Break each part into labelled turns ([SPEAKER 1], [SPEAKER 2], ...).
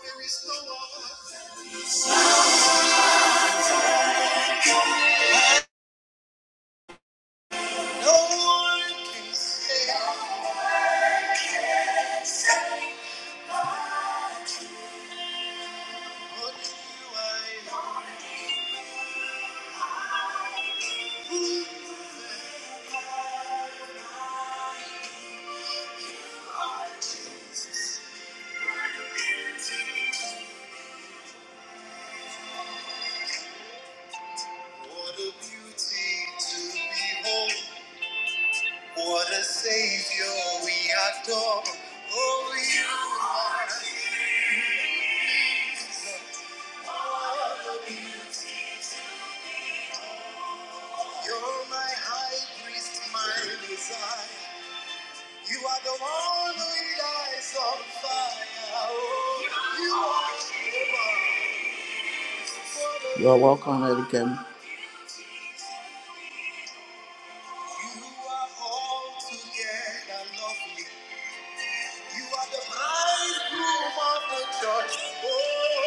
[SPEAKER 1] There is no one, no one can say what you are. What a beauty to behold. What a savior we adore. Oh, you are. You're my high priest, my desire. You are the one who lights on fire. Oh, you are Jehovah. You are welcome, Eric. You are all together lovely. You are the bridegroom of the church. Oh,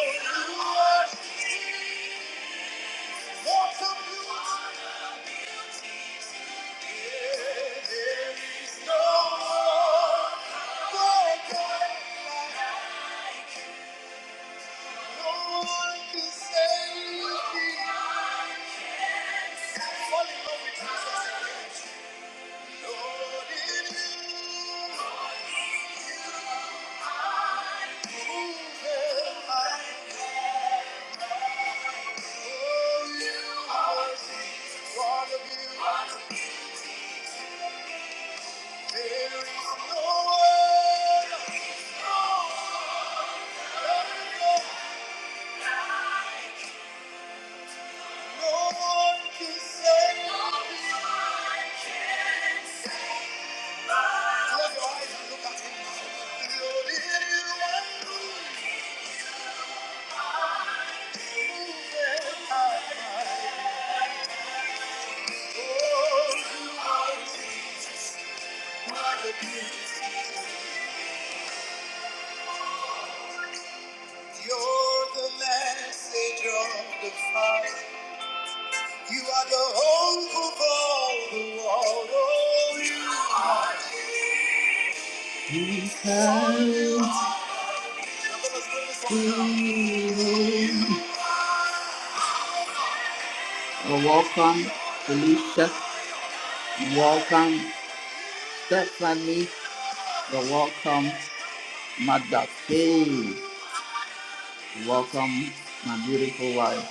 [SPEAKER 1] you are what a beauty. There is no one, no God like you. no one can save me. Fall in love with Jesus again. Thank you. You're the message of the Father. You are the hope of all the world. Oh, you are Well, welcome, Felicia. Welcome, Stephanie. Well, welcome, Mother Faye. Welcome, my beautiful wife.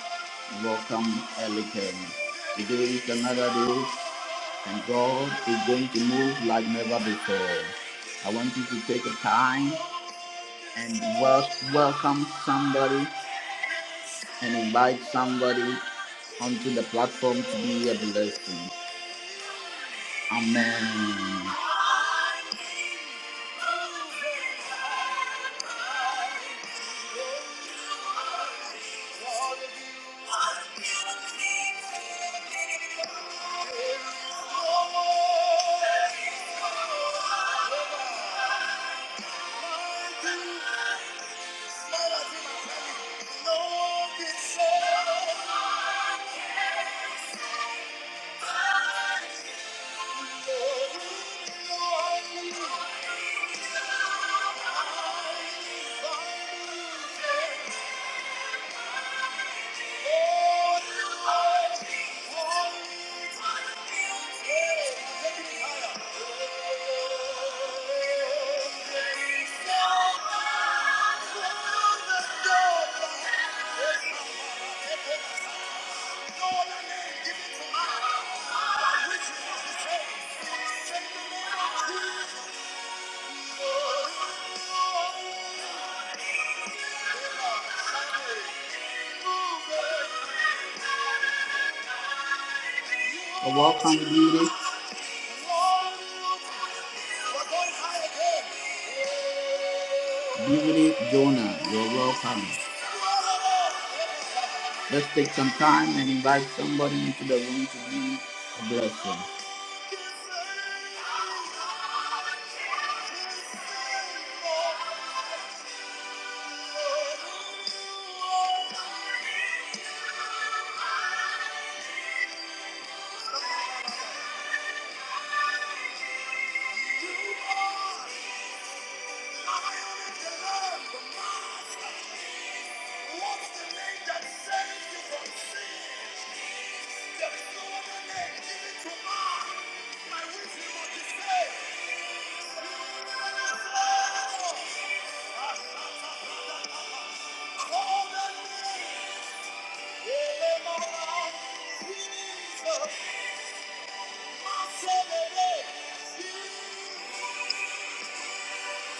[SPEAKER 1] Welcome, Ellie Kelly. Today is another day. and God is going to move like never before. I want you to take a time and wel- welcome somebody and invite somebody onto the platform to be a blessing. Amen. Yeah. Thank you. A walk on beauty. Beauty Jonah, you're welcome. Let's take some time and invite somebody into the room to be a blessing. Jesus, my Savior, Jesus.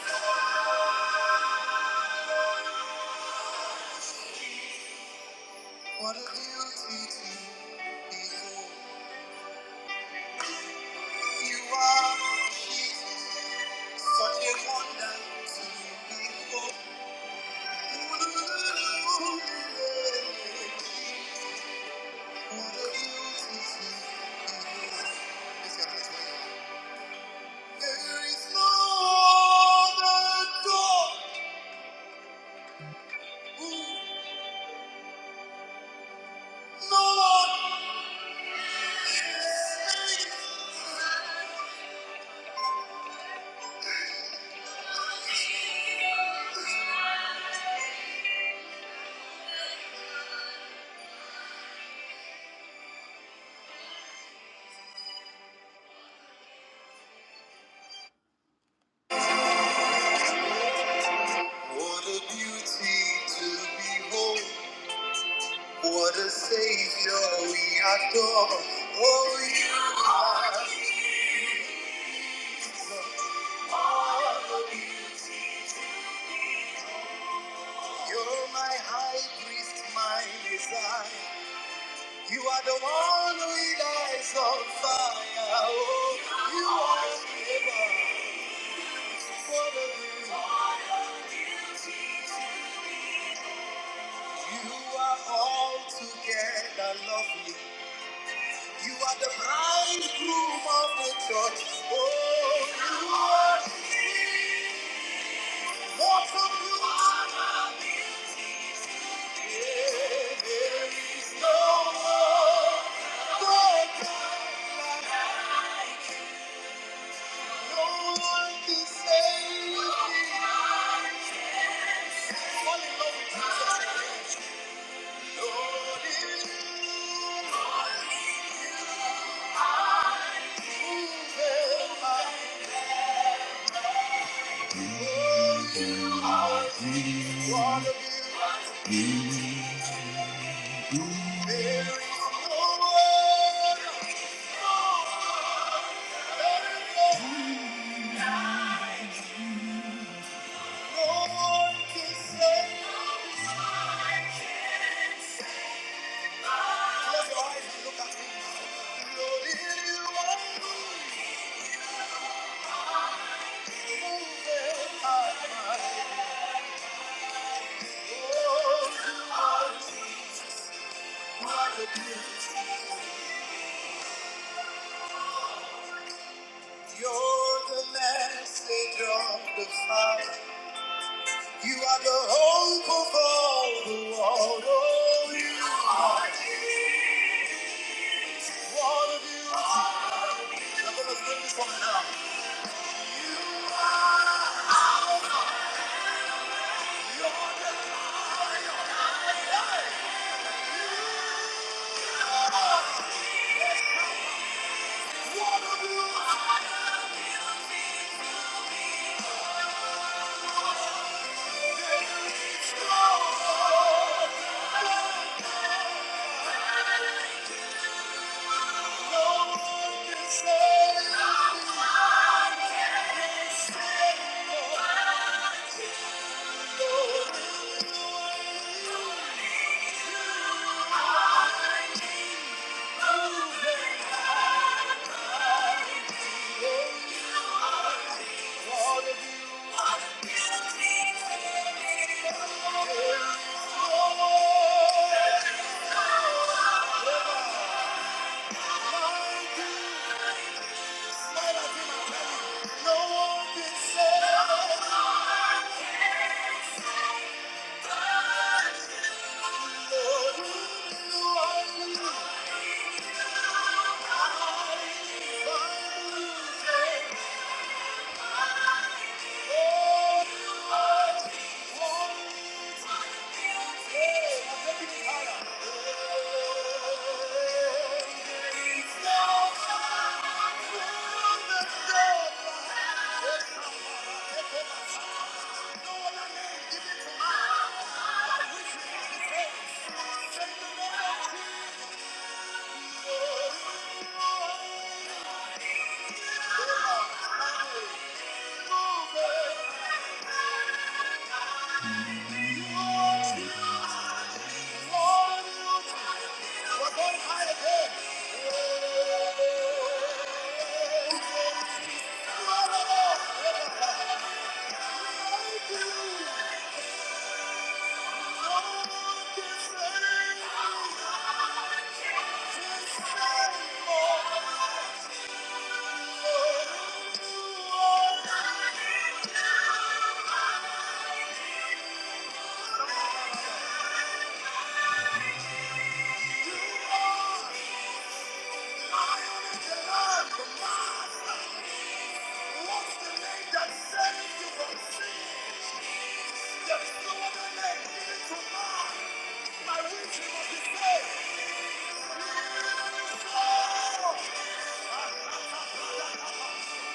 [SPEAKER 1] What a beauty to behold. You are Jesus, such a wonder to behold. What a beauty to behold. Lift your eyes way up. There is no other God who No one What a beauty to behold. What a savior we adore. Oh, you are. You're my high priest, my desire. You are the one with eyes of fire. Oh, you are. the one. You are all together lovely. You are the bridegroom of the church. Oh, you are the what a beauty. Yeah, there is no one, no God, no one can save me. Fall in love with Jesus again. Lord, in you. Lord, in you. Thank you. You're the message of the Father. You are the hope of all the world. Oh, you are what a beauty. I'm gonna sing this one now. You are Alpha. You're the light. What a beauty. There is no other. No one can save me. No one can save me. No one can say. oh, Thank you.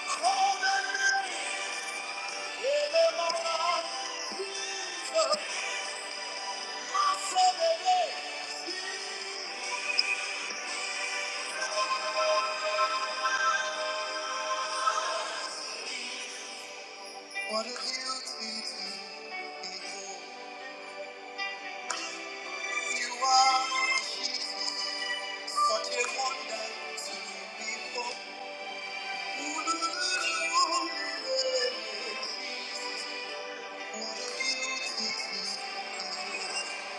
[SPEAKER 1] Call the name. What a beauty to behold. You are Jesus, such a wonder to behold. Ooh, what a beauty to behold.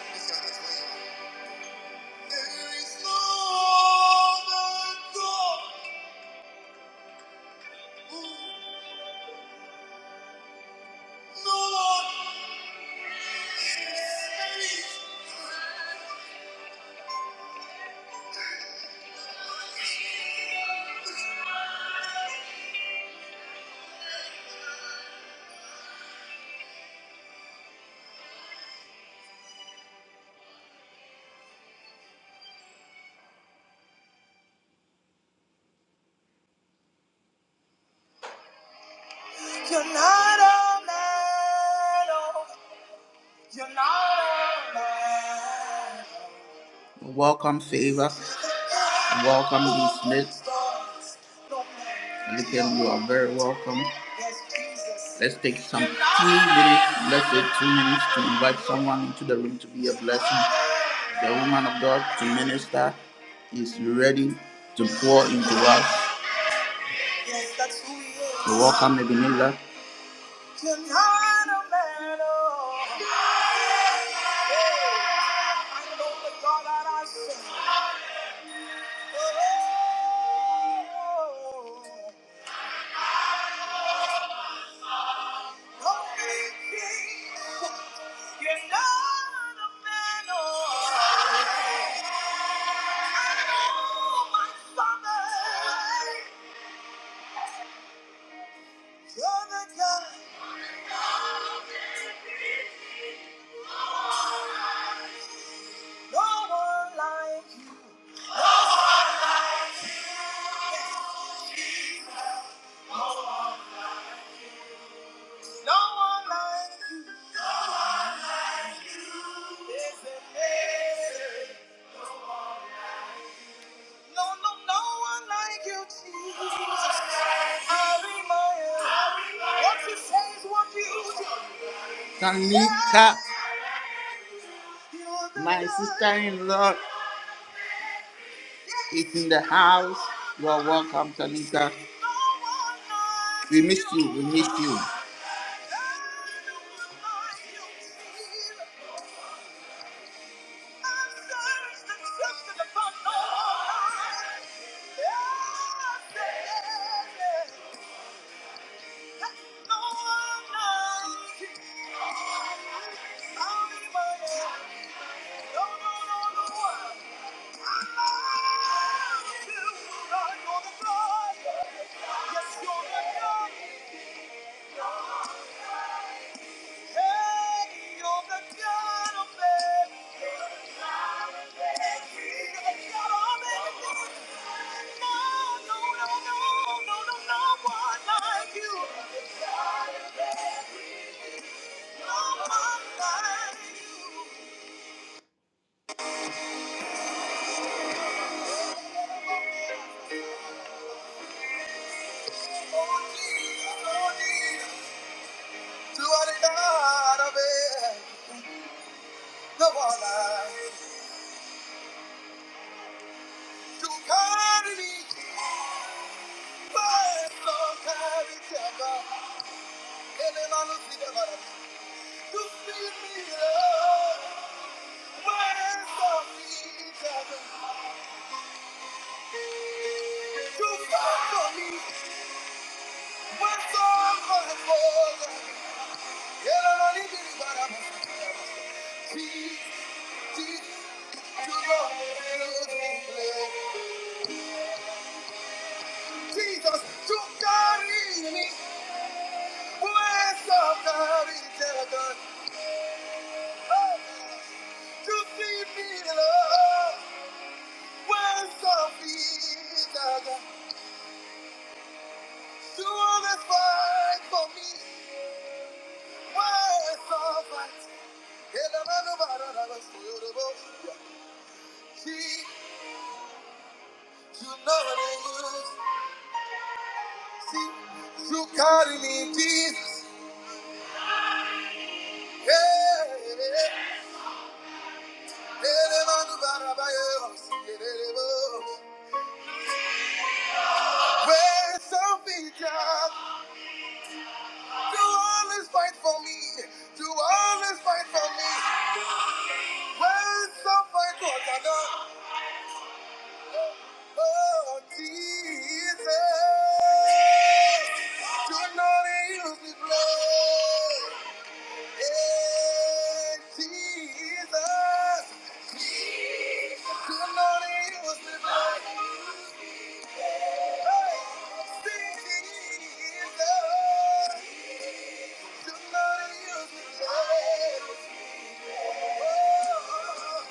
[SPEAKER 1] Lift your hands where you are. There is no other God. Ooh. You're not a man, oh, you're not a man. Welcome, Favor. Welcome, Lee Smith. Again, you are very welcome. Let's take some few minutes, let's say two minutes, to invite someone into the room to be a blessing. The woman of God, to minister, is ready to pour into us. So welcome, Ebenezer. oh. Tanika My sister in law is in the house. You are welcome, Tanika. We missed you. We missed you. Thank you. You are God of it, one I to carry me, but don't carry ever. And then I look to see me love, but don't To fight for me, but don't for the world. And I don't need Jesus, Jesus, Jesus, you carry me. Bless our God in heaven, oh, to see me, love. Where's our feet, our God, to always fight for me. Where's our fight. Hello, hello, hello, hello, hello, hello. See, you know what I use See, you carry me, Jesus. Hey, hey, hey. Hello, hello, hello, hello, hello. Where's the future? Do always fight for me. Do always fight for me. Raise some fight for another, Oh, Jesus. Do not use me, blood. Hey Jesus. Do not use me, blood. Hey, Jesus. Do not use me, blood. Mind-blowing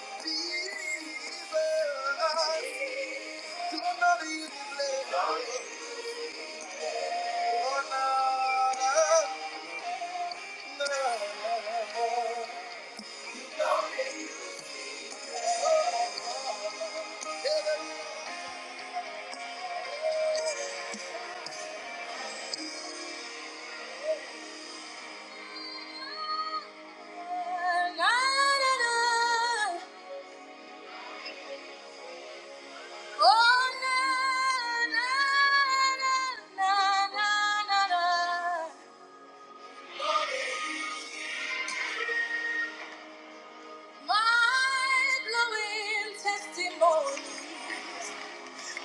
[SPEAKER 1] testimony,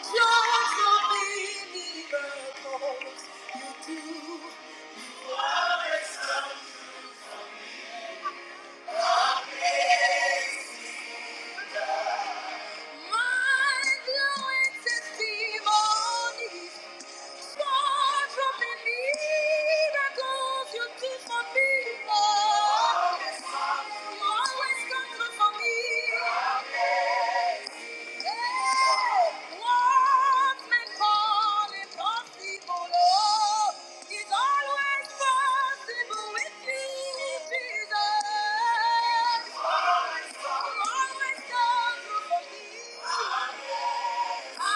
[SPEAKER 1] joyful miracles you do. always done for Jesus. Amazing love.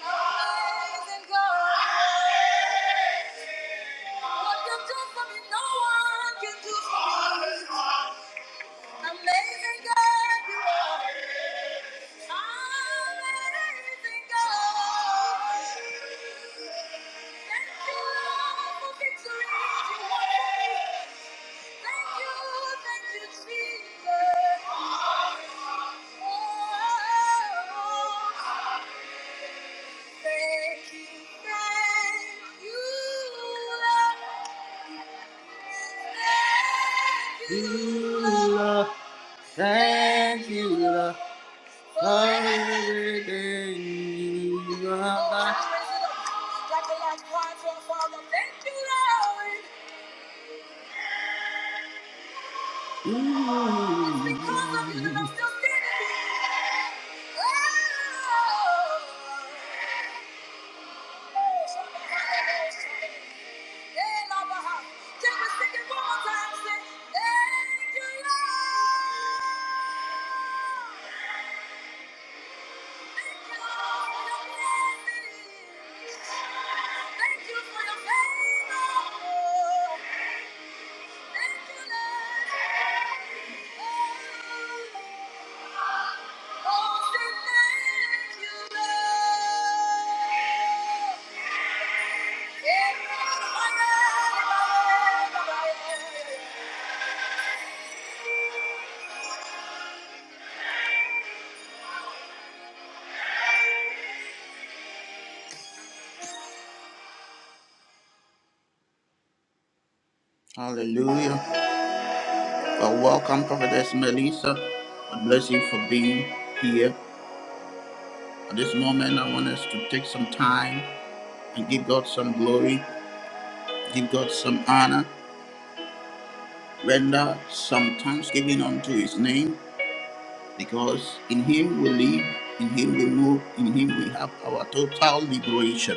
[SPEAKER 1] Thank you, thank you, Lord. You, Lord. Thank you, love, everything you love. Thank you, Lord, for everything you have done. Mm. Hey, Oh, Hallelujah. Uh, welcome, Prophetess Melissa. God bless you for being here. At this moment, I want us to take some time and give God some glory, give God some honor, render some thanksgiving unto His name, because in Him we live, in Him we move, in Him we have our total liberation.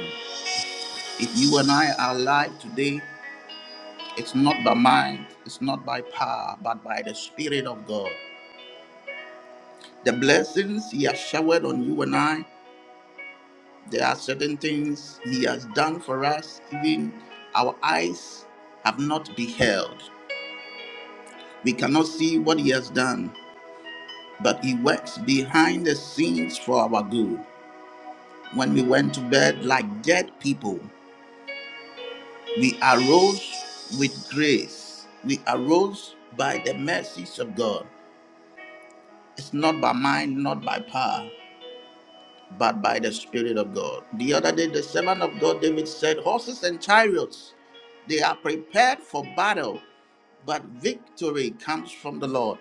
[SPEAKER 1] If you and I are alive today, it's not by mind, it's not by power, but by the Spirit of God. The blessings He has showered on you and I. There are certain things He has done for us, even our eyes have not beheld. We cannot see what He has done, but He works behind the scenes for our good. When we went to bed like dead people, we arose with grace. We arose by the mercies of God. It's not by mind, not by power. but by the Spirit of God. The other day, the servant of God, David said, Horses and chariots, they are prepared for battle, but victory comes from the Lord.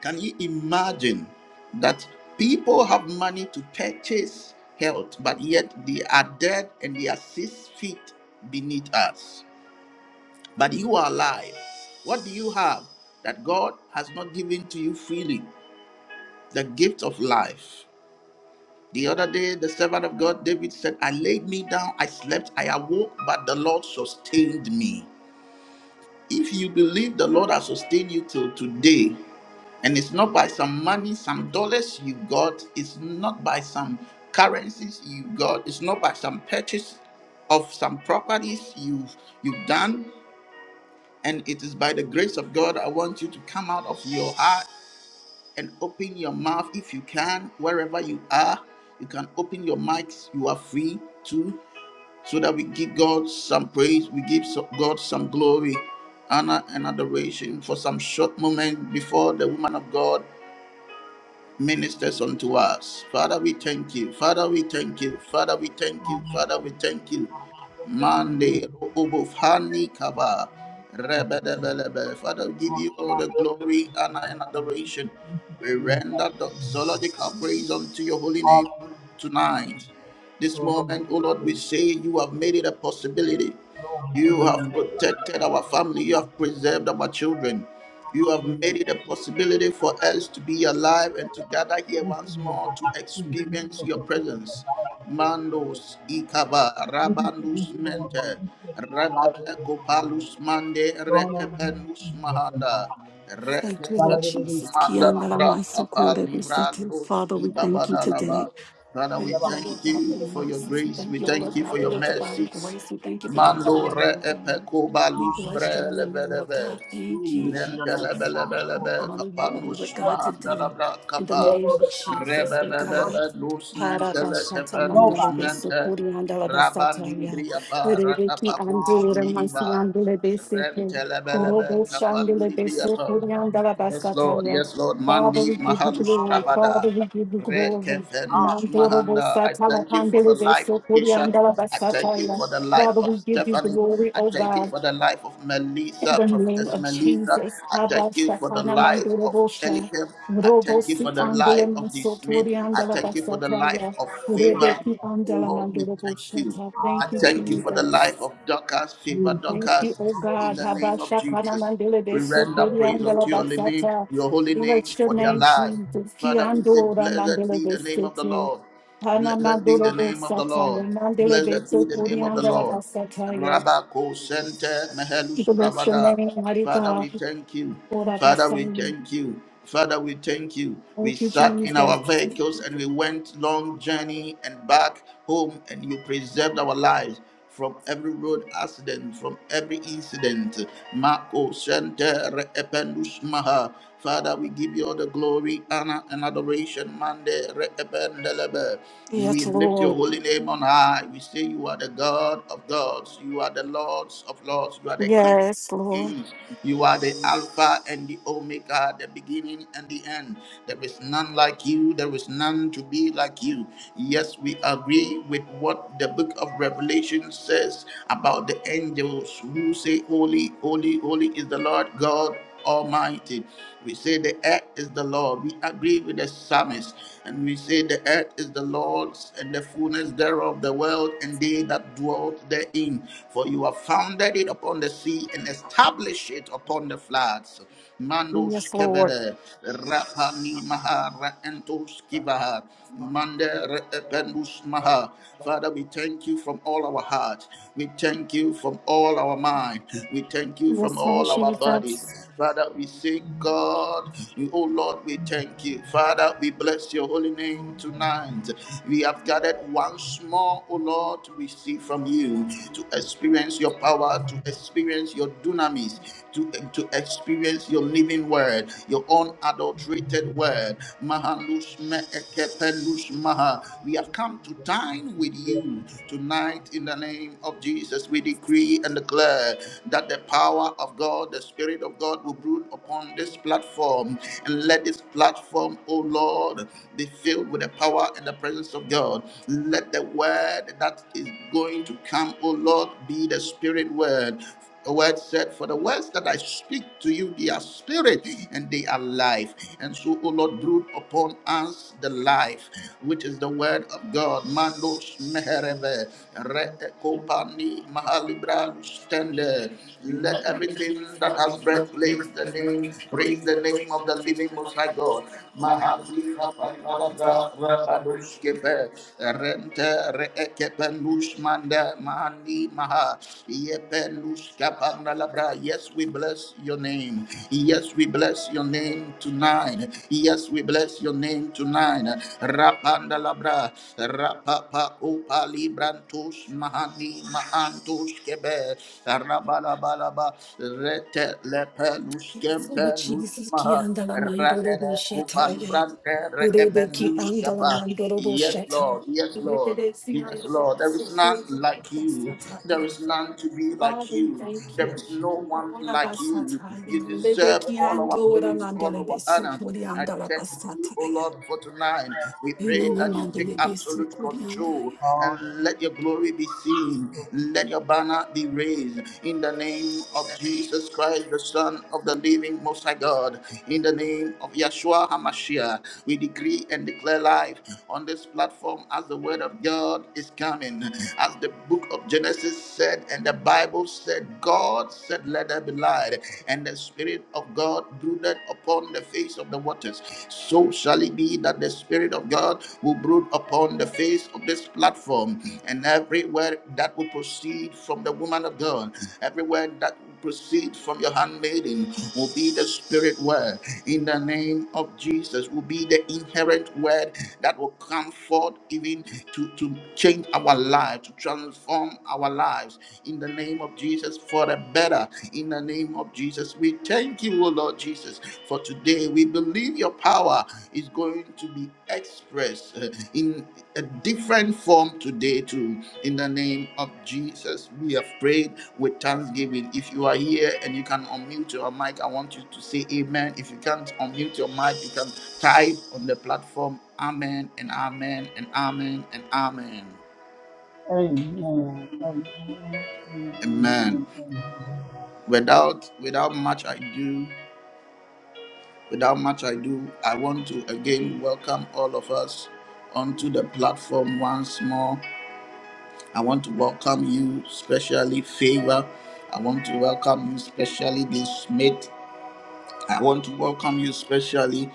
[SPEAKER 1] Can you imagine that people have money to purchase health, but yet they are dead and they are six feet beneath us? But you are alive. What do you have that God has not given to you freely? The gift of life. The other day, the servant of God, David, said, I laid me down, I slept, I awoke, but the Lord sustained me. If you believe the Lord has sustained you till today, and it's not by some money, some dollars you got, it's not by some currencies you got, it's not by some purchase of some properties you've, you've done, and it is by the grace of God, I want you to come out of your and open your mouth if you can, wherever you are. You can open your mics. You are free to, so that we give God some praise. We give so- God some glory, honor, and adoration for some short moment before the woman of God ministers unto us. Father, we thank you. Father, we thank you. Father, we thank you. Father, we thank you. Mande Ubufani Kaba Rebedebelebe. Father, we give you all the glory, honor, and adoration. We
[SPEAKER 2] like
[SPEAKER 1] render the doxological praise unto your holy name
[SPEAKER 2] All I know
[SPEAKER 1] tonight. This
[SPEAKER 2] so we
[SPEAKER 1] moment,
[SPEAKER 2] work
[SPEAKER 1] O
[SPEAKER 2] with
[SPEAKER 1] Lord, we
[SPEAKER 2] you.
[SPEAKER 1] say you have made it a possibility.
[SPEAKER 2] Glory to your
[SPEAKER 1] You have
[SPEAKER 2] name, God.
[SPEAKER 1] protected
[SPEAKER 2] Glory
[SPEAKER 1] our family. You have preserved our children. You have
[SPEAKER 2] Hallelujah.
[SPEAKER 1] made it a possibility for us to be alive and to gather here
[SPEAKER 2] Thank you, Lord God. Thank you for your love. Thank you,
[SPEAKER 1] once
[SPEAKER 2] Lord
[SPEAKER 1] more
[SPEAKER 2] God,
[SPEAKER 1] to
[SPEAKER 2] for free. Thank you
[SPEAKER 1] experience
[SPEAKER 2] for
[SPEAKER 1] your
[SPEAKER 2] continuing
[SPEAKER 1] presence.
[SPEAKER 2] providing for us, Lord God.
[SPEAKER 1] Mandos
[SPEAKER 2] and Lord God.
[SPEAKER 1] ikaba
[SPEAKER 2] Thank you for
[SPEAKER 1] rabandus
[SPEAKER 2] restoring and
[SPEAKER 1] mente
[SPEAKER 2] restating our life,
[SPEAKER 1] rababe
[SPEAKER 2] Lord God. and Lord
[SPEAKER 1] kopalus
[SPEAKER 2] God.
[SPEAKER 1] mande
[SPEAKER 2] Throwing us in the
[SPEAKER 1] reepenus
[SPEAKER 2] sea, Lord
[SPEAKER 1] mahanda
[SPEAKER 2] God. and Lord
[SPEAKER 3] Thank you, Lord
[SPEAKER 1] reepenus
[SPEAKER 2] God.
[SPEAKER 3] Jesus.
[SPEAKER 1] manda bra apa
[SPEAKER 3] Kiandalamasikurebisete.
[SPEAKER 1] livrandos
[SPEAKER 3] Father, we thank you today.
[SPEAKER 1] ibabadalaba. Father,
[SPEAKER 2] Shalom,
[SPEAKER 1] we
[SPEAKER 2] Lord
[SPEAKER 3] Thank you, O Lord
[SPEAKER 1] thank
[SPEAKER 3] God, for your
[SPEAKER 1] you for your
[SPEAKER 3] mercies. We
[SPEAKER 1] grace.
[SPEAKER 2] God.
[SPEAKER 1] We
[SPEAKER 3] thank you, O
[SPEAKER 1] thank
[SPEAKER 3] Lord
[SPEAKER 1] you for
[SPEAKER 3] God, for
[SPEAKER 2] Yes,
[SPEAKER 1] your
[SPEAKER 3] your divine
[SPEAKER 2] Lord.
[SPEAKER 1] mercies.
[SPEAKER 3] grace. We thank you for your
[SPEAKER 2] Hallelujah.
[SPEAKER 3] power,
[SPEAKER 1] Mando re
[SPEAKER 3] O God.
[SPEAKER 1] epeko
[SPEAKER 3] We
[SPEAKER 1] balus bre
[SPEAKER 3] bless your
[SPEAKER 2] Hallelujah.
[SPEAKER 3] name, Lord
[SPEAKER 1] lebelebe.
[SPEAKER 3] God. Thank
[SPEAKER 2] Glory
[SPEAKER 3] you,
[SPEAKER 2] to your
[SPEAKER 1] Nelke
[SPEAKER 2] name,
[SPEAKER 3] Jesus
[SPEAKER 2] Father. Lord,
[SPEAKER 1] lebelebelebe
[SPEAKER 2] we
[SPEAKER 3] honor
[SPEAKER 2] thank you.
[SPEAKER 3] you, oh
[SPEAKER 2] We
[SPEAKER 3] Lord
[SPEAKER 1] kapanus
[SPEAKER 2] love
[SPEAKER 3] God,
[SPEAKER 1] mahanda
[SPEAKER 2] you.
[SPEAKER 3] today.
[SPEAKER 1] labra
[SPEAKER 3] In the
[SPEAKER 1] kapa.
[SPEAKER 2] No
[SPEAKER 3] name of
[SPEAKER 2] other God
[SPEAKER 3] Jesus, oh
[SPEAKER 2] lifted
[SPEAKER 3] God.
[SPEAKER 1] Rebebebebe
[SPEAKER 2] above you,
[SPEAKER 1] nus
[SPEAKER 2] Father,
[SPEAKER 1] nente
[SPEAKER 2] Lord God.
[SPEAKER 3] Harabashata
[SPEAKER 1] lekepe nus
[SPEAKER 3] mandele
[SPEAKER 2] Nobody
[SPEAKER 3] bese
[SPEAKER 2] above
[SPEAKER 1] nente.
[SPEAKER 2] you,
[SPEAKER 3] kuri andala
[SPEAKER 2] Father, Lord God.
[SPEAKER 3] basata ya.
[SPEAKER 2] So I'm
[SPEAKER 1] Rabandibriapa
[SPEAKER 2] grateful to you.
[SPEAKER 3] Urebeki
[SPEAKER 1] ratapakus
[SPEAKER 3] andura masi
[SPEAKER 1] mihiva.
[SPEAKER 2] Hallelujah.
[SPEAKER 3] andele bese ke.
[SPEAKER 1] Rentelebelebe
[SPEAKER 3] Urobo
[SPEAKER 2] Hallelujah.
[SPEAKER 3] shandele
[SPEAKER 2] So
[SPEAKER 3] bese
[SPEAKER 2] we
[SPEAKER 1] kapandibriapa.
[SPEAKER 3] kuri
[SPEAKER 2] reverence
[SPEAKER 3] andala
[SPEAKER 2] you right
[SPEAKER 1] Yes,
[SPEAKER 2] now.
[SPEAKER 3] basata
[SPEAKER 1] Lord.
[SPEAKER 3] ya.
[SPEAKER 1] Yes, Lord.
[SPEAKER 3] Father,
[SPEAKER 1] Mandi
[SPEAKER 3] we give you
[SPEAKER 1] Mahalus
[SPEAKER 3] glory.
[SPEAKER 1] Pravada.
[SPEAKER 3] Father,
[SPEAKER 2] Hallelujah.
[SPEAKER 3] we give you glory.
[SPEAKER 1] Rekefenus
[SPEAKER 3] Nandorobo
[SPEAKER 1] Mahanda. I
[SPEAKER 3] satala
[SPEAKER 1] thank you for
[SPEAKER 2] Hallelujah.
[SPEAKER 1] the
[SPEAKER 3] pandele
[SPEAKER 1] life of
[SPEAKER 3] bese kuri
[SPEAKER 1] Kisha.
[SPEAKER 3] andala
[SPEAKER 2] Hallelujah.
[SPEAKER 1] I thank
[SPEAKER 3] basata
[SPEAKER 1] you
[SPEAKER 3] ya.
[SPEAKER 1] for the life
[SPEAKER 3] Father,
[SPEAKER 1] of
[SPEAKER 3] we give you
[SPEAKER 1] Stephanie.
[SPEAKER 3] glory,
[SPEAKER 1] I
[SPEAKER 3] oh
[SPEAKER 1] thank
[SPEAKER 3] God.
[SPEAKER 1] you for the life of
[SPEAKER 3] In
[SPEAKER 1] Melissa,
[SPEAKER 3] the name
[SPEAKER 1] Prophetess
[SPEAKER 3] of
[SPEAKER 1] Melissa.
[SPEAKER 3] Jesus,
[SPEAKER 1] I thank
[SPEAKER 3] Abba
[SPEAKER 1] you for the
[SPEAKER 3] Shakana
[SPEAKER 1] life of
[SPEAKER 3] Mandorobosha,
[SPEAKER 1] Elikem. I
[SPEAKER 3] Robo
[SPEAKER 1] thank you
[SPEAKER 3] Si
[SPEAKER 1] for the
[SPEAKER 3] Andele
[SPEAKER 1] life of the Smith.
[SPEAKER 3] Mansotori
[SPEAKER 1] I
[SPEAKER 3] Andala
[SPEAKER 1] thank you for the life
[SPEAKER 3] Basatraya,
[SPEAKER 1] of Favor.
[SPEAKER 3] Rebeki
[SPEAKER 1] Oh
[SPEAKER 3] Andala
[SPEAKER 1] Lord, we thank
[SPEAKER 3] Mandorobosha.
[SPEAKER 1] you. I
[SPEAKER 3] Thank you,
[SPEAKER 1] thank you for the life
[SPEAKER 3] Jesus.
[SPEAKER 1] of Dorcas, favor
[SPEAKER 3] Thank you,
[SPEAKER 1] Dorcas,
[SPEAKER 3] O
[SPEAKER 1] in
[SPEAKER 3] God.
[SPEAKER 1] the
[SPEAKER 3] Abba
[SPEAKER 1] name of
[SPEAKER 3] Shakana
[SPEAKER 1] Jesus.
[SPEAKER 3] Mandele
[SPEAKER 1] We render
[SPEAKER 3] Besotori
[SPEAKER 1] praise
[SPEAKER 3] Andala
[SPEAKER 1] unto your holy name,
[SPEAKER 3] Basata.
[SPEAKER 1] your holy name,
[SPEAKER 3] Bless your
[SPEAKER 1] for their
[SPEAKER 3] name,
[SPEAKER 1] life.
[SPEAKER 3] Jesus. Ki
[SPEAKER 1] Father, we say,
[SPEAKER 3] Andora
[SPEAKER 1] Blessed
[SPEAKER 3] Mandele
[SPEAKER 1] be the name of the
[SPEAKER 3] Besete.
[SPEAKER 1] Lord.
[SPEAKER 3] Hana
[SPEAKER 1] Blessed be the name of the Lord.
[SPEAKER 3] Mandorobosataya, Mandele
[SPEAKER 1] Blessed be the
[SPEAKER 3] Besotori
[SPEAKER 1] name of the
[SPEAKER 3] Andala
[SPEAKER 1] Lord.
[SPEAKER 3] Basataya.
[SPEAKER 1] Rabako Sente Mehelus
[SPEAKER 3] Bless your
[SPEAKER 1] Pravada.
[SPEAKER 3] name, Mighty
[SPEAKER 1] Father,
[SPEAKER 3] God.
[SPEAKER 1] we thank you. Father, we
[SPEAKER 3] Thank
[SPEAKER 1] thank you. Father, we thank you. We
[SPEAKER 3] you,
[SPEAKER 1] sat in
[SPEAKER 3] Jesus.
[SPEAKER 1] our vehicles and we went long journey and back home, and you preserved our lives from every road accident, from every incident. Mako Sente Reependus Maha. Father, we give you all the glory, honor, and adoration. Mande rekependelebe. We
[SPEAKER 3] Yes,
[SPEAKER 1] lift your
[SPEAKER 3] Lord.
[SPEAKER 1] holy name on high. We say you are the God of gods. You are the Lords of lords. You are the King
[SPEAKER 3] Yes,
[SPEAKER 1] of
[SPEAKER 3] Lord.
[SPEAKER 1] kings. You are the Alpha and the Omega, the beginning and the end. There is none like you. There is none to be like you. Yes, we agree with what the book of Revelation says about the angels who say, Holy, holy, holy is the Lord God Almighty. We say the earth is the Lord. We agree with the psalmist, and we say the earth is the Lord's and the fullness thereof, the world and they that dwelt therein. For you have founded it upon the sea and established it upon the floods. Mandos
[SPEAKER 3] Yes, Lord.
[SPEAKER 1] kevede rapani mahara entos kivaha mande rependus maha Father, we thank you from all our heart. We thank you from all our mind. We thank you from
[SPEAKER 3] Yes, Lord
[SPEAKER 1] all our bodies.
[SPEAKER 3] Jesus.
[SPEAKER 1] Father, we say, God, you, oh Lord, we thank you. Father, we bless your holy name tonight. We have gathered once more, oh Lord, to receive from you, to experience your power, to experience your dunamis, to, to experience your living word, your unadulterated word. Mahanus me Maha. We have come to dine with you tonight in the name of Jesus. We decree and declare that the power of God, the Spirit of God will brood upon this platform. And let this platform, O Lord, be filled with the power and the presence of God. Let the word that is going to come, O Lord, be the Spirit word the word said, For the words that I speak to you, they are spirit and they are life. And so, O Lord, brood upon us the life, which is the word of God. Mandos mehereve, re'ekopani mahalibra lustende. Let everything that has breath praise the name, praise the name of the living Most High God. Mahali kapanalabra rabadoskebe, rente re'ekepenus manda mahani maha. Yes, we bless your name. Yes, we bless your name tonight. Yes, we bless your name tonight. Rapanda labra, rapapa upa librantus mahani mahantus kebe, rabalabalaba, rete lepelus
[SPEAKER 3] Yes, Lord
[SPEAKER 1] kempelus
[SPEAKER 3] Jesus. Ki
[SPEAKER 1] maha,
[SPEAKER 3] andala mandoro bo
[SPEAKER 1] radele
[SPEAKER 3] sheta
[SPEAKER 1] upa
[SPEAKER 3] ye.
[SPEAKER 1] librante
[SPEAKER 3] Rebe ki
[SPEAKER 1] reebelus
[SPEAKER 3] andala
[SPEAKER 1] kapa.
[SPEAKER 3] mandoro bo
[SPEAKER 1] Yes,
[SPEAKER 3] sheta.
[SPEAKER 1] Lord. Yes,
[SPEAKER 3] Rebe
[SPEAKER 1] Lord.
[SPEAKER 3] de si
[SPEAKER 1] Yes, Lord,
[SPEAKER 3] andala
[SPEAKER 1] there
[SPEAKER 3] so
[SPEAKER 1] is
[SPEAKER 3] so
[SPEAKER 1] none like you.
[SPEAKER 3] basata
[SPEAKER 1] There
[SPEAKER 3] ye.
[SPEAKER 1] is none to be like
[SPEAKER 3] Father, we
[SPEAKER 1] you.
[SPEAKER 3] thank
[SPEAKER 1] There
[SPEAKER 3] you.
[SPEAKER 1] is no one
[SPEAKER 3] Ora
[SPEAKER 1] like you.
[SPEAKER 3] basata ye.
[SPEAKER 1] You
[SPEAKER 3] Rebe
[SPEAKER 1] deserve
[SPEAKER 3] ki
[SPEAKER 1] all our
[SPEAKER 3] andora
[SPEAKER 1] praise, all
[SPEAKER 3] mandele be
[SPEAKER 1] our
[SPEAKER 3] so
[SPEAKER 1] honor.
[SPEAKER 3] kuri
[SPEAKER 1] I
[SPEAKER 3] andala
[SPEAKER 1] thank you,
[SPEAKER 3] basata
[SPEAKER 1] O
[SPEAKER 3] ye.
[SPEAKER 1] Lord, for tonight. We pray
[SPEAKER 3] Inana
[SPEAKER 1] that you take
[SPEAKER 3] mandele be so
[SPEAKER 1] absolute
[SPEAKER 3] kuri andaya.
[SPEAKER 1] control and let your glory be seen. Let your banner be raised in the name of Jesus Christ, the Son of the living name, Most High God, in the name of Yeshua HaMashiach, we decree and declare life on this platform as the word of God is coming. As the book of Genesis said, and the Bible said, God said, Let there be light, and the Spirit of God brooded upon the face of the waters. So shall it be that the Spirit of God will brood upon the face of this platform, and everywhere that will proceed from the woman of God, everywhere that proceed from your handmaiden will be the spirit word in the name of Jesus, will be the inherent word that will come forth even to, to change our lives, to transform our lives in the name of Jesus for the better. In the name of Jesus, we thank you, O Lord Jesus, for today. We believe your power is going to be expressed uh, in a different form today too in the name of jesus we have prayed with thanksgiving if you are here and you can unmute your mic i want you to say amen if you can't unmute your mic you can type on the platform amen and amen and amen and amen
[SPEAKER 2] Amen. Amen. Amen. And
[SPEAKER 1] amen
[SPEAKER 2] amen.
[SPEAKER 1] without without much ado without much ado i want to again welcome all of us onto the platform once more I want to welcome you, especially Favor. I want to welcome you, especially this Smith. I want to welcome you specially,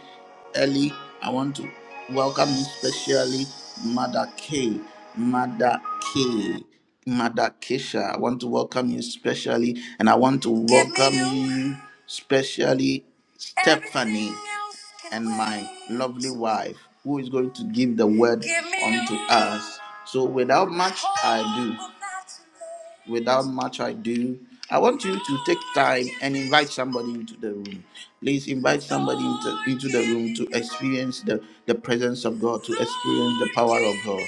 [SPEAKER 1] Ellie. I want to welcome you specially, Mother K, Mother K, Mother Keisha. I want to welcome you specially, and I want to Give me welcome you you specially, Stephanie, Everything else can and my wait. lovely wife, who is going to give the word Give me unto you. us. So, without much ado, without much ado, I want you to take time and invite somebody into the room. Please invite somebody into, into the room to experience the, the presence of God, to experience the power of God.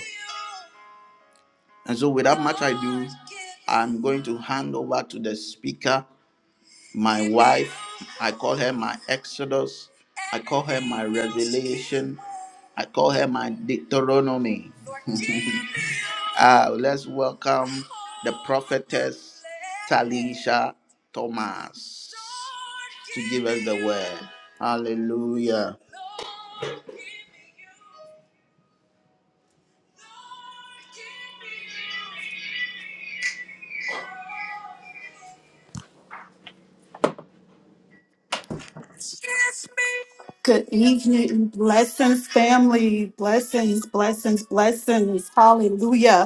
[SPEAKER 1] And so, without much ado, I'm going to hand over to the speaker, my wife. I call her my Exodus. I call her my Revelation. I call her my Deuteronomy. Uh, let's welcome the prophetess Talisha Thomas to give us the word. Hallelujah.
[SPEAKER 3] Good evening. Blessings, family. Blessings, blessings, blessings. Hallelujah.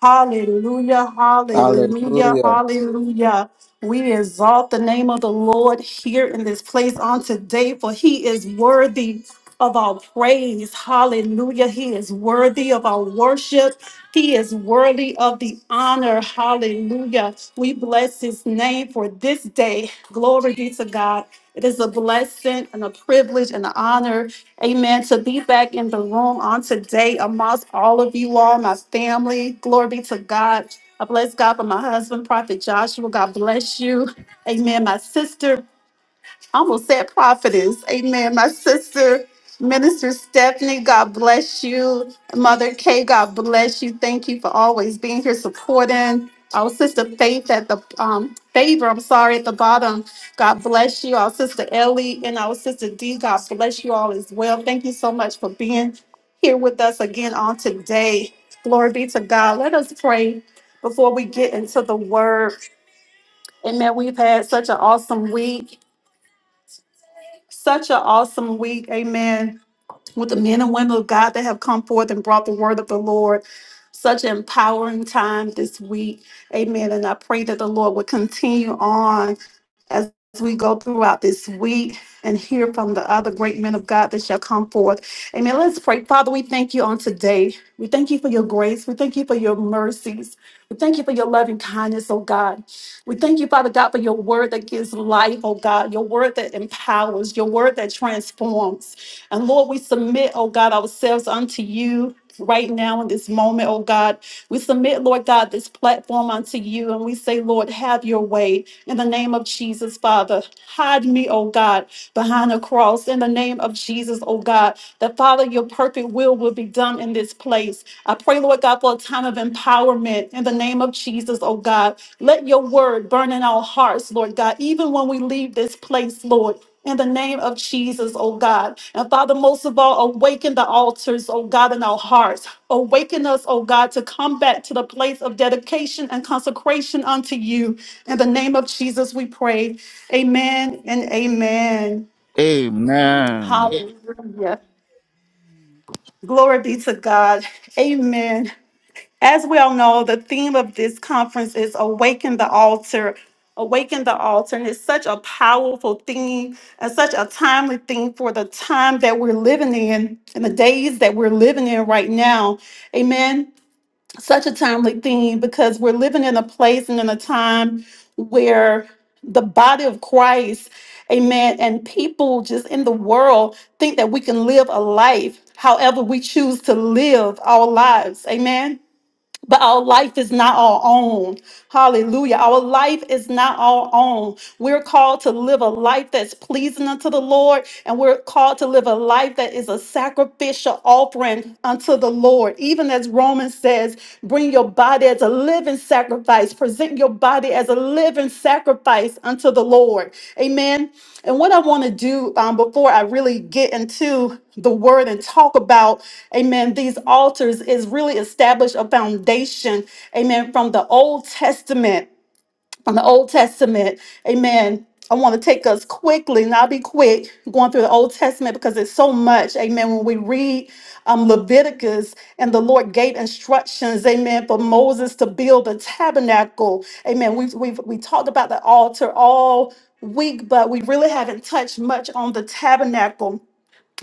[SPEAKER 3] Hallelujah, hallelujah,
[SPEAKER 1] Hallelujah.
[SPEAKER 3] hallelujah. We exalt the name of the Lord here in this place on today, for he is worthy of our praise. Hallelujah. He is worthy of our worship. He is worthy of the honor. Hallelujah. We bless his name for this day. Glory be to God. It is a blessing and a privilege and an honor Amen. To be back in the room on today amongst all of you all, my family. Glory be to God. I bless God for my husband, Prophet Joshua. God bless you. Amen. My sister. I almost said prophetess. Amen. My sister, Minister Stephanie, God bless you. Mother Kay, God bless you. Thank you for always being here supporting. Our sister Faith at the um, favor, I'm sorry, at the bottom. God bless you. Our sister Ellie and our sister D, God bless you all as well. Thank you so much for being here with us again on today. Glory be to God. Let us pray before we get into the word. Amen. We've had such an awesome week. Such an awesome week, amen, with the men and women of God that have come forth and brought the word of the Lord. Such an empowering time this week, amen. And I pray that the Lord would continue on as we go throughout this week and hear from the other great men of God that shall come forth. Amen. Let's pray. Father, we thank you on today. We thank you for your grace. We thank you for your mercies. We thank you for your loving kindness, oh God. We thank you, Father God, for your word that gives life, oh God, your word that empowers, your word that transforms. And Lord, we submit, oh God, ourselves unto you. Right now, in this moment, oh God, we submit, Lord God, this platform unto you, and we say, Lord, have your way. In the name of Jesus, Father, hide me, oh God, behind the cross. In the name of Jesus, oh God, that Father, your perfect will will be done in this place. I pray, Lord God, for a time of empowerment in the name of Jesus, oh God. Let your word burn in our hearts, Lord God, even when we leave this place, Lord. In the name of Jesus, oh God. And Father, most of all, awaken the altars, oh God, in our hearts. Awaken us, oh God, to come back to the place of dedication and consecration unto you. In the name of Jesus, we pray. Amen and amen.
[SPEAKER 1] Amen.
[SPEAKER 3] Hallelujah. Glory be to God. Amen. As we all know, the theme of this conference is Awaken the Altar. Awaken the Altar. And it's such a powerful theme and such a timely theme for the time that we're living in and the days that we're living in right now. Amen. Such a timely theme because we're living in a place and in a time where the body of Christ, amen, and people just in the world think that we can live a life however we choose to live our lives. Amen. But our life is not our own. Hallelujah. Our life is not our own. We're called to live a life that's pleasing unto the Lord, and we're called to live a life that is a sacrificial offering unto the Lord. Even as Romans says, bring your body as a living living sacrifice. Present your body as a living sacrifice unto the Lord. Amen. And what I want to do um, before I really get into the word and talk about, amen, these altars is really establish a foundation, amen, from the Old Testament from the Old Testament. Amen. I want to take us quickly, and I'll be quick going through the Old Testament because it's so much. Amen. When we read um, Leviticus and the Lord gave instructions, amen, for Moses to build the tabernacle. Amen. We've, we've we talked about the altar all week, but we really haven't touched much on the tabernacle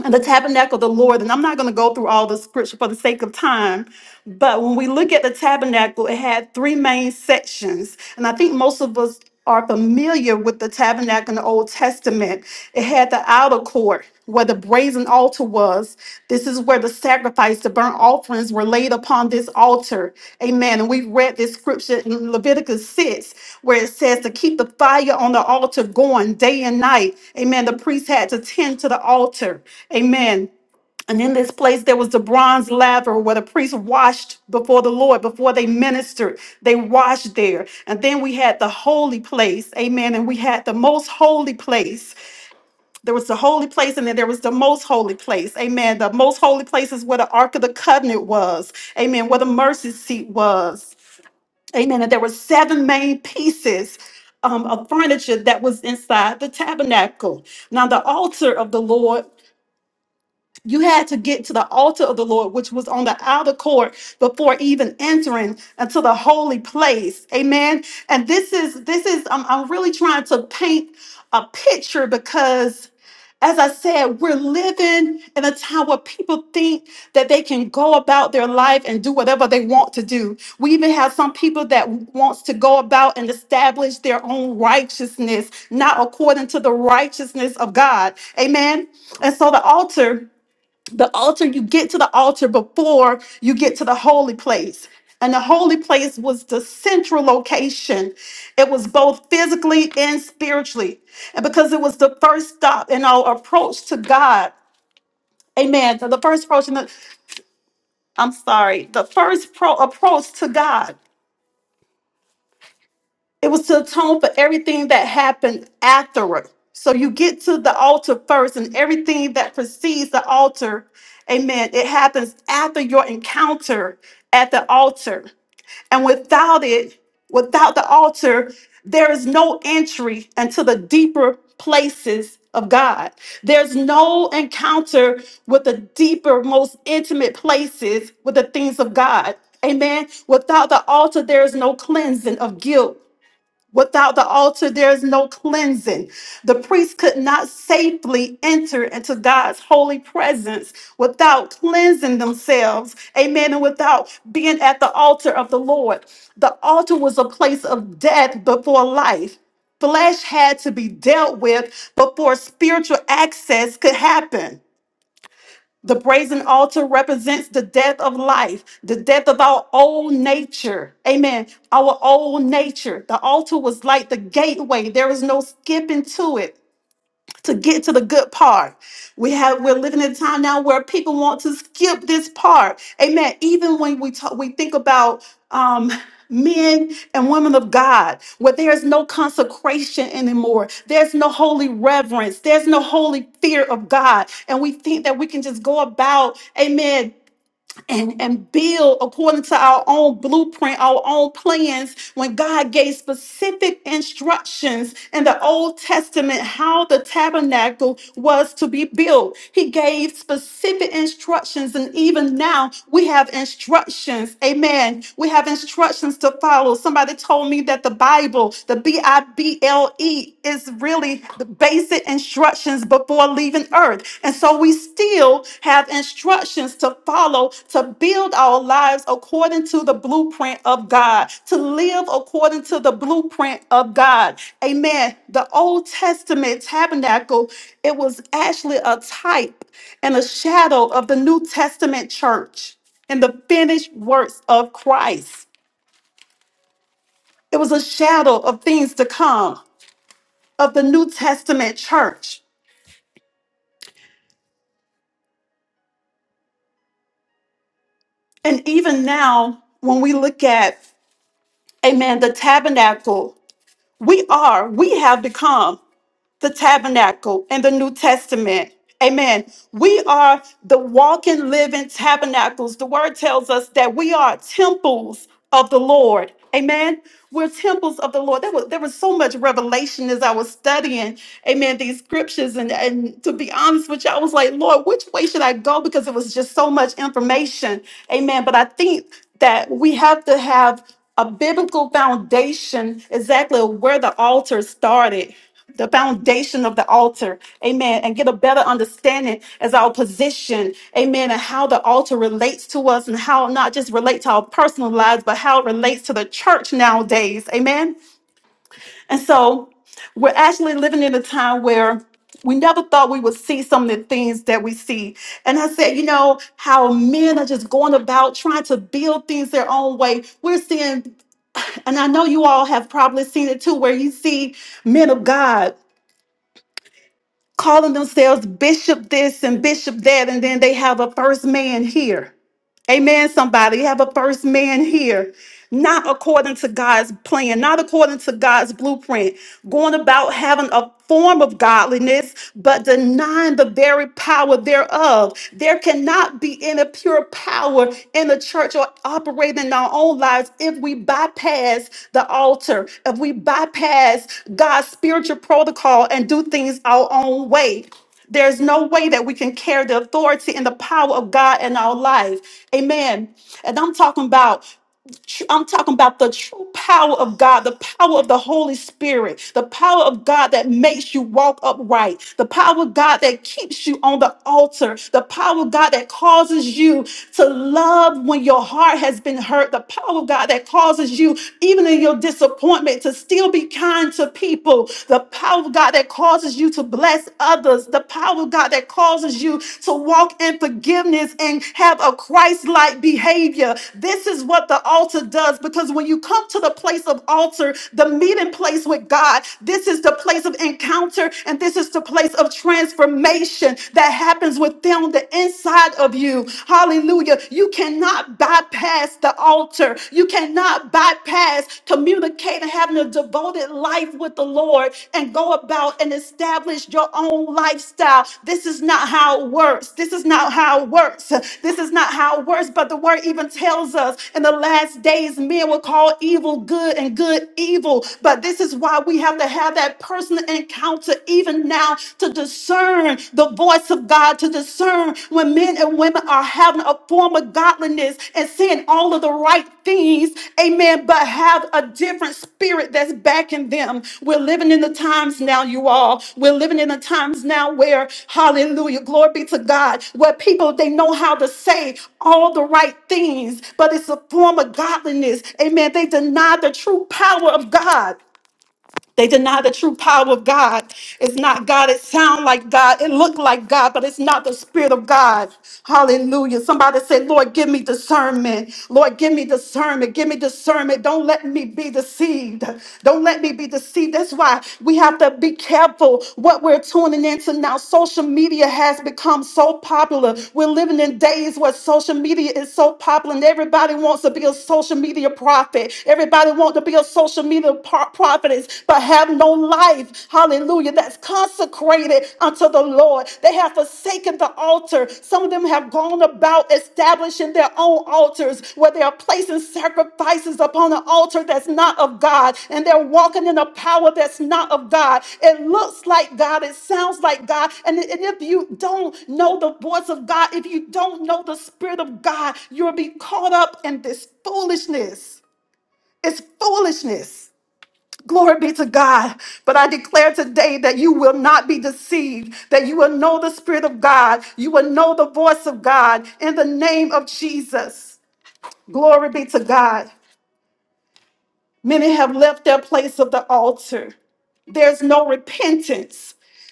[SPEAKER 3] the tabernacle of the Lord, and I'm not going to go through all the scripture for the sake of time, but when we look at the tabernacle, it had three main sections, and I think most of us are familiar with the tabernacle in the Old Testament. It had the outer court where the brazen altar was. This is where the sacrifice, the burnt offerings were laid upon this altar. Amen. And we read this scripture in Leviticus 6 where it says to keep the fire on the altar going day and night. Amen. The priest had to tend to the altar. Amen. And in this place, there was the bronze laver where the priests washed before the Lord, before they ministered. They washed there. And then we had the holy place. Amen. And we had the most holy place. There was the holy place, and then there was the most holy place. Amen. The most holy place is where the Ark of the Covenant was. Amen. Where the mercy seat was. Amen. And there were seven main pieces um, of furniture that was inside the tabernacle. Now, the altar of the Lord. You had to get to the altar of the Lord, which was on the outer court before even entering into the holy place. Amen. And this is this is I'm, I'm really trying to paint a picture because as I said, we're living in a time where people think that they can go about their life and do whatever they want to do. We even have some people that wants to go about and establish their own righteousness, not according to the righteousness of God. Amen. And so the altar the altar you get to the altar before you get to the holy place and the holy place was the central location it was both physically and spiritually and because it was the first stop in our approach to god amen so the first approach in the, i'm sorry the first pro approach to god It was to atone for everything that happened afterward. So you get to the altar first, and everything that precedes the altar, amen, it happens after your encounter at the altar. And without it, without the altar, there is no entry into the deeper places of God. There's no encounter with the deeper, most intimate places with the things of God. Amen. Without the altar, there is no cleansing of guilt. Without the altar, there is no cleansing. The priest could not safely enter into God's holy presence without cleansing themselves. Amen. And without being at the altar of the Lord. The altar was a place of death before life. Flesh had to be dealt with before spiritual access could happen. The brazen altar represents the death of life, the death of our old nature. Amen. Our old nature. The altar was like the gateway. There is no skipping to it to get to the good part. We have we're living in a time now where people want to skip this part. Amen. Even when we talk, we think about um men and women of God, where there is no consecration anymore. There's no holy reverence. There's no holy fear of God. And we think that we can just go about, amen, and, and build according to our own blueprint, our own plans, when God gave specific instructions in the Old Testament how the tabernacle was to be built. He gave specific instructions, and even now we have instructions. Amen. We have instructions to follow. Somebody told me that the Bible, the B I B L E, is really based basic instructions before leaving earth. And so we still have instructions to follow to build our lives according to the blueprint of God, to live according to the blueprint of God. Amen. The Old Testament tabernacle, it was actually a type and a shadow of the New Testament church and the finished works of Christ. It was a shadow of things to come of the New Testament church. And even now, when we look at, amen, the tabernacle, we are, we have become the tabernacle in the New Testament. Amen. We are the walking, living tabernacles. The word tells us that we are temples of the Lord. Amen. We're temples of the Lord. There was, there was so much revelation as I was studying, amen, these scriptures. And, and to be honest with you, I was like, Lord, which way should I go? Because it was just so much information. Amen. But I think that we have to have a biblical foundation exactly of where the altar started the foundation of the altar, amen, and get a better understanding as our position, amen, and how the altar relates to us and how it not just relate to our personal lives, but how it relates to the church nowadays, amen. And so we're actually living in a time where we never thought we would see some of the things that we see. And I said, you know, how men are just going about trying to build things their own way. We're seeing, and I know you all have probably seen it too, where you see men of God calling themselves bishop this and bishop that, and then they have a first man here. Amen. Somebody You have a first man here, not according to God's plan, not according to God's blueprint, going about having a form of godliness, but denying the very power thereof. There cannot be any pure power in the church or operating in our own lives if we bypass the altar, if we bypass God's spiritual protocol and do things our own way. There's no way that we can carry the authority and the power of God in our life. Amen. And I'm talking about tr- I'm talking about the true power of God, the power of the Holy Spirit, the power of God that makes you walk upright, the power of God that keeps you on the altar, the power of God that causes you to love when your heart has been hurt, the power of God that causes you, even in your disappointment, to still be kind to people, the power of God that causes you to bless others, the power of oh God, that causes you to walk in forgiveness and have a Christ like behavior. This is what the altar does because when you come to the place of altar, the meeting place with God, this is the place of encounter and this is the place of transformation that happens within the inside of you. Hallelujah. You cannot bypass the altar, you cannot bypass practice communicating, having a devoted life with the Lord, and go about and establish your own lifestyle. This is not how it works. This is not how it works. This is not how it works. But the word even tells us in the last days, men will call evil good and good evil. But this is why we have to have that personal encounter even now to discern the voice of God, to discern when men and women are having a form of godliness and saying all of the right things, amen, but have a different spirit that's backing them. We're living in the times now, you all. We're living in the times now where, hallelujah, glory be to God, where people, they know how to say all the right things, but it's a form of godliness. Amen. They deny the true power of God. They deny the true power of God. It's not God. It sound like God. It look like God, but it's not the spirit of God. Hallelujah. Somebody say, Lord, give me discernment. Lord, give me discernment. Give me discernment. Don't let me be deceived. Don't let me be deceived. That's why we have to be careful what we're tuning into now. Social media has become so popular. We're living in days where social media is so popular and everybody wants to be a social media prophet. Everybody wants to be a social social media pro- prophets, but have no life. Hallelujah. That's consecrated unto the Lord. They have forsaken the altar. Some of them have gone about establishing their own altars where they are placing sacrifices upon an altar that's not of God and they're walking in a power that's not of God. It looks like God, it sounds like God. And, and if you don't know the voice of God, if you don't know the Spirit of God, you'll be caught up in this foolishness. It's foolishness. Glory be to God. But I declare today that you will not be deceived, that you will know the Spirit of God, you will know the voice of God in the name of Jesus. Glory be to God. Many have left their place of the altar. There's no repentance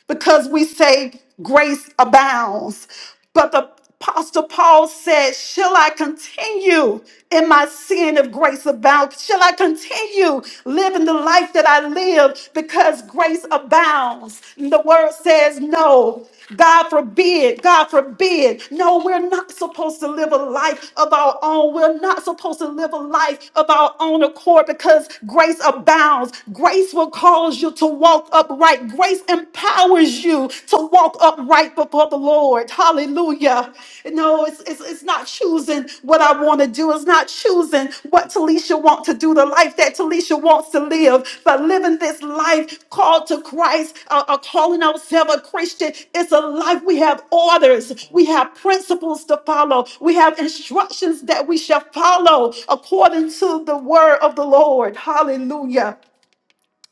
[SPEAKER 3] because we say grace abounds. But the Apostle Paul said, Shall I continue in my sin if grace abounds? Shall I continue living the life that I live because grace abounds? And the word says, No. God forbid, God forbid. No, we're not supposed to live a life of our own. We're not supposed to live a life of our own accord because grace abounds. Grace will cause you to walk walk upright. Grace empowers you to walk upright before the Lord. Hallelujah. No, it's, it's, it's not choosing what I want to do. It's not choosing what Talisha wants to do, the life that Talisha wants to live. But living this life called to Christ, uh, uh, calling ourselves a Christian, it's a life we have orders, we have principles to follow, we have instructions that we shall follow according to the word of the Lord. Hallelujah.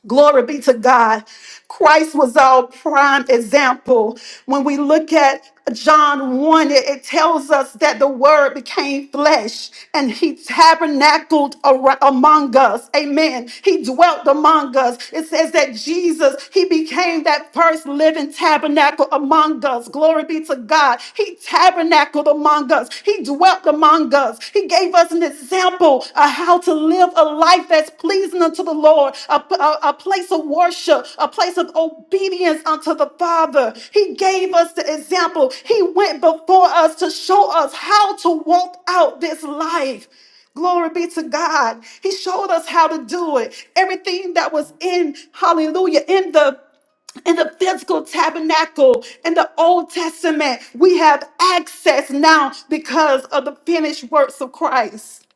[SPEAKER 3] Glory be to God. Christ was our prime example. When we look at John 1, it, it tells us that the word became flesh and he tabernacled ar- among us. Amen. He dwelt among us. It says that Jesus, he became that first living tabernacle among us. Glory be to God. He tabernacled among us. He dwelt among us. He gave us an example of how to live a life that's pleasing unto the Lord, a, a- a place of worship, a place of obedience unto the Father. He gave us the example. He went before us to show us how to walk out this life. Glory be to God. He showed us how to do it. Everything that was in, hallelujah, in the in the physical tabernacle in the Old Testament, we have access now because of the finished works of Christ.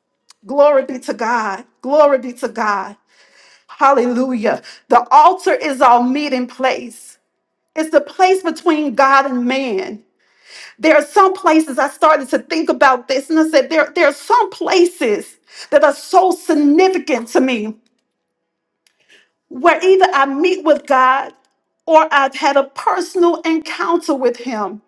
[SPEAKER 3] Glory be to God. Glory be to God. Hallelujah. The altar is our meeting place, it's the place between God and man. There are some places I started to think about this, and I said, there, there are some places that are so significant to me where either I meet with God or I've had a personal encounter with Him.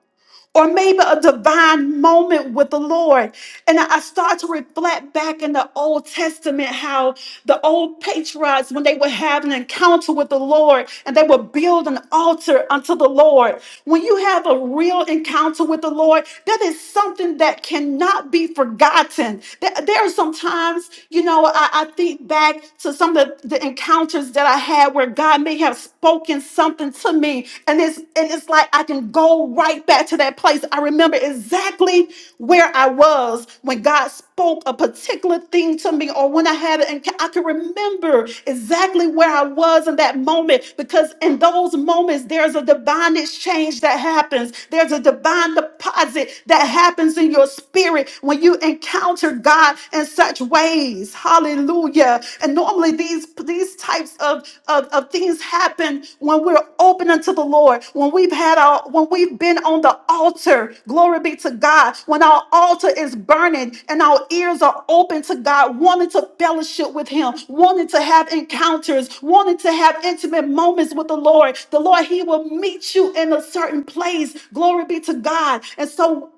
[SPEAKER 3] or maybe a divine moment with the Lord. And I start to reflect back in the Old Testament how the old patriarchs, when they would have an encounter with the Lord and they would build an altar unto the Lord. When you have a real encounter with the Lord, that is something that cannot be forgotten. There there are some times, you know, I, I think back to some of the, the encounters that I had where God may have spoken something to me. And it's and it's like I can go right back to that place. I remember exactly where I was when God spoke a particular thing to me, or when I had it, and I can remember exactly where I was in that moment because in those moments there's a divine exchange that happens. There's a divine deposit that happens in your spirit when you encounter God in such ways. Hallelujah. And normally these these types of, of, of things happen when we're open unto the Lord, when we've had our when we've been on the altar, glory be to God, when our altar is burning and our ears are open to God, wanting to fellowship with Him, wanting to have encounters, wanting to have intimate moments with the Lord. The Lord, He will meet you in a certain place. Glory be to God. And so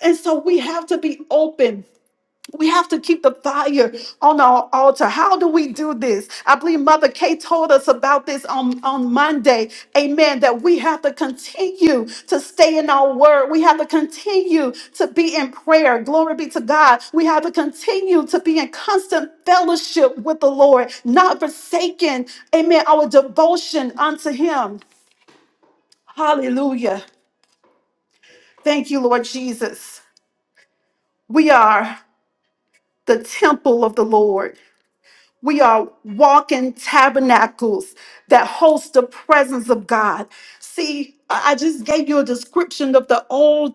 [SPEAKER 3] and so we have to be open we have to keep the fire on our altar. How do we do this? I believe Mother Kay told us about this on, on Monday. Amen. That we have to continue to stay in our word. We have to continue to be in prayer. Glory be to God. We have to continue to be in constant fellowship with the Lord, not forsaken, amen, our devotion unto Him. Hallelujah. Thank you, Lord Jesus. We are the temple of the Lord. We are walking tabernacles that host the presence of God. See, I I just gave you a description of the old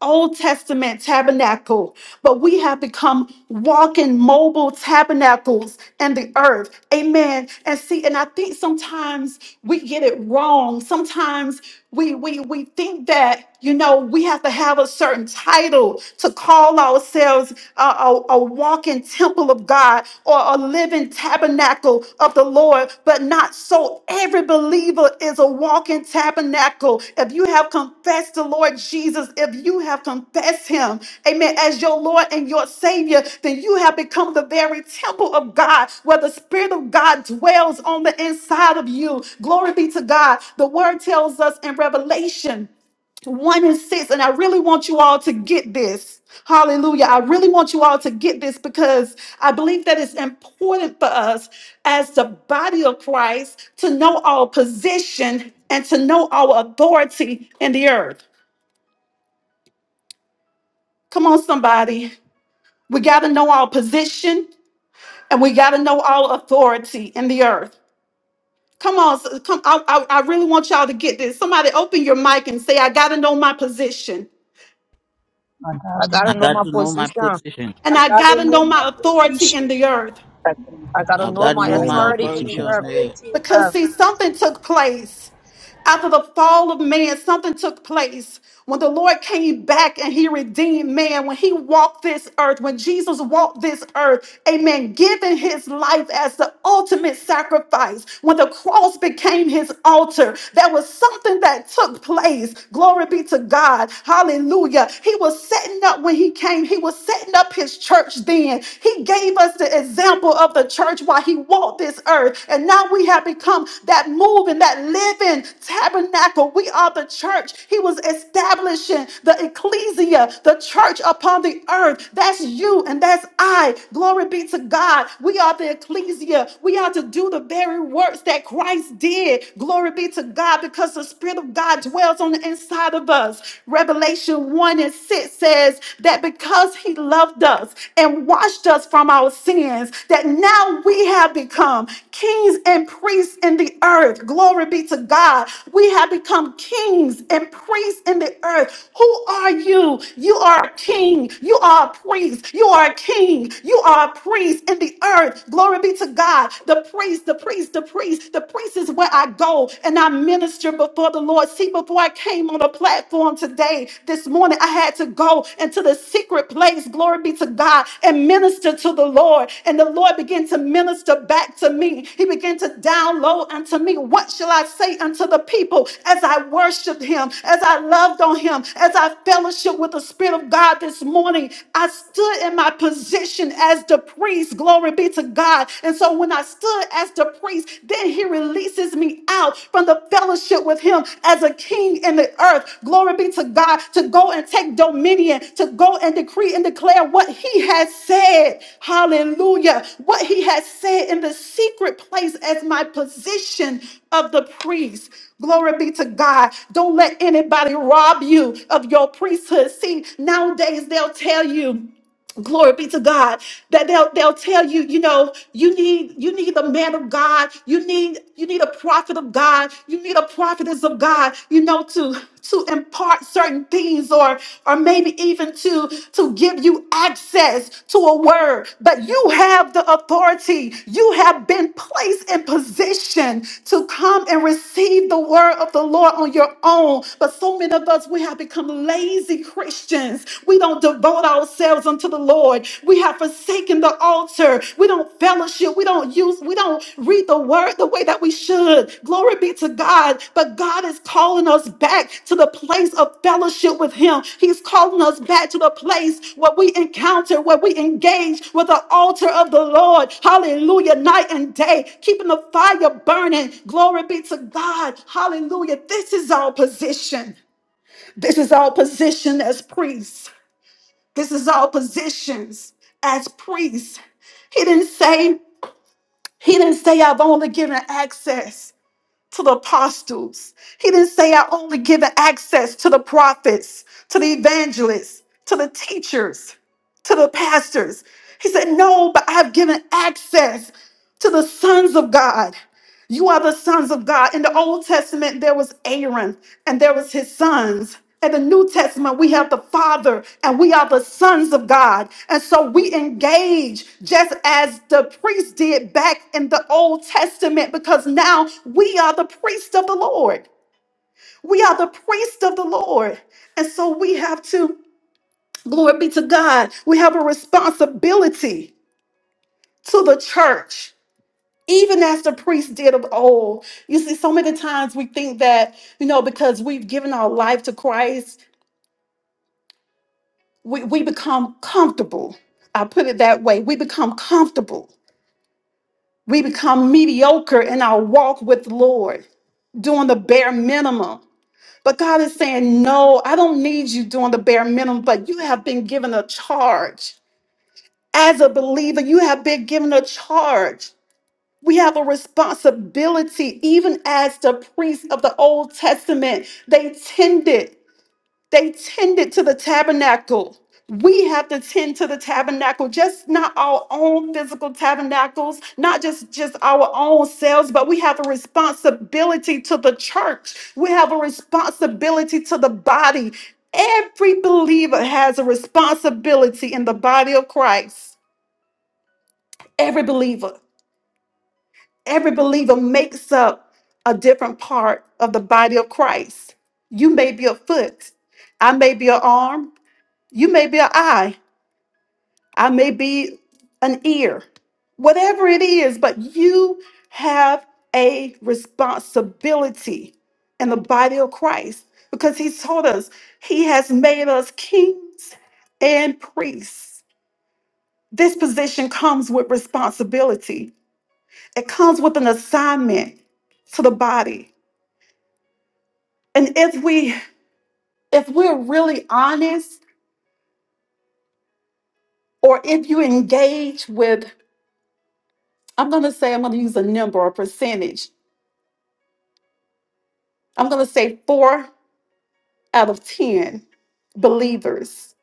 [SPEAKER 3] Old Testament tabernacle, but we have become walking mobile tabernacles in the earth. Amen. And see, and I think sometimes we get it wrong. Sometimes we we we think that you know we have to have a certain title to call ourselves a, a, a walking temple of God or a living tabernacle tabernacle of the Lord, but not so. Every believer is a walking tabernacle. If you have confessed the Lord Jesus, if you have confessed him, amen, as your Lord and your Savior, then you have become the very temple of God where the Spirit of God dwells on the inside of you. Glory be to God. The word tells us in Revelation to one and six. And I really want you all to get this. Hallelujah. I really want you all to get this because I believe that it's important for us as the body of Christ to know our position and to know our authority in the earth. Come on, somebody. We got to know our position and we got to know our authority in the earth. Come on, s- come. I, I, I really want y'all to get this. Somebody open your mic and say, I got to know my position
[SPEAKER 2] My
[SPEAKER 4] I
[SPEAKER 2] God,
[SPEAKER 1] I
[SPEAKER 4] gotta know
[SPEAKER 1] got
[SPEAKER 4] my
[SPEAKER 1] to know my
[SPEAKER 4] position.
[SPEAKER 1] position.
[SPEAKER 3] and
[SPEAKER 5] I
[SPEAKER 3] I got
[SPEAKER 5] gotta
[SPEAKER 3] to
[SPEAKER 5] know
[SPEAKER 3] know
[SPEAKER 5] my
[SPEAKER 3] my authority
[SPEAKER 5] position.
[SPEAKER 3] in the earth.
[SPEAKER 4] I, gotta
[SPEAKER 1] I've
[SPEAKER 4] know
[SPEAKER 1] got to
[SPEAKER 5] I
[SPEAKER 4] my
[SPEAKER 1] know
[SPEAKER 6] Know
[SPEAKER 5] gotta
[SPEAKER 1] my
[SPEAKER 6] my
[SPEAKER 5] know
[SPEAKER 4] authority in
[SPEAKER 2] Hallelujah,
[SPEAKER 1] authority
[SPEAKER 4] the
[SPEAKER 5] my
[SPEAKER 1] on
[SPEAKER 6] position.
[SPEAKER 4] earth.
[SPEAKER 1] the earth.
[SPEAKER 5] authority.
[SPEAKER 3] Because,
[SPEAKER 4] uh,
[SPEAKER 3] see, something took place after the fall of man, something took place when the Lord came back and he redeemed man, when he walked this earth, when Jesus walked this earth, amen, giving his life as the ultimate sacrifice, when the cross became his altar, there was something that took place. Glory be to God. Hallelujah. He was setting up when he came, he was setting up his church then. He gave us the example of the church while he walked this earth. And now we have become that moving, that living tabernacle. We are the church. He was establishing the ecclesia, the church upon the earth. That's you and that's I. Glory be to God. We are the ecclesia. We are to do the very works that Christ did. Glory be to God because the Spirit of God dwells on the inside of us. Revelation 1 and 6 says that that because he loved us and washed us from our sins, that now we have become kings and priests in the earth. Glory be to God. We have become kings and priests in the earth. Who are you? You are a king. You are a priest. You are a king. You are a priest in the earth. Glory be to God. The priest, the priest, the priest, the priest is where I go and I minister before the Lord Lord. See, before I came on the platform today, this morning, I had to go into the secret place, glory be to God, and minister to the Lord. And the Lord began to minister back to me. He began to download unto me, What shall I say unto the people as I worshiped Him, as I loved on Him, as I fellowship with the Spirit of God this morning? I stood in my position as the priest, glory be to God. And so when I stood stood as the priest. Then he releases me out from the fellowship with him as a king in the earth. Glory be to God to go and take dominion, to go and decree and declare what he has said. Hallelujah. What he has said in the secret place as my position of the priest. Glory be to God. Don't let anybody rob you of your priesthood. See, nowadays they'll tell you glory be to god that they'll they'll tell you you know you need you need the man of god you need you need a prophet of god you need a prophetess of god you know to to impart certain things or or maybe even to to give you access to a word but you have the authority you have been placed in position to come and receive the word of the lord on your own but so many of us we have become lazy christians Christians. We don't devote ourselves unto the Lord. We have forsaken the altar. We don't fellowship. We don't use, we don't read the word the way that we should. Glory be to God. But God is calling us back to the place of fellowship with Him. He's calling us back to the place where we encounter, where we engage with the altar of the Lord. Hallelujah. Night and day, keeping the fire burning. Glory be to God. Hallelujah. This is our position. This is our position as priests. This is our positions as priests. He didn't say, he didn't say I've only given access to the apostles. He didn't say I only given access to the prophets, to the evangelists, to the teachers, to the pastors. He said, No, but I've given access to the sons of God. You are the sons of God. In the Old Testament, there was Aaron and there was his sons. In the New Testament, we have the Father and we are the sons of God. And so we engage just as the priest did back in the Old Testament because now we are the priest of the Lord. We are the priest of the Lord. And so we have to, glory be to God, we have a responsibility to the church even as the priests did of old. You see, so many times we think that, you know, because we've given our life to Christ, we, we become comfortable. I put it that way. We become comfortable. We become mediocre in our walk with the Lord, doing the bare minimum. But God is saying, No, I don't need you doing the bare minimum, but you have been given a charge. As a believer, you have been given a charge. We have a responsibility, even as the priests of the Old Testament, they tended, they tended to the tabernacle. We have to tend to the tabernacle, just not our own physical tabernacles, not just just our own selves, but we have a responsibility to the church. We have a responsibility to the body. Every believer has a responsibility in the body of Christ. Every believer. Every believer makes up a different part of the body of Christ. You may be a foot, I may be an arm, you may be an eye, I may be an ear, whatever it is, but you have a responsibility in the body of Christ because He told us He has made us kings and priests. This position comes with responsibility, it comes with an assignment to the body. And if we if we're really honest, or if you engage with, I'm gonna say I'm gonna use a number or percentage. I'm gonna say four out of ten believers.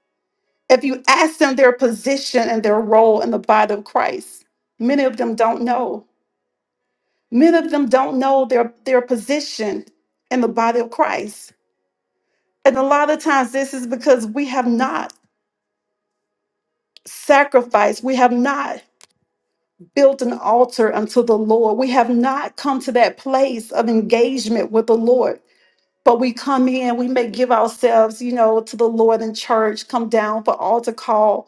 [SPEAKER 3] If you ask them their position and their role in the body of Christ, many of them don't know. Many of them don't know their, their position in the body of Christ. And a lot of times this is because we have not sacrificed, we have not built an altar unto the Lord. We have not come to that place of engagement with the Lord. But we come in, we may give ourselves, you know, to the Lord in church, come down for altar call,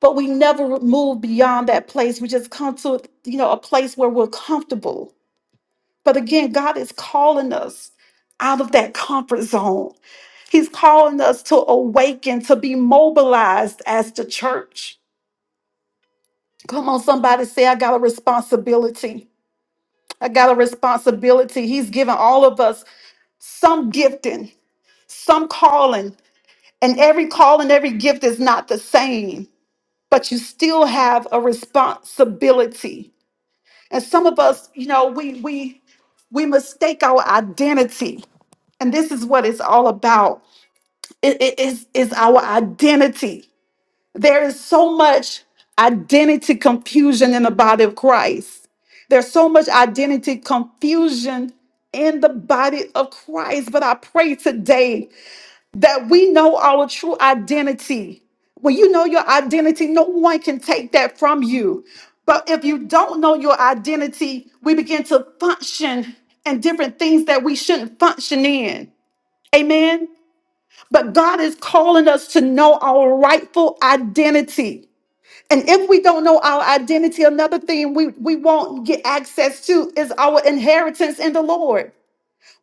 [SPEAKER 3] but we never move beyond that place. We just come to, you know, a place where we're comfortable. But again, God is calling us out of that comfort zone. He's calling us to awaken, to be mobilized as the church. Come on, somebody say, I got a responsibility. I got a responsibility. He's given all of us some gifting, some calling, and every call and every gift is not the same, but you still have a responsibility. And some of us, you know, we we we mistake our identity. And this is what it's all about. It is it, it's it's our identity. There is so much identity confusion in the body of Christ. There's so much identity confusion in the body of Christ. But I pray today that we know our true identity. When you know your identity, no one can take that from you. But if you don't know your identity, we begin to function in different things that we shouldn't function in. Amen. But God is calling us to know our rightful identity. And if we don't know our identity, another thing we, we won't get access to is our inheritance in the Lord.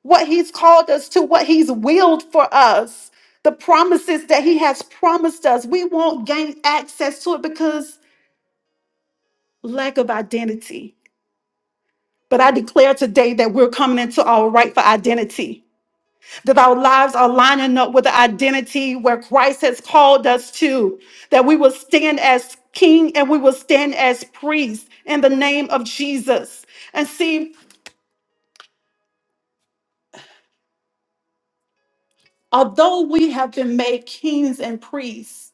[SPEAKER 3] What He's called us to, what He's willed for us, the promises that He has promised us. We won't gain access to it because lack of identity. But I declare today that we're coming into our rightful identity. that our lives are lining up with the identity where Christ has called us to, that we will stand as king and we will stand as priest in the name of Jesus. And see, although we have been made kings and priests,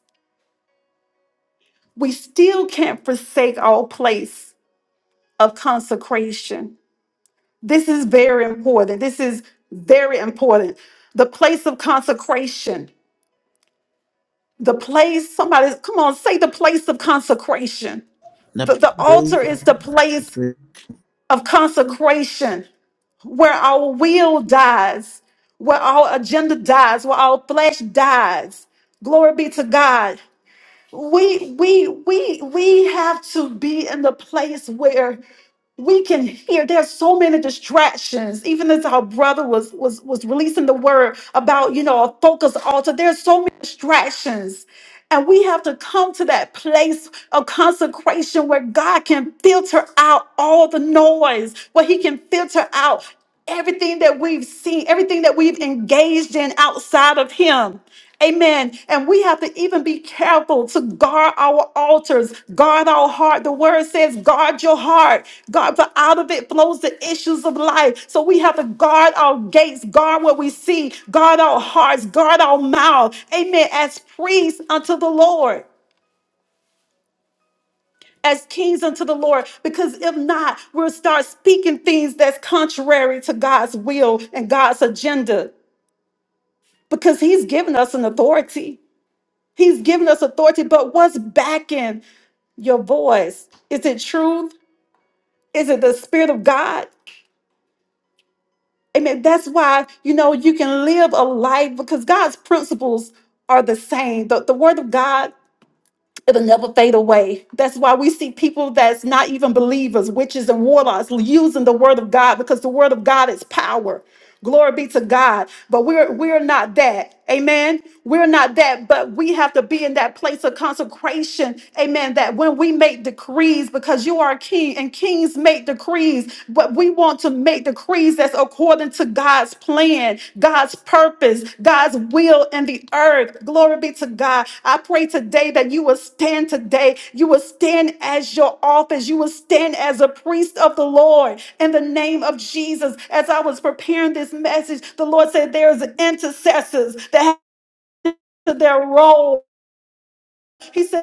[SPEAKER 3] we still can't forsake our place of consecration. This is very important. This is very important. The place of consecration. The place, somebody, come on, say the place of consecration The,
[SPEAKER 1] The
[SPEAKER 3] the altar
[SPEAKER 1] praise of
[SPEAKER 3] is the
[SPEAKER 1] the
[SPEAKER 3] place
[SPEAKER 1] Spirit.
[SPEAKER 3] of consecration where our will dies, where our agenda dies, where our flesh dies. Glory be to God we we we we have to be in the place where we can hear there's so many distractions even as our brother was was was releasing the word about you know a focus altar there's so many distractions and we have to come to that place of consecration where god can filter out all the noise where he can filter out everything that we've seen, everything that we've engaged in outside of Him. Amen. And we have to even be careful to guard our altars, guard our heart. The word says, guard your heart. God, for out of it flows the issues of life. So we have to guard our gates, guard what we see, guard our hearts, guard our mouth. Amen. As priests unto the Lord as kings unto the Lord, because if not, we'll start speaking things that's contrary to God's will and God's agenda, because He's given us an authority. He's given us authority, but what's backing your voice? Is it truth? Is it the Spirit of God? Amen. That's why, you know, you can live a life because God's principles are the same. The, the Word of God It'll never fade away. That's why we see people that's not even believers, witches and warlocks, using the word of God because the word of God is power. Glory be to God. But we're we're not that. Amen. We're not that, but we have to be in that place of consecration. Amen. That when we make decrees, because you are king and kings make decrees, but we. We want to make decrees that's according to God's plan, God's purpose, God's will in the earth. Glory be to God. I pray today that you will stand today. You will stand as your office. You will stand as a priest of the Lord in the name of Jesus. As I was preparing this message, the Lord said, There's intercessors that have to their role. He said,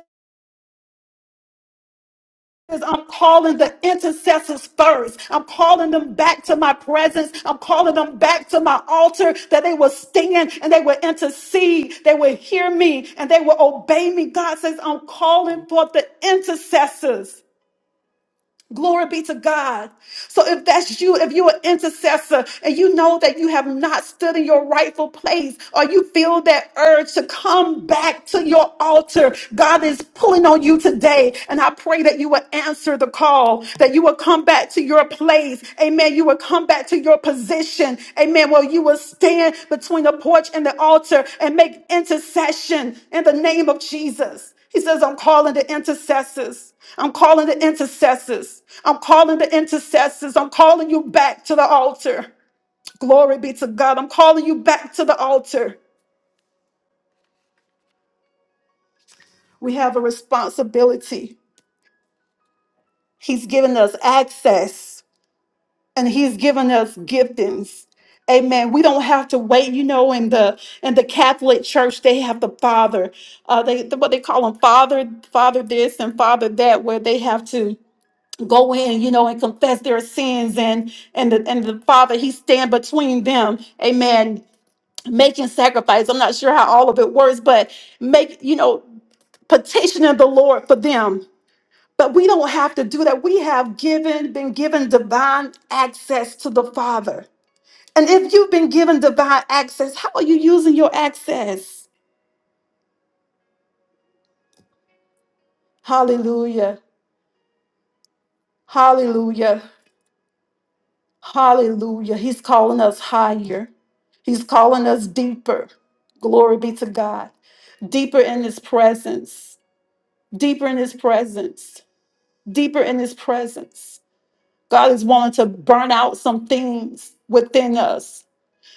[SPEAKER 3] is I'm calling the intercessors first. I'm calling them back to my presence. I'm calling them back to my altar that they will stand and they will intercede. They will hear me and they will obey me. God says, I'm calling for the intercessors. Glory be to God. So if that's you, if you're an intercessor and you know that you have not stood in your rightful place or you feel that urge to come back to your altar, God is pulling on you today. And I pray that you will answer the call, that you will come back to your place. Amen. You will come back to your position. Amen. Well, you will stand between the porch and the altar and make intercession in the name of Jesus. He says, I'm calling the intercessors. I'm calling the intercessors. I'm calling the intercessors. I'm calling you back to the altar. Glory be to God. I'm calling you back to the altar. We have a responsibility. He's given us access and he's given us giftings. Amen. We don't have to wait. You know, in the in the Catholic Church, they have the Father. Uh, they what they call them Father, Father this and Father that, where they have to go in, you know, and confess their sins and and the and the Father He stand between them. Amen. Making sacrifice. I'm not sure how all of it works, but make you know petitioning the Lord for them. But we don't have to do that. We have given been given divine access to the Father. And if you've been given divine access, how are you using your access? Hallelujah. Hallelujah. Hallelujah. He's calling us higher. He's calling us deeper. Glory be to God. Deeper in his presence. Deeper in his presence. Deeper in his presence. God is wanting to burn out some things within us.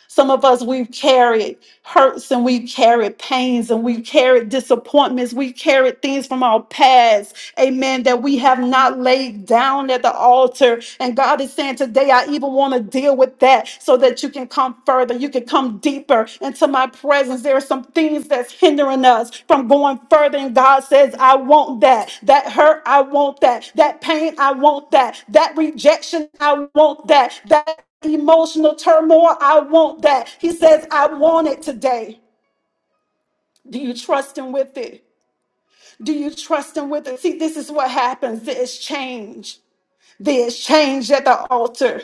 [SPEAKER 3] Some of us, we've carried hurts and we've carried pains and we've carried disappointments. We've carried things from our past Amen. That we have not laid down at the altar. And God is saying today, I even want to deal with that so that you can come further. You can come deeper into my presence. There are some things that's hindering us from going further. And God says, I want that. That hurt, I want that. That pain, I want that. That rejection, I want that. That emotional turmoil, I want that. He says, I want it today. Do you trust Him with it? Do you trust Him with it? See, this is what happens. It's change the exchange at the altar.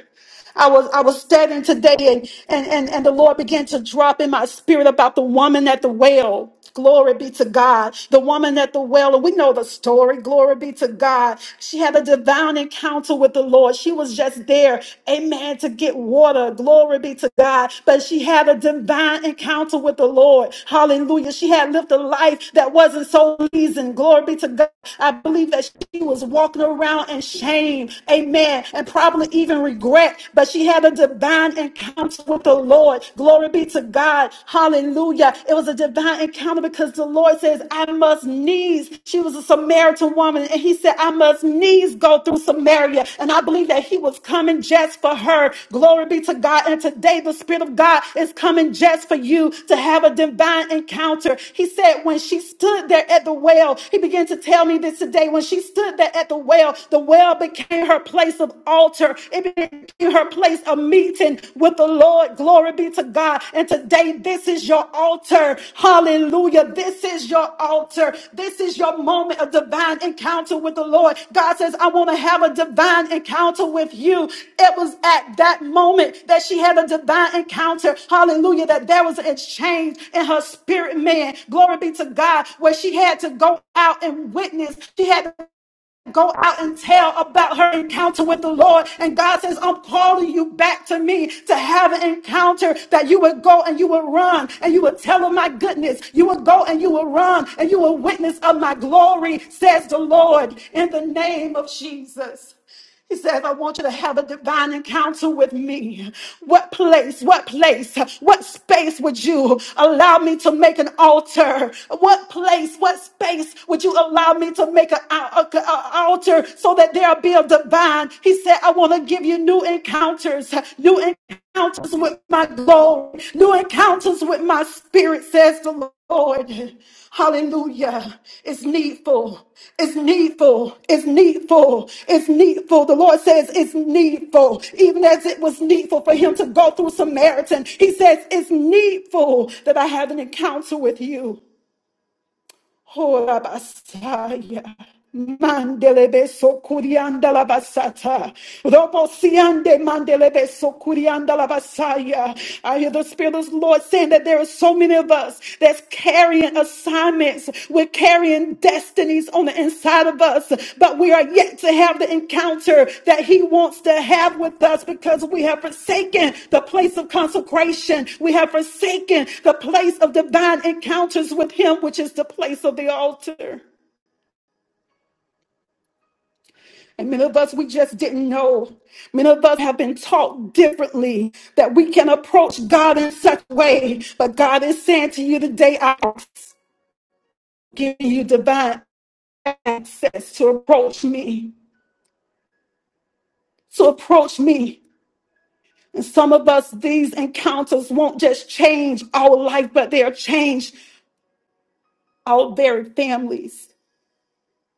[SPEAKER 3] I was I was studying today and, and and and the Lord began to drop in my spirit about the woman at the well. Glory be to God. The woman at the well, and we know the story. Glory be to God. She had a divine encounter with the Lord. She was just there, amen, to get water. Glory be to God. But she had a divine encounter with the Lord. Hallelujah. She had lived a life that wasn't so pleasing. Glory be to God. I believe that she was walking around and and shame, amen, and probably even regret. But she had a divine encounter with the Lord. Glory be to God. Hallelujah. It was a divine encounter because the Lord says, I must needs. She was a Samaritan woman, and he said, I must needs go through Samaria. And I believe that he was coming just for her. Glory be to God. And today the Spirit of God is coming just for you to have a divine encounter. He said, when she stood there at the well, he began to tell me this today. When she stood there at the at the well, the well became her place of altar. It became her place of meeting with the Lord. Glory be to God. And today, this is your altar. Hallelujah. This is your altar. This is your moment of divine encounter with the Lord. God says, I want to have a divine encounter with you. It was at that moment that she had a divine encounter. Hallelujah. That there was an exchange in her spirit, man. Glory be to God, where she had to go out and witness. She had to Go out and tell about her encounter with the Lord. And God says, I'm calling you back to me to have an encounter that you would go and you would run and you would tell of my goodness. You would go and you would run and you would witness of my glory, says the Lord, in the name of Jesus. He says, I want you to have a divine encounter with me. What place, what place, what space would you allow me to make an altar? What place, what space would you allow me to make an altar so that there'll be a divine? He said, I want to give you new encounters, new encounters with my glory, new encounters with my spirit, says the Lord. Hallelujah. It's needful. It's needful. It's needful. It's needful. The Lord says it's needful. Even as it was needful for him to go through Samaritan, he says it's needful that I have an encounter with you. Horabasaya. Mandelebe sokurianda la basata. Robosiande mandelebe sokurianda la basaya. I hear the Spirit of the Lord saying that there are so many of us that's carrying assignments. We're carrying destinies on the inside of us, but we are yet to have the encounter that He wants to have with us because we have forsaken the place of consecration. We have forsaken the place of divine encounters with Him, which is the place of the altar. And many of us, we just didn't know. Many of us have been taught differently that we can approach God in such a way. But God is saying to you today, I'm giving you divine access to approach me. to approach me. And some of us, these encounters won't just change our life, but they'll change our very families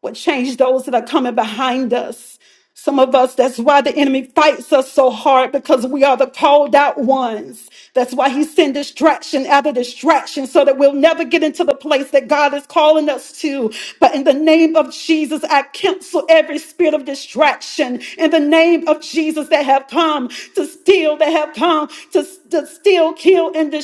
[SPEAKER 3] will change those that are coming behind us. Some of us, that's why the enemy fights us so hard because we are the called out ones. That's why he sends distraction after distraction so that we'll never get into the place that God is calling us to. But in the name of Jesus, I cancel every spirit of distraction in the name of Jesus that have come to steal, that have come to, to steal, kill, and and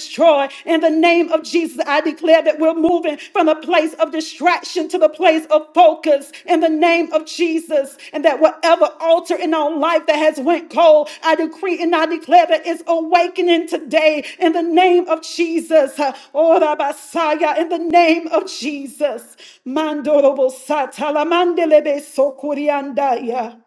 [SPEAKER 3] In the name of Jesus, I declare that we're moving from a place of distraction to the place of focus. In the name of Jesus, and that whatever altar in our life that has went cold, I decree and I declare that it's awakening today. In the name of Jesus, uh, oh Rabasaya, in the name of Jesus, Mandorobo Satala Mandelebe Sokuriandaya.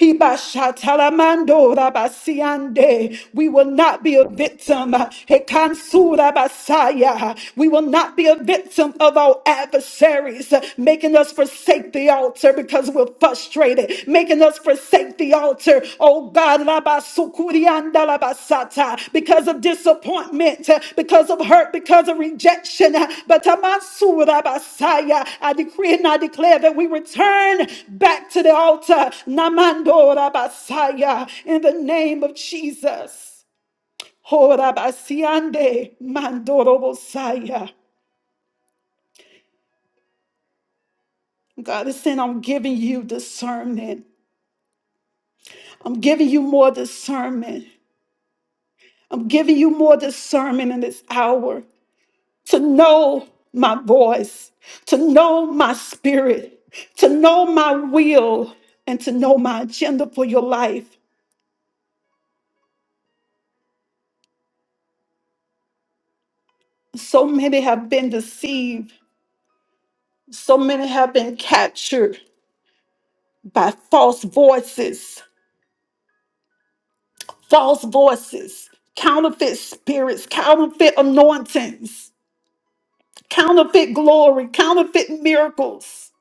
[SPEAKER 3] Hibashatalamando rabasiande. We will not be a victim. Hekansu rabasaya. We will not be a victim of our adversaries, making us forsake the altar because we're frustrated, making us forsake the altar. Oh God, because of disappointment, because of hurt, because of rejection. But Tamasurabasaya, I decree and I declare that we return back to the altar. Namandorabasaya, in the name of Jesus. Horabasiande mandorobosaya. God is saying, I'm giving you discernment. I'm giving you more discernment. I'm giving you more discernment in this hour. to know my voice, to know my spirit, to know my will, and to know my agenda for your life. So many have been deceived, so many have been captured by false voices, false voices, counterfeit spirits, counterfeit anointings, counterfeit glory, counterfeit miracles.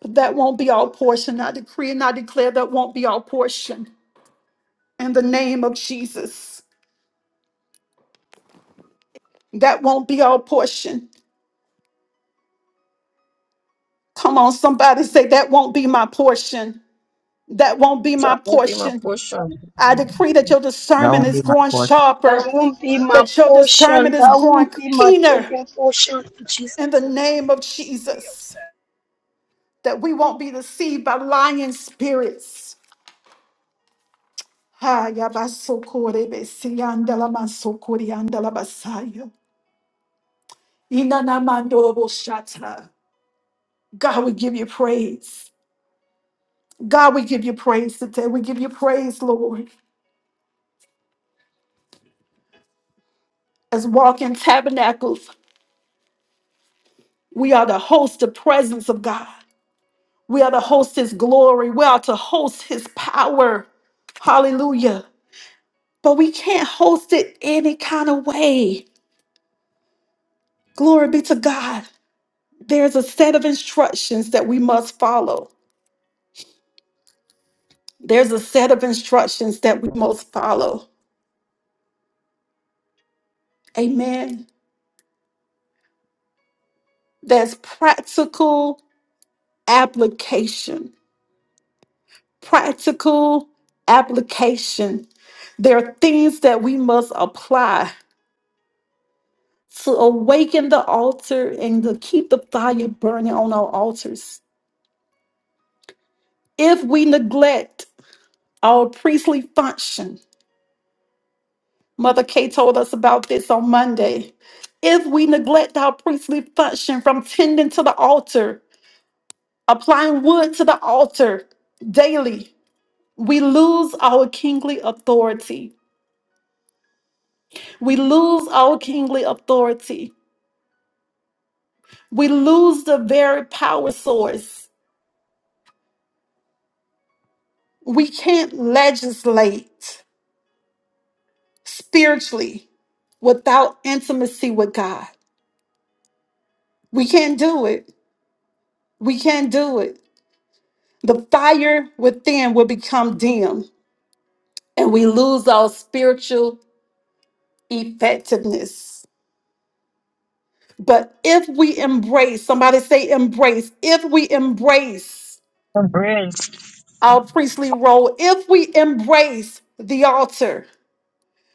[SPEAKER 3] But that won't be our portion. I decree and I declare that won't be our portion in the name of Jesus. That won't be our portion. Come on, somebody say, That won't be my portion. That won't be
[SPEAKER 4] So I
[SPEAKER 3] my
[SPEAKER 4] won't be my
[SPEAKER 3] portion.
[SPEAKER 4] portion.
[SPEAKER 3] I decree that your
[SPEAKER 1] That
[SPEAKER 3] discernment
[SPEAKER 1] won't
[SPEAKER 3] is
[SPEAKER 1] be my
[SPEAKER 3] growing
[SPEAKER 1] portion.
[SPEAKER 5] That
[SPEAKER 3] sharper,
[SPEAKER 5] won't be my
[SPEAKER 3] that your
[SPEAKER 5] portion.
[SPEAKER 3] discernment is
[SPEAKER 5] That
[SPEAKER 3] growing
[SPEAKER 5] won't be my
[SPEAKER 3] keener
[SPEAKER 5] children's portion in
[SPEAKER 3] in the
[SPEAKER 5] Jesus' name.
[SPEAKER 3] name of Jesus, that we won't be deceived by lying spirits. Ah, yabasokorebesi, andalamasokori, andalabasayo. Inanamandoboshata. God, we give you praise. God, we give you praise today. We give you praise, Lord. as walking tabernacles, we are to host the presence of God. We are to host his glory. We are to host his power. Hallelujah. But we can't host it any kind of way. Glory be to God. There's a set of instructions that we must follow. There's a set of instructions that we must follow. Amen. There's practical application practical application. There are things that we must apply to awaken the altar and to keep the fire burning on our altars. If we neglect our priestly function, Mother Kay told us about this on Monday. If we neglect our priestly function from tending to the altar, applying wood to the altar daily, we lose our kingly authority. We lose our kingly authority We lose the very power source. We can't legislate spiritually without intimacy with God. We can't do it. We can't do it. The fire within will become dim and we lose our spiritual effectiveness. But if we embrace, somebody say embrace, if we embrace
[SPEAKER 4] I'm bridge.
[SPEAKER 3] our priestly role, if we embrace the altar,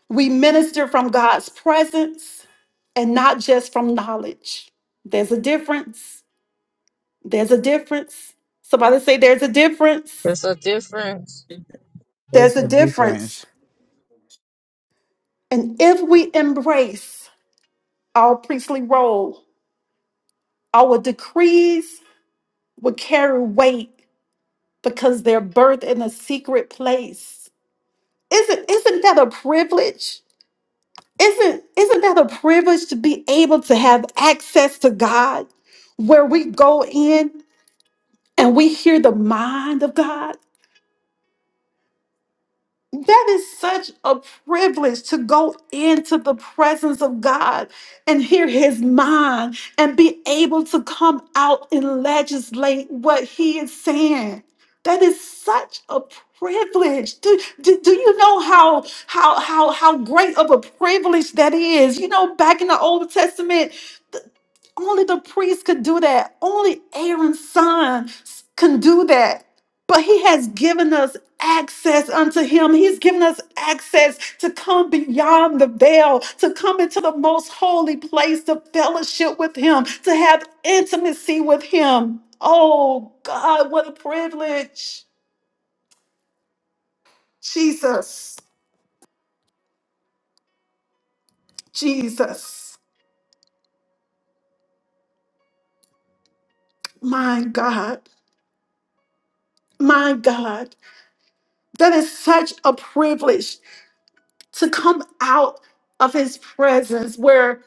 [SPEAKER 3] We minister from God's presence and not just from knowledge. There's a difference. There's a difference. Somebody say, There's a difference.
[SPEAKER 4] There's a difference.
[SPEAKER 1] There's
[SPEAKER 3] There's a
[SPEAKER 1] a
[SPEAKER 3] difference.
[SPEAKER 1] difference.
[SPEAKER 3] And if we embrace our priestly role, our decrees will carry weight because they're birthed in a secret place. Isn't, isn't that a privilege? Isn't, isn't that a privilege to be able to have access to God where we go in? and we hear the mind of God. That is such a privilege to go into the presence of God and hear his mind and be able to come out and legislate what he is saying. That is such a privilege. Do, do, do you know how, how, how, how great of a privilege that is? You know, back in the Old Testament, th- only the priest could do that. Only Aaron's son s- can do that but he has given us access unto him. He's given us access to come beyond the veil, to come into the most holy place, to fellowship with him, to have intimacy with him. Oh God, what a privilege. Jesus, Jesus, my God, my God. That is such a privilege to come out of his presence where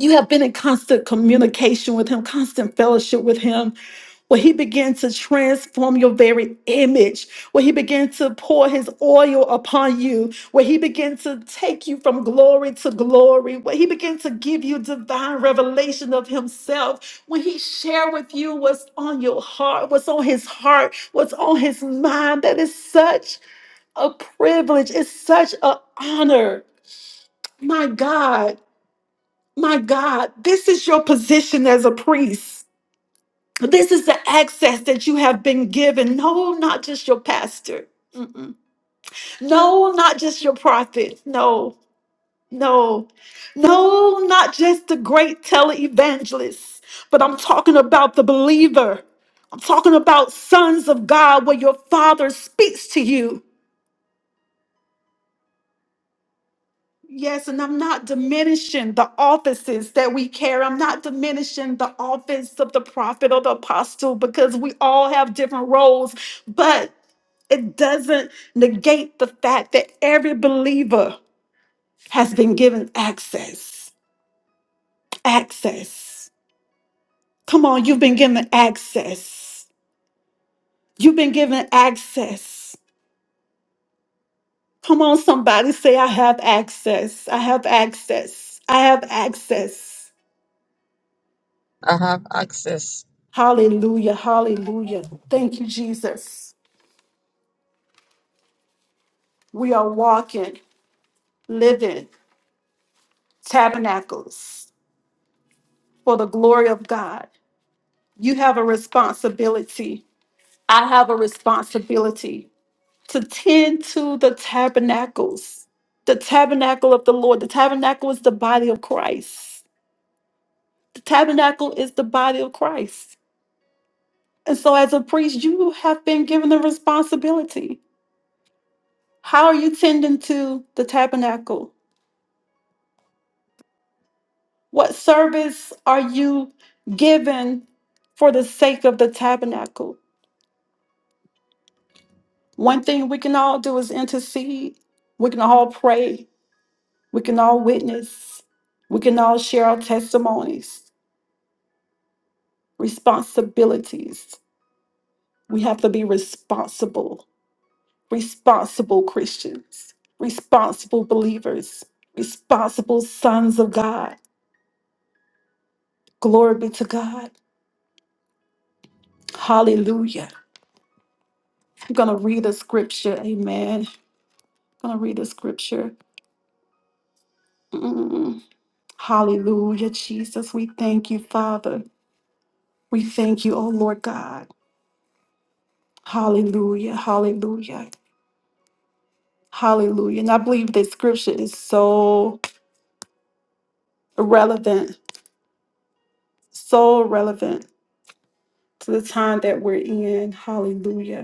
[SPEAKER 3] you have been in constant communication with him, constant fellowship with him, where he began to transform your very image, where he began to pour his oil upon you, where he began to take you from glory to glory, where he began to give you divine revelation of himself, when he shared with you what's on your heart, what's on his heart, what's on his mind. That is such a privilege. It's such an honor. My God. My God, this is your position as a priest. This is the access that you have been given. No, not just your pastor. Mm-mm. No, not just your prophet. No, no, no, not just the great televangelist, but I'm talking about the believer. I'm talking about sons of God where your father speaks to you Yes, and I'm not diminishing the offices that we carry. I'm not diminishing the office of the prophet or the apostle because we all have different roles, but it doesn't negate the fact that every believer has been given access. Access. Come on, you've been given access. You've been given access. Come on, somebody say, I have access. I have access. I have access.
[SPEAKER 4] I have access.
[SPEAKER 3] Hallelujah. Hallelujah. Thank you, Jesus. We are walking, living tabernacles for the glory of God. You have a responsibility. I have a responsibility to tend to the tabernacles, the tabernacle of the Lord. The tabernacle is the body of Christ. The tabernacle is the body of Christ. And so, as a priest, you have been given the responsibility. How are you tending to the tabernacle? What service are you giving for the sake of the tabernacle? One thing we can all do is intercede. We can all pray. We can all witness. We can all share our testimonies, responsibilities. We have to be responsible, responsible Christians, responsible believers, responsible sons of God. Glory be to God. Hallelujah. I'm going to read a scripture. Amen. going to read the scripture. Mm. Hallelujah, Jesus. We thank you, Father. We thank you, oh Lord God. Hallelujah, hallelujah, hallelujah. And I believe this scripture is so relevant, so relevant to the time that we're in. Hallelujah.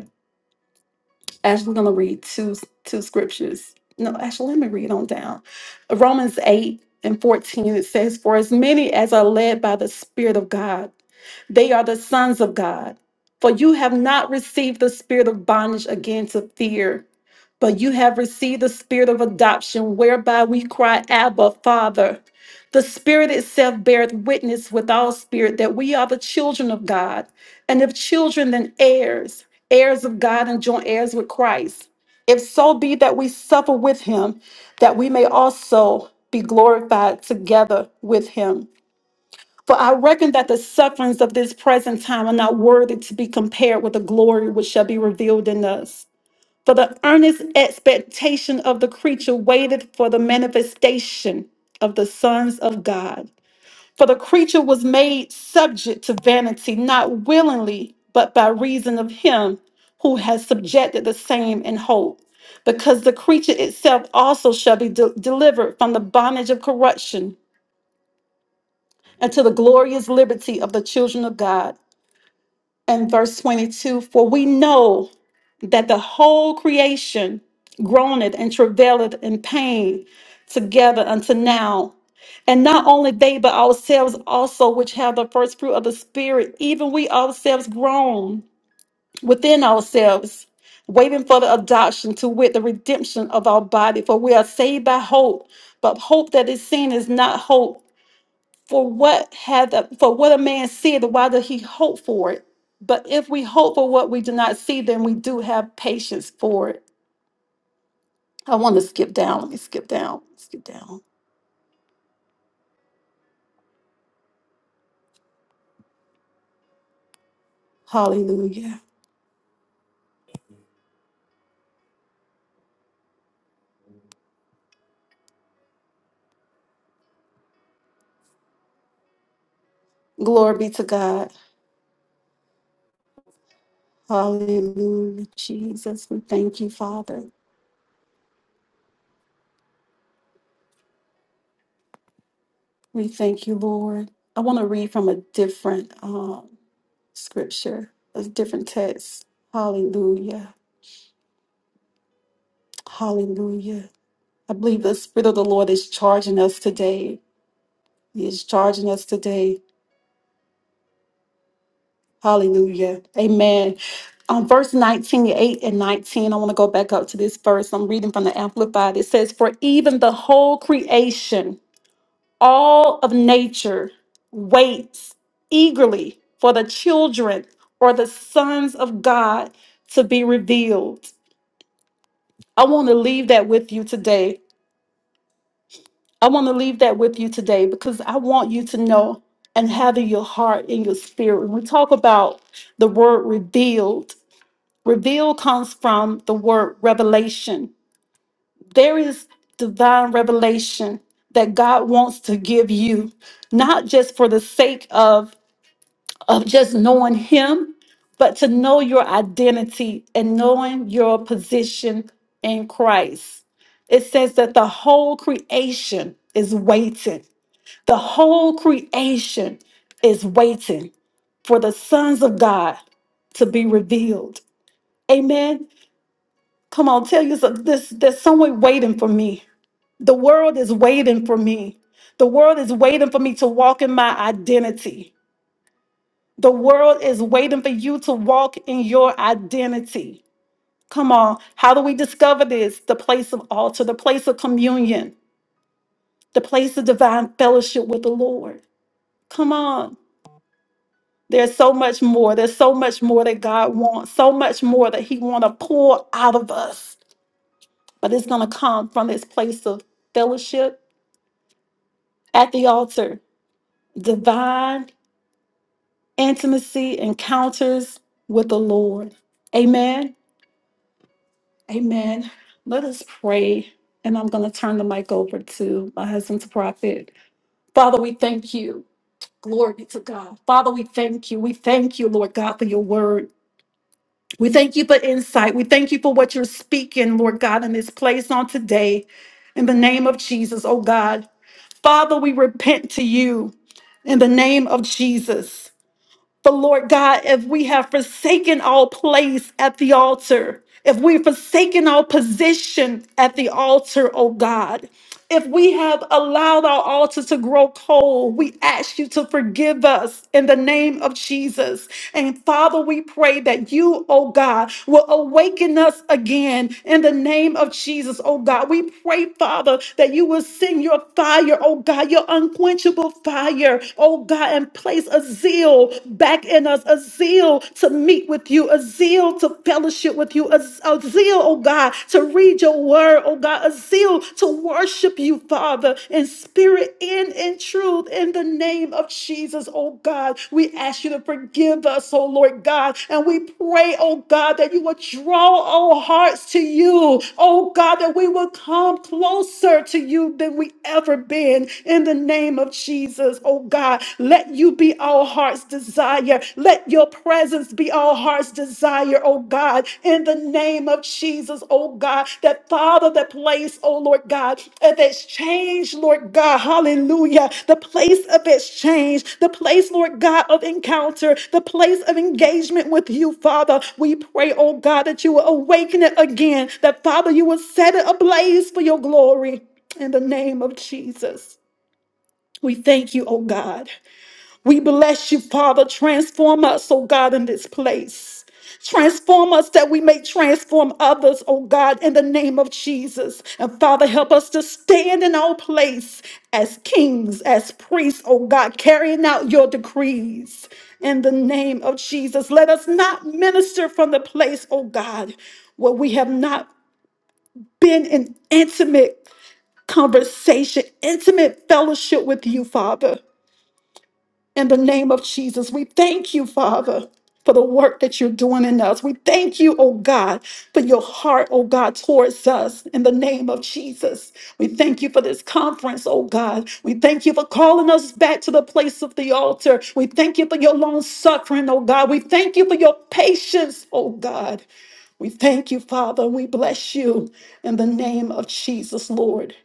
[SPEAKER 3] Actually, I'm going to read two two scriptures. No, actually, let me read on down. Romans eight and fourteen. It says, "For as many as are led by the Spirit of God, they are the sons of God. For you have not received the spirit of bondage again to fear, but you have received the spirit of adoption, whereby we cry, Abba, Father. The Spirit itself beareth witness with our spirit that we are the children of God, and if children, then heirs heirs of God and joint heirs with Christ. If so be that we suffer with him, that we may also be glorified together with him. For I reckon that the sufferings of this present time are not worthy to be compared with the glory which shall be revealed in us. For the earnest expectation of the creature waited for the manifestation of the sons of God. For the creature was made subject to vanity, not willingly, but by reason of him who has subjected the same in hope. Because the creature itself also shall be de- delivered from the bondage of corruption unto the glorious liberty of the children of God and verse 22 For we know that the whole creation groaneth and travaileth in pain together unto now. And not only they, but ourselves also, which have the first fruit of the Spirit, even we ourselves groan within ourselves, waiting for the adoption to wit the redemption of our body. For we are saved by hope, but hope that is seen is not hope. For what hath for what a man seeth, why doth he hope for it? But if we hope for what we do not see, then we do have patience for it. I want to skip down. Let me skip down. Skip down. Hallelujah. Glory be to God. Hallelujah. Jesus, we thank you, Father. We thank you, Lord. I want to read from a different um, scripture, a different text. Hallelujah. Hallelujah. I believe the Spirit of the Lord is charging us today He is charging us today. Hallelujah. Amen. Um, verse 19, 8 and 19. I want to go back up to this verse. I'm reading from the Amplified. It says, For even the whole creation, all of nature, waits eagerly for the children or the sons of God to be revealed. I want to leave that with you today I want to leave that with you today because I want you to know and have in your heart, in your spirit. When we talk about the word revealed, revealed comes from the word revelation. There is divine revelation that God wants to give you, not just for the sake of, of just knowing Him, but to know your identity and knowing your position in Christ. It says that the whole creation is waiting. The whole creation is waiting for the sons of God to be revealed. Amen. Come on, tell you some, this there's someone waiting for me. The world is waiting for me. The world is waiting for me to walk in my identity. The world is waiting for you to walk in your identity. Come on, how do we discover this? The place of altar, the place of communion, the place of divine fellowship with the Lord. Come on. There's so much more. There's so much more that God wants, so much more that He want to pour out of us. But it's going to come from this place of fellowship at the altar, divine intimacy, encounters with the Lord. Amen. Amen. Let us pray. And I'm going to turn the mic over to my husband's prophet. Father, we thank you. Glory be to God. Father, we thank you. We thank you, Lord God, for your word. We thank you for insight. We thank you for what you're speaking, Lord God, in this place on today. In the name of Jesus, oh God. Father, we repent to you in the name of Jesus. But Lord God, if we have forsaken our place at the altar, if we've forsaken our position at the altar, oh God, if we have allowed our altar to grow cold, we ask you to forgive us in the name of Jesus. And Father, we pray that you, oh God, will awaken us again in the name of Jesus, oh God. We pray, Father, that you will send your fire, oh God, your unquenchable fire, oh God, and place a zeal back in us, a zeal to meet with you, a zeal to fellowship with you, a, a zeal, oh God, to read your word, oh God, a zeal to worship you, Father, in spirit and in truth, in the name of Jesus, oh God. We ask you to forgive us, oh Lord God, and we pray, oh God, that you would draw our hearts to you, oh God, that we will come closer to you than we ever been, in the name of Jesus. Jesus, oh God. Let you be our heart's desire. Let your presence be our heart's desire, oh God, in the name of Jesus, oh God. That Father, that place, oh Lord God, of exchange, Lord God, hallelujah. The place of exchange, the place, Lord God, of encounter, the place of engagement with you, Father. We pray, oh God, that you will awaken it again, that Father, you will set it ablaze for your glory in the name of Jesus. We thank you, oh God. We bless you, Father. Transform us, oh God, in this place. Transform us that we may transform others, oh God, in the name of Jesus. And Father, help us to stand in our place as kings, as priests, oh God, carrying out your decrees in the name of Jesus. Let us not minister from the place, oh God, where we have not been in intimate conversation, intimate fellowship with you, Father. In the name of Jesus, we thank you, Father, for the work that you're doing in us. We thank you, oh God, for your heart, oh God, towards us. In the name of Jesus, we thank you for this conference, oh God. We thank you for calling us back to the place of the altar. We thank you for your long suffering, oh God. We thank you for your patience, oh God. We thank you, Father. We bless you in the name of Jesus, Lord.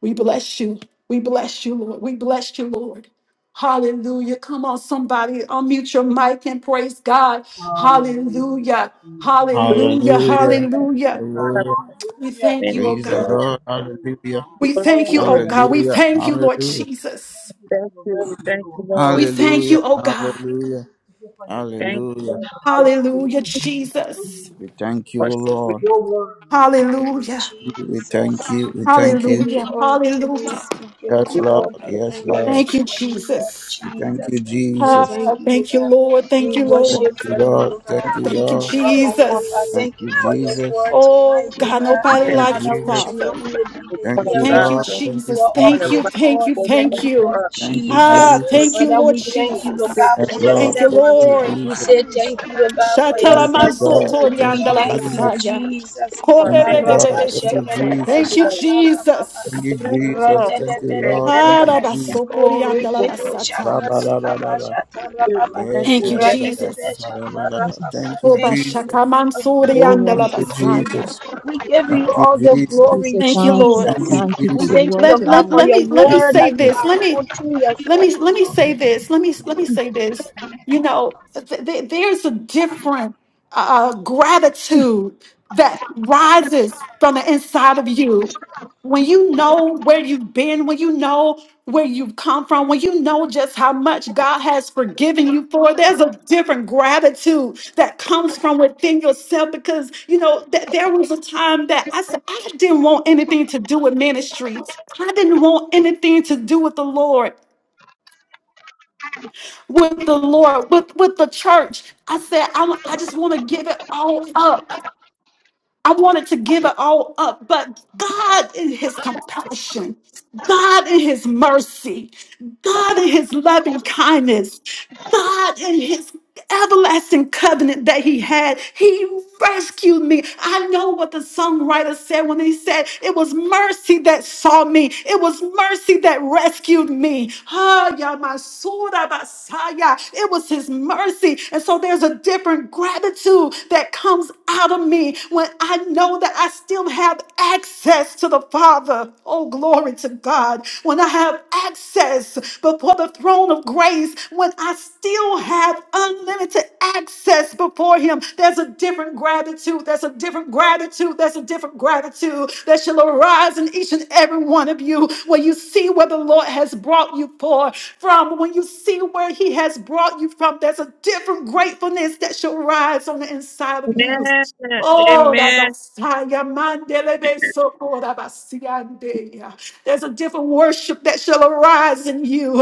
[SPEAKER 3] We bless you. We bless you, Lord. We bless you, Lord. Hallelujah. Come on, somebody, unmute your mic and praise God. Hallelujah.
[SPEAKER 2] Jesus.
[SPEAKER 4] to
[SPEAKER 3] Hallelujah.
[SPEAKER 2] Hallelujah. to
[SPEAKER 1] Hallelujah.
[SPEAKER 2] your
[SPEAKER 4] the
[SPEAKER 2] name,
[SPEAKER 3] Hallelujah.
[SPEAKER 2] God.
[SPEAKER 4] earth
[SPEAKER 1] Hallelujah.
[SPEAKER 3] We
[SPEAKER 2] Hallelujah.
[SPEAKER 3] thank
[SPEAKER 4] and
[SPEAKER 3] you,
[SPEAKER 4] the
[SPEAKER 3] oh
[SPEAKER 1] Praise the
[SPEAKER 3] God.
[SPEAKER 2] Thank
[SPEAKER 1] Lord.
[SPEAKER 2] you, Lord
[SPEAKER 1] Hallelujah.
[SPEAKER 2] God.
[SPEAKER 3] We thank you,
[SPEAKER 2] Thank
[SPEAKER 3] oh
[SPEAKER 4] Lord.
[SPEAKER 2] you.
[SPEAKER 3] God. We
[SPEAKER 1] Hallelujah.
[SPEAKER 3] thank you, Lord
[SPEAKER 1] Hallelujah.
[SPEAKER 2] Thank
[SPEAKER 3] Jesus.
[SPEAKER 2] you for
[SPEAKER 4] Thank
[SPEAKER 2] your
[SPEAKER 4] you.
[SPEAKER 2] reverence,
[SPEAKER 4] Thank
[SPEAKER 2] Lord
[SPEAKER 4] you, Lord.
[SPEAKER 3] We
[SPEAKER 2] God.
[SPEAKER 3] thank
[SPEAKER 2] Hallelujah.
[SPEAKER 1] Hallelujah.
[SPEAKER 3] you, oh God.
[SPEAKER 1] Hallelujah.
[SPEAKER 2] Thank you for your
[SPEAKER 4] Thank
[SPEAKER 2] faithfulness.
[SPEAKER 1] Hallelujah.
[SPEAKER 4] you. Thank you.
[SPEAKER 3] Hallelujah,
[SPEAKER 2] Hallelujah. Thank you for your
[SPEAKER 3] Jesus.
[SPEAKER 1] We thank you,
[SPEAKER 4] for
[SPEAKER 1] Lord.
[SPEAKER 4] speaking,
[SPEAKER 2] word, Lord God.
[SPEAKER 5] you,
[SPEAKER 3] Hallelujah.
[SPEAKER 1] We
[SPEAKER 2] Hallelujah.
[SPEAKER 1] thank
[SPEAKER 5] Jesus.
[SPEAKER 1] you. We
[SPEAKER 5] We
[SPEAKER 1] thank
[SPEAKER 5] give
[SPEAKER 1] you.
[SPEAKER 5] you
[SPEAKER 3] Hallelujah.
[SPEAKER 5] all the
[SPEAKER 3] Hallelujah.
[SPEAKER 5] praise. We give
[SPEAKER 1] Yes,
[SPEAKER 5] you
[SPEAKER 1] Lord.
[SPEAKER 4] Lord.
[SPEAKER 5] all the
[SPEAKER 1] Yes,
[SPEAKER 4] Lord,
[SPEAKER 5] honor
[SPEAKER 1] Lord.
[SPEAKER 3] Thank you,
[SPEAKER 5] in the name of
[SPEAKER 3] Jesus.
[SPEAKER 1] We thank
[SPEAKER 5] Jesus.
[SPEAKER 1] you,
[SPEAKER 5] We
[SPEAKER 1] Jesus.
[SPEAKER 3] Ah,
[SPEAKER 5] thank
[SPEAKER 1] Thank
[SPEAKER 5] you, Lord
[SPEAKER 3] thank you,
[SPEAKER 5] God.
[SPEAKER 3] Lord.
[SPEAKER 5] We
[SPEAKER 3] Thank you, Lord.
[SPEAKER 5] worship
[SPEAKER 1] you,
[SPEAKER 5] your name,
[SPEAKER 1] Lord.
[SPEAKER 5] Lord God.
[SPEAKER 1] Thank you,
[SPEAKER 3] Thank you,
[SPEAKER 1] Lord.
[SPEAKER 5] Rabba, Papa,
[SPEAKER 3] Jesus.
[SPEAKER 1] Thank
[SPEAKER 5] thank you
[SPEAKER 1] you,
[SPEAKER 5] for your
[SPEAKER 1] Jesus.
[SPEAKER 5] word tonight,
[SPEAKER 3] Oh,
[SPEAKER 5] Lord
[SPEAKER 3] God,
[SPEAKER 5] God.
[SPEAKER 3] nobody
[SPEAKER 1] Thank
[SPEAKER 4] Thank
[SPEAKER 1] you,
[SPEAKER 3] like
[SPEAKER 5] Father,
[SPEAKER 3] you,
[SPEAKER 5] we should
[SPEAKER 1] Jesus.
[SPEAKER 5] not
[SPEAKER 3] Father.
[SPEAKER 5] only be
[SPEAKER 4] you.
[SPEAKER 5] the
[SPEAKER 4] Son
[SPEAKER 1] Thank
[SPEAKER 4] of
[SPEAKER 1] you,
[SPEAKER 5] hearer,
[SPEAKER 3] Thank
[SPEAKER 4] God.
[SPEAKER 3] you,
[SPEAKER 1] Lord.
[SPEAKER 5] but the
[SPEAKER 4] Thank
[SPEAKER 1] Thank you,
[SPEAKER 3] Jesus.
[SPEAKER 5] doer
[SPEAKER 4] you.
[SPEAKER 5] of
[SPEAKER 3] Thank
[SPEAKER 4] Father,
[SPEAKER 1] Jesus.
[SPEAKER 3] you,
[SPEAKER 4] for
[SPEAKER 5] it
[SPEAKER 3] thank
[SPEAKER 5] all
[SPEAKER 3] you,
[SPEAKER 5] in
[SPEAKER 4] your
[SPEAKER 5] the
[SPEAKER 3] thank
[SPEAKER 4] presence.
[SPEAKER 5] name
[SPEAKER 3] you.
[SPEAKER 5] of
[SPEAKER 1] Thank you,
[SPEAKER 4] Thank
[SPEAKER 5] Jesus.
[SPEAKER 3] Ah,
[SPEAKER 1] Jesus.
[SPEAKER 4] you.
[SPEAKER 3] thank you,
[SPEAKER 5] Father,
[SPEAKER 3] Lord
[SPEAKER 5] we
[SPEAKER 4] Thank you.
[SPEAKER 5] thank you, Lord
[SPEAKER 3] Jesus.
[SPEAKER 5] God, for
[SPEAKER 1] Yes,
[SPEAKER 4] Thank
[SPEAKER 5] your
[SPEAKER 4] you.
[SPEAKER 1] Lord.
[SPEAKER 3] Thank you,
[SPEAKER 1] Thank
[SPEAKER 4] thank
[SPEAKER 5] servant.
[SPEAKER 4] you.
[SPEAKER 1] you,
[SPEAKER 3] Lord.
[SPEAKER 5] We
[SPEAKER 1] Jesus.
[SPEAKER 5] say thank you, Lord God, for your
[SPEAKER 4] because
[SPEAKER 1] Thank you,
[SPEAKER 4] this
[SPEAKER 5] servant.
[SPEAKER 3] Shatalamanso
[SPEAKER 4] place
[SPEAKER 1] God.
[SPEAKER 4] is
[SPEAKER 1] Thank
[SPEAKER 5] We
[SPEAKER 4] a
[SPEAKER 1] you,
[SPEAKER 4] place
[SPEAKER 5] thank
[SPEAKER 4] of
[SPEAKER 5] you,
[SPEAKER 4] refuge
[SPEAKER 1] Jesus.
[SPEAKER 3] toriandalabasaya.
[SPEAKER 5] Jesus.
[SPEAKER 4] for a
[SPEAKER 1] Thank you, God.
[SPEAKER 5] Karaba
[SPEAKER 4] people
[SPEAKER 1] Thank you,
[SPEAKER 3] Kobebebebebesete.
[SPEAKER 5] şekedebe
[SPEAKER 3] Thank
[SPEAKER 1] Jesus.
[SPEAKER 3] you,
[SPEAKER 4] today.
[SPEAKER 5] şantarababa
[SPEAKER 1] Thank
[SPEAKER 3] Jesus.
[SPEAKER 1] you,
[SPEAKER 4] The miracle
[SPEAKER 1] Jesus.
[SPEAKER 4] call was
[SPEAKER 1] Thank
[SPEAKER 4] a
[SPEAKER 1] you,
[SPEAKER 4] very
[SPEAKER 1] Lord.
[SPEAKER 4] good
[SPEAKER 1] Thank you,
[SPEAKER 5] rebedebedebedebe
[SPEAKER 4] person
[SPEAKER 1] Jesus.
[SPEAKER 3] Arabaso
[SPEAKER 4] before
[SPEAKER 5] Urikidu
[SPEAKER 4] you
[SPEAKER 3] koriandalabasata.
[SPEAKER 5] şakarikaba
[SPEAKER 1] Ra-ba-da-ba-da-ba.
[SPEAKER 4] do.
[SPEAKER 5] şantarababa
[SPEAKER 4] And
[SPEAKER 1] Yeah,
[SPEAKER 4] thank
[SPEAKER 3] Thank
[SPEAKER 4] you,
[SPEAKER 3] you,
[SPEAKER 1] ta da ba
[SPEAKER 4] Dennis.
[SPEAKER 1] da
[SPEAKER 5] rebedebe
[SPEAKER 3] Jesus.
[SPEAKER 1] Ra-ba-da-ba-da-ba.
[SPEAKER 5] şantarababa
[SPEAKER 7] Jesus.
[SPEAKER 1] Thank you,
[SPEAKER 5] Thank you,
[SPEAKER 1] Jesus.
[SPEAKER 5] King of
[SPEAKER 7] We
[SPEAKER 1] Thank you,
[SPEAKER 7] worship
[SPEAKER 5] Glory.
[SPEAKER 7] you, O God.
[SPEAKER 3] Obashakamansoriandalabasaya.
[SPEAKER 1] Jesus.
[SPEAKER 5] We give you
[SPEAKER 1] Thank you,
[SPEAKER 5] all the
[SPEAKER 1] Jesus.
[SPEAKER 7] We
[SPEAKER 5] glory,
[SPEAKER 7] say
[SPEAKER 3] Thank you,
[SPEAKER 7] thank you.
[SPEAKER 3] Lord.
[SPEAKER 1] Thank
[SPEAKER 5] Jesus.
[SPEAKER 1] you,
[SPEAKER 3] Let,
[SPEAKER 7] Thank you for
[SPEAKER 5] We
[SPEAKER 1] Jesus.
[SPEAKER 7] your
[SPEAKER 5] thank you,
[SPEAKER 7] word
[SPEAKER 5] Lord
[SPEAKER 3] let,
[SPEAKER 5] God,
[SPEAKER 3] let,
[SPEAKER 7] tonight,
[SPEAKER 5] for
[SPEAKER 7] O
[SPEAKER 3] let
[SPEAKER 5] your
[SPEAKER 3] me let me
[SPEAKER 1] Thank
[SPEAKER 5] word
[SPEAKER 1] you.
[SPEAKER 3] say
[SPEAKER 5] that
[SPEAKER 1] Jesus.
[SPEAKER 5] you
[SPEAKER 3] this.
[SPEAKER 5] have
[SPEAKER 3] Let me
[SPEAKER 5] put through
[SPEAKER 3] let
[SPEAKER 5] yourself,
[SPEAKER 3] me
[SPEAKER 5] oh
[SPEAKER 3] let me
[SPEAKER 5] Lord.
[SPEAKER 3] say this. Let me let me say this. You know, th- th- there's a different uh, uh, gratitude that rises from the inside of you when you know where you've been, when you know where you've come from, when you know just how much God has forgiven you for, there's a different gratitude that comes from within yourself because, you know, that there was a time that I said, I didn't want anything to do with ministry. I didn't want anything to do with the Lord with the Lord, with, with the church. I said, I'm, I just want to give it all up. I wanted to give it all up, but God in His compassion, God in His mercy, God in His loving kindness, God in His everlasting covenant that He had, He rescued me. I know what the songwriter said when he said, It was mercy that saw me, it was mercy that rescued me. Ah, ya masura basaya. It was His mercy. And so there's a different gratitude that comes out of me me when I know that I still have access to the Father. Oh, glory to God. When I have access before the throne of grace, when I still have unlimited access before Him, there's a different gratitude. There's a different gratitude. There's a different gratitude that shall arise in each and every one of you when you see where the Lord has brought you for, from, when you see where He has brought you from. There's a different gratefulness that shall rise on the inside of you.
[SPEAKER 4] Amen.
[SPEAKER 3] Oh,
[SPEAKER 4] Amen.
[SPEAKER 3] Rabasaya, Mandelebe, Soko, Rabasiande. there's a different worship that shall arise in you.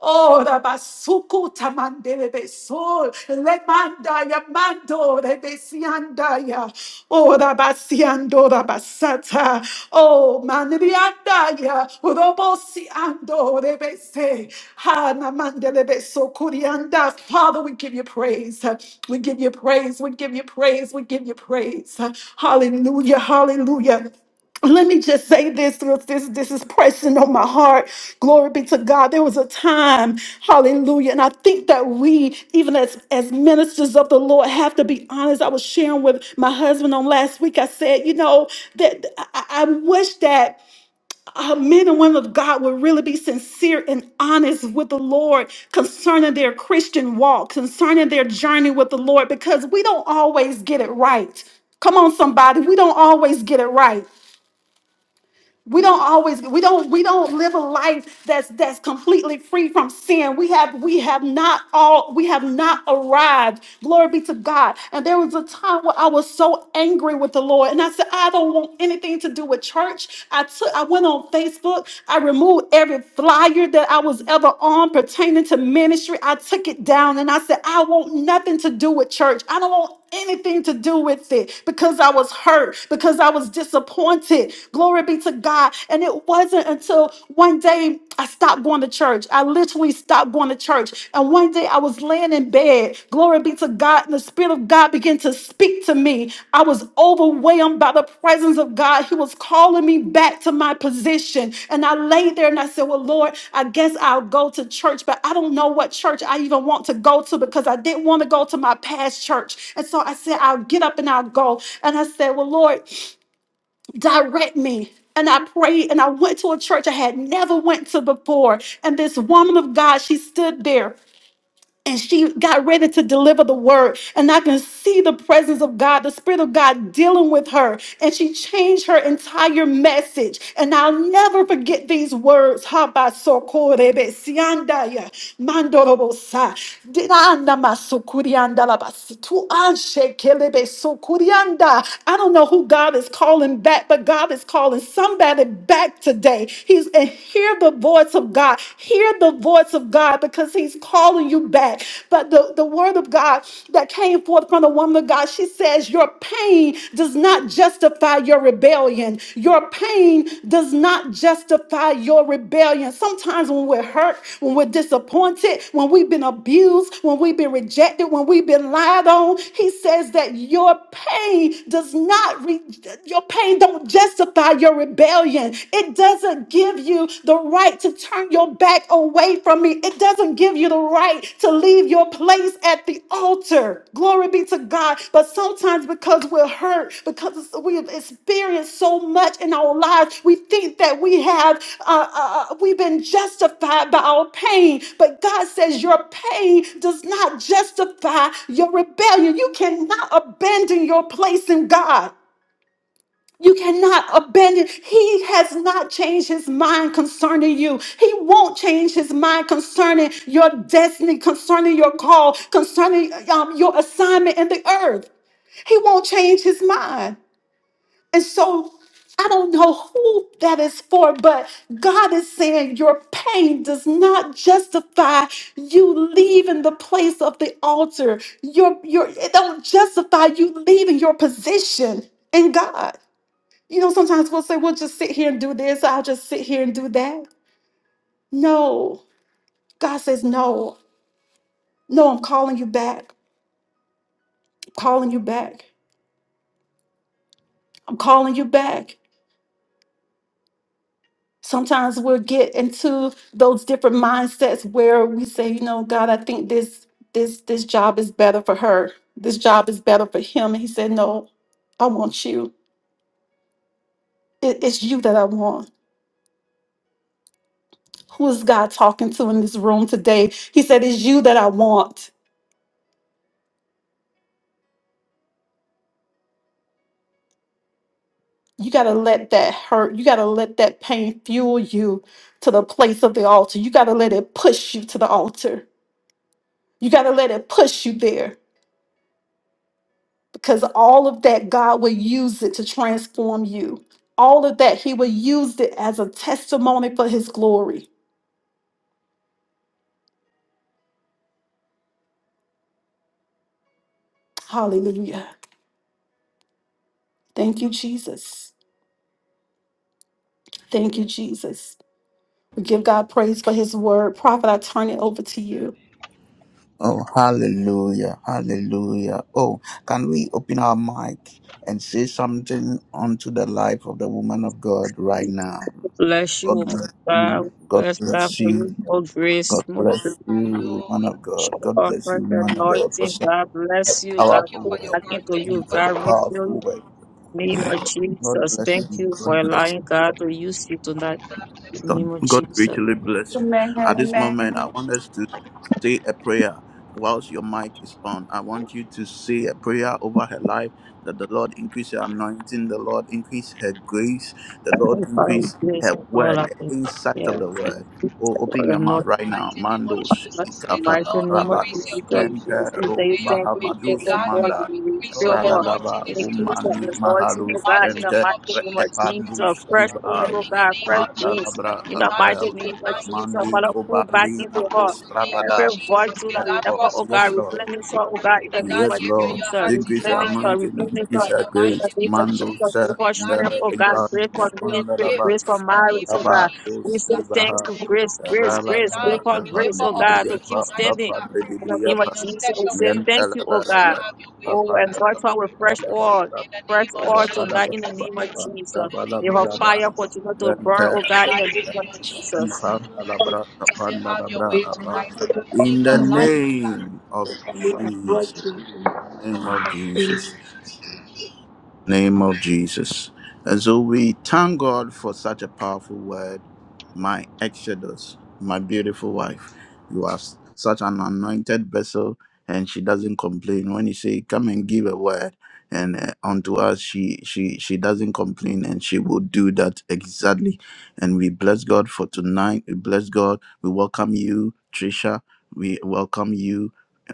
[SPEAKER 3] Oh, Rabasuku, Tamandelebe, So, Lemandaya, Mando, Rebesiandaya. Oh, Yandora basata. Oh, manriandaya. Robosi ando rebese. Hana mandelebeso kurianda. Father, we give you praise. We give you praise. We give you praise. We give you praise. Hallelujah. Hallelujah. Let me just say this, this, this this is pressing on my heart. Glory be to God. There was a time, hallelujah. And I think that we, even as, as ministers of the Lord, have to be honest. I was sharing with my husband on last week. I said, you know, that I, I I wish that uh, men and women of God would really be sincere and honest with the Lord concerning their Christian walk, concerning their journey with the Lord, because we don't always get it right. Come on, somebody. We don't always get it right we don't always we don't we don't live a life that's that's completely free from sin we have we have not all we have not arrived glory be to god and there was a time where i was so angry with the lord and i said i don't want anything to do with church i took i went on facebook i removed every flyer that i was ever on pertaining to ministry i took it down and i said i want nothing to do with church i don't want anything to do with it because I was hurt, because I was disappointed. Glory be to God. And it wasn't until one day I stopped going to church. I literally stopped going to church. And one day I was laying in bed. Glory be to God. And the Spirit of God began to speak to me. I was overwhelmed by the presence of God. He was calling me back to my position. And I laid there and I said, Well, Lord, I guess I'll go to church, but I don't know what church I even want to go to because I didn't want to go to my past church. And so I said, I'll get up and I'll go. And I said, Well, Lord, direct me. And I prayed and I went to a church I had never went to before. And this woman of God, she stood there and she got ready to deliver the word and i can see the presence of god the spirit of god dealing with her and she changed her entire message and i'll never forget these words Habasokorebe siandaya mandorobosa dinanda masukurianda labasi tu anshekelebe sokurianda. i don't know who god is calling back but god is calling somebody back today he's and hear the voice of god Hear the voice of God because He's calling you back. But the, the word of God that came forth from the woman of God, she says, Your pain does not justify your rebellion. Your pain does not justify your rebellion. Sometimes when we're hurt, when we're disappointed, when we've been abused, when we've been rejected, when we've been lied on, He says that your pain does not, re- your pain don't justify your rebellion sin. It doesn't give you the right to turn your back away from me. It doesn't give you the right to leave your place at the altar. Glory be to God. But sometimes because we're hurt, because we've experienced so much in our lives, we think that we have, uh, uh, uh, we've been justified by our pain. But God says your pain does not justify your rebellion. You cannot abandon your place in God. You cannot abandon. He has not changed his mind concerning you. He won't change his mind concerning your destiny, concerning your call, concerning um, your assignment in the earth. He won't change his mind. And so I don't know who that is for, but God is saying your pain does not justify you leaving the place of the altar. Your, your, it don't justify you leaving your position in God. You know, sometimes we'll say, we'll just sit here and do this. I'll just sit here and do that. No, God says, no, no, I'm calling you back. I'm calling you back. I'm calling you back. Sometimes we'll get into those different mindsets where we say, you know, God, I think this this this job is better for her. This job is better for him. And he said, No, I want you. It- it's you that I want. Who is God talking to in this room today? He said, It's you that I want. you got to let that hurt you got to let that pain fuel you to the place of the altar you got to let it push you to the altar you got to let it push you there because all of that god will use it to transform you all of that he will use it as a testimony for his glory hallelujah thank you jesus thank you jesus we give god praise for his word prophet i turn it over to you
[SPEAKER 1] Oh, hallelujah. Hallelujah. Oh, can we open our mic and say something unto the life of the woman of God right now?
[SPEAKER 4] Bless you,
[SPEAKER 1] God
[SPEAKER 4] woman of
[SPEAKER 1] bless
[SPEAKER 4] God.
[SPEAKER 1] you. God
[SPEAKER 4] Bless
[SPEAKER 1] bless
[SPEAKER 4] God for
[SPEAKER 1] you.
[SPEAKER 4] you. More grace,
[SPEAKER 1] God
[SPEAKER 4] more
[SPEAKER 1] bless you, man of God. God
[SPEAKER 4] privilege,
[SPEAKER 1] bless
[SPEAKER 4] more
[SPEAKER 1] you, man of God, for
[SPEAKER 4] anointing. God
[SPEAKER 1] a
[SPEAKER 4] bless you. God
[SPEAKER 1] powerful
[SPEAKER 4] put back
[SPEAKER 1] word.
[SPEAKER 4] into
[SPEAKER 1] This
[SPEAKER 4] you.
[SPEAKER 1] is
[SPEAKER 4] God
[SPEAKER 1] a
[SPEAKER 4] refill you.
[SPEAKER 1] powerful word.
[SPEAKER 4] In the Name of
[SPEAKER 1] God
[SPEAKER 4] Jesus.
[SPEAKER 1] bless
[SPEAKER 4] Thank
[SPEAKER 1] you.
[SPEAKER 4] you for
[SPEAKER 1] God bless you.
[SPEAKER 4] allowing God to use you tonight. In the
[SPEAKER 1] God,
[SPEAKER 4] Name of
[SPEAKER 1] God
[SPEAKER 4] Jesus.
[SPEAKER 1] richly bless you.
[SPEAKER 3] amen
[SPEAKER 1] At this moment, I
[SPEAKER 3] amen
[SPEAKER 1] want us to say a prayer. Whilst your mic is on, I want you to say a prayer over her life that the Lord increase her anointing, the Lord increase her grace, the
[SPEAKER 4] I
[SPEAKER 1] Lord
[SPEAKER 4] follow Father, we
[SPEAKER 1] increase
[SPEAKER 4] praise
[SPEAKER 1] her
[SPEAKER 4] you for all
[SPEAKER 1] word,
[SPEAKER 4] of the
[SPEAKER 1] the insight of the
[SPEAKER 4] prayers. Thank
[SPEAKER 1] word.
[SPEAKER 4] you
[SPEAKER 1] Oh,
[SPEAKER 4] for
[SPEAKER 1] open
[SPEAKER 4] all
[SPEAKER 1] your
[SPEAKER 4] the
[SPEAKER 1] mouth right now. Mandos,
[SPEAKER 4] Bless the
[SPEAKER 1] Ikafa,
[SPEAKER 4] mighty name of
[SPEAKER 1] Rabados,
[SPEAKER 4] Jesus.
[SPEAKER 1] Mente,
[SPEAKER 4] Bless you,
[SPEAKER 1] Ro,
[SPEAKER 4] they stand to the
[SPEAKER 1] Bahabadus,
[SPEAKER 4] children of God
[SPEAKER 1] Manda,
[SPEAKER 4] and we still walk.
[SPEAKER 1] Radalaba,
[SPEAKER 4] Increase that
[SPEAKER 1] Umani,
[SPEAKER 4] restoration, oh
[SPEAKER 1] Mahalus,
[SPEAKER 4] God, in the
[SPEAKER 1] Ente,
[SPEAKER 4] mighty name of
[SPEAKER 1] Epandus,
[SPEAKER 4] Jesus. Fresh oil,
[SPEAKER 1] Iva.
[SPEAKER 4] oh God, fresh
[SPEAKER 1] Mandala
[SPEAKER 4] grace. In
[SPEAKER 1] braka
[SPEAKER 4] the
[SPEAKER 1] paya
[SPEAKER 4] mighty name
[SPEAKER 1] braka
[SPEAKER 4] of Jesus,
[SPEAKER 1] mandi
[SPEAKER 4] Father,
[SPEAKER 1] ko
[SPEAKER 4] pull back
[SPEAKER 1] bardi
[SPEAKER 4] into her.
[SPEAKER 1] matos bravada.
[SPEAKER 4] Every virtue that
[SPEAKER 1] Yes
[SPEAKER 4] left
[SPEAKER 1] Lord,
[SPEAKER 4] her, oh
[SPEAKER 1] yes
[SPEAKER 4] God,
[SPEAKER 1] Lord,
[SPEAKER 4] replenish her, oh God, in the name
[SPEAKER 1] yes
[SPEAKER 4] of
[SPEAKER 1] Lord.
[SPEAKER 4] Jesus.
[SPEAKER 1] Increase your
[SPEAKER 4] Replenish her,
[SPEAKER 1] anointing,
[SPEAKER 4] replenish
[SPEAKER 1] increase
[SPEAKER 4] her.
[SPEAKER 1] your
[SPEAKER 4] In the name
[SPEAKER 1] grace.
[SPEAKER 4] of Jesus,
[SPEAKER 1] Mando sa
[SPEAKER 4] give her strength,
[SPEAKER 1] mandala
[SPEAKER 4] oh God, grace
[SPEAKER 1] ibandus
[SPEAKER 4] for
[SPEAKER 1] mandala
[SPEAKER 4] ministry,
[SPEAKER 1] ba
[SPEAKER 4] grace for marriage, oh God.
[SPEAKER 1] raba
[SPEAKER 4] We
[SPEAKER 1] dos
[SPEAKER 4] say thanks
[SPEAKER 1] kibaha
[SPEAKER 4] for grace, grace,
[SPEAKER 1] raba
[SPEAKER 4] grace,
[SPEAKER 1] raba
[SPEAKER 4] impart
[SPEAKER 1] kapa
[SPEAKER 4] grace, oh God,
[SPEAKER 1] nedibriya
[SPEAKER 4] to
[SPEAKER 1] pa
[SPEAKER 4] keep
[SPEAKER 1] kapa
[SPEAKER 4] standing. In the
[SPEAKER 1] nedibriya
[SPEAKER 4] name of
[SPEAKER 1] pa.
[SPEAKER 4] Jesus, we say thank
[SPEAKER 1] Yantala
[SPEAKER 4] you,
[SPEAKER 1] ba
[SPEAKER 4] oh
[SPEAKER 1] la
[SPEAKER 4] God.
[SPEAKER 1] ba
[SPEAKER 4] Oh,
[SPEAKER 1] kapa
[SPEAKER 4] and God, for our fresh
[SPEAKER 1] nala
[SPEAKER 4] oil,
[SPEAKER 1] ba
[SPEAKER 4] fresh oil tonight in the name of Jesus. May our fire continue to burn, oh God, in the name of Jesus.
[SPEAKER 1] in the name of Jesus, name of Jesus name of Jesus. And so we thank God for such a powerful word, my Exodus, my beautiful wife. You are s- such an anointed vessel, and she doesn't complain. When you say, "Come and give a word," and uh, unto us, she she she doesn't complain, and she will do that exactly. And we bless God for tonight. We bless God. We welcome you, Trisha. We welcome you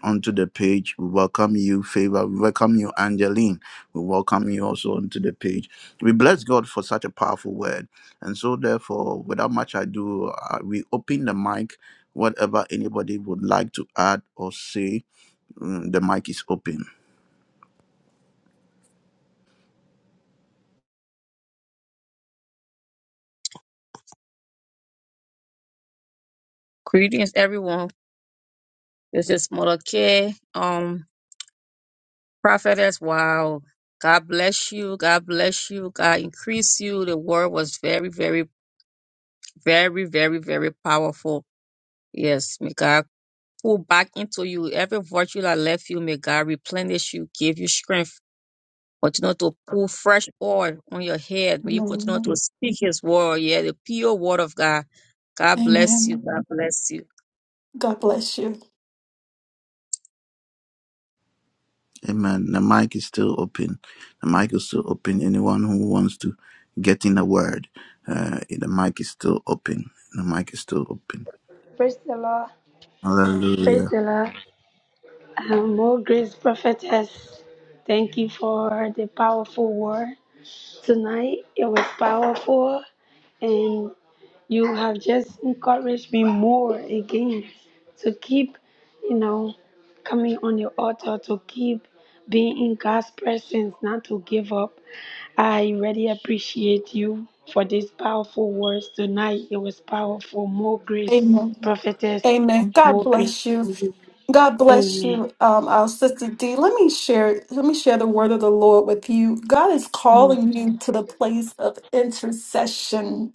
[SPEAKER 1] onto the page. We welcome you, Favor. We welcome you, Angeline. We welcome you also onto the page. We bless God for such a powerful word. And so, therefore, without much ado, uh, we open the mic. Whatever anybody would like to add or say, mm, the mic is open.
[SPEAKER 4] Greetings, everyone. This is Mother K, um, prophetess. Wow. God bless you. God bless you. God increase you. The word was very, very, very, very, very powerful. Yes, may God pull back into you. Every virtue that left you, may God replenish you, give you strength. Continue to pull fresh oil on your head. May you continue
[SPEAKER 3] amen,
[SPEAKER 4] to speak His word. Yeah, the pure word of God. God bless you.
[SPEAKER 3] amen.
[SPEAKER 4] God bless you.
[SPEAKER 3] god bless you
[SPEAKER 1] Amen. The mic is still open. The mic is still open. Anyone who wants to get in a word, uh, the mic is still open. The mic is still open.
[SPEAKER 5] Praise the Lord. Praise
[SPEAKER 1] Hallelujah.
[SPEAKER 5] the Lord. Um, more grace, prophetess. Thank you for the powerful word. Tonight it was powerful, and you have just encouraged me more again to keep, you know, coming on the altar, to keep being in God's presence, not to give up. I really appreciate you for these powerful words tonight. It was powerful. More grace, prophetess,
[SPEAKER 3] Amen. God
[SPEAKER 5] more grace.
[SPEAKER 3] bless you. God bless
[SPEAKER 5] Amen.
[SPEAKER 3] you, um, our sister D. Let me share. Let me share the word of the Lord with you. God is
[SPEAKER 5] Mm.
[SPEAKER 3] calling you to the place of intercession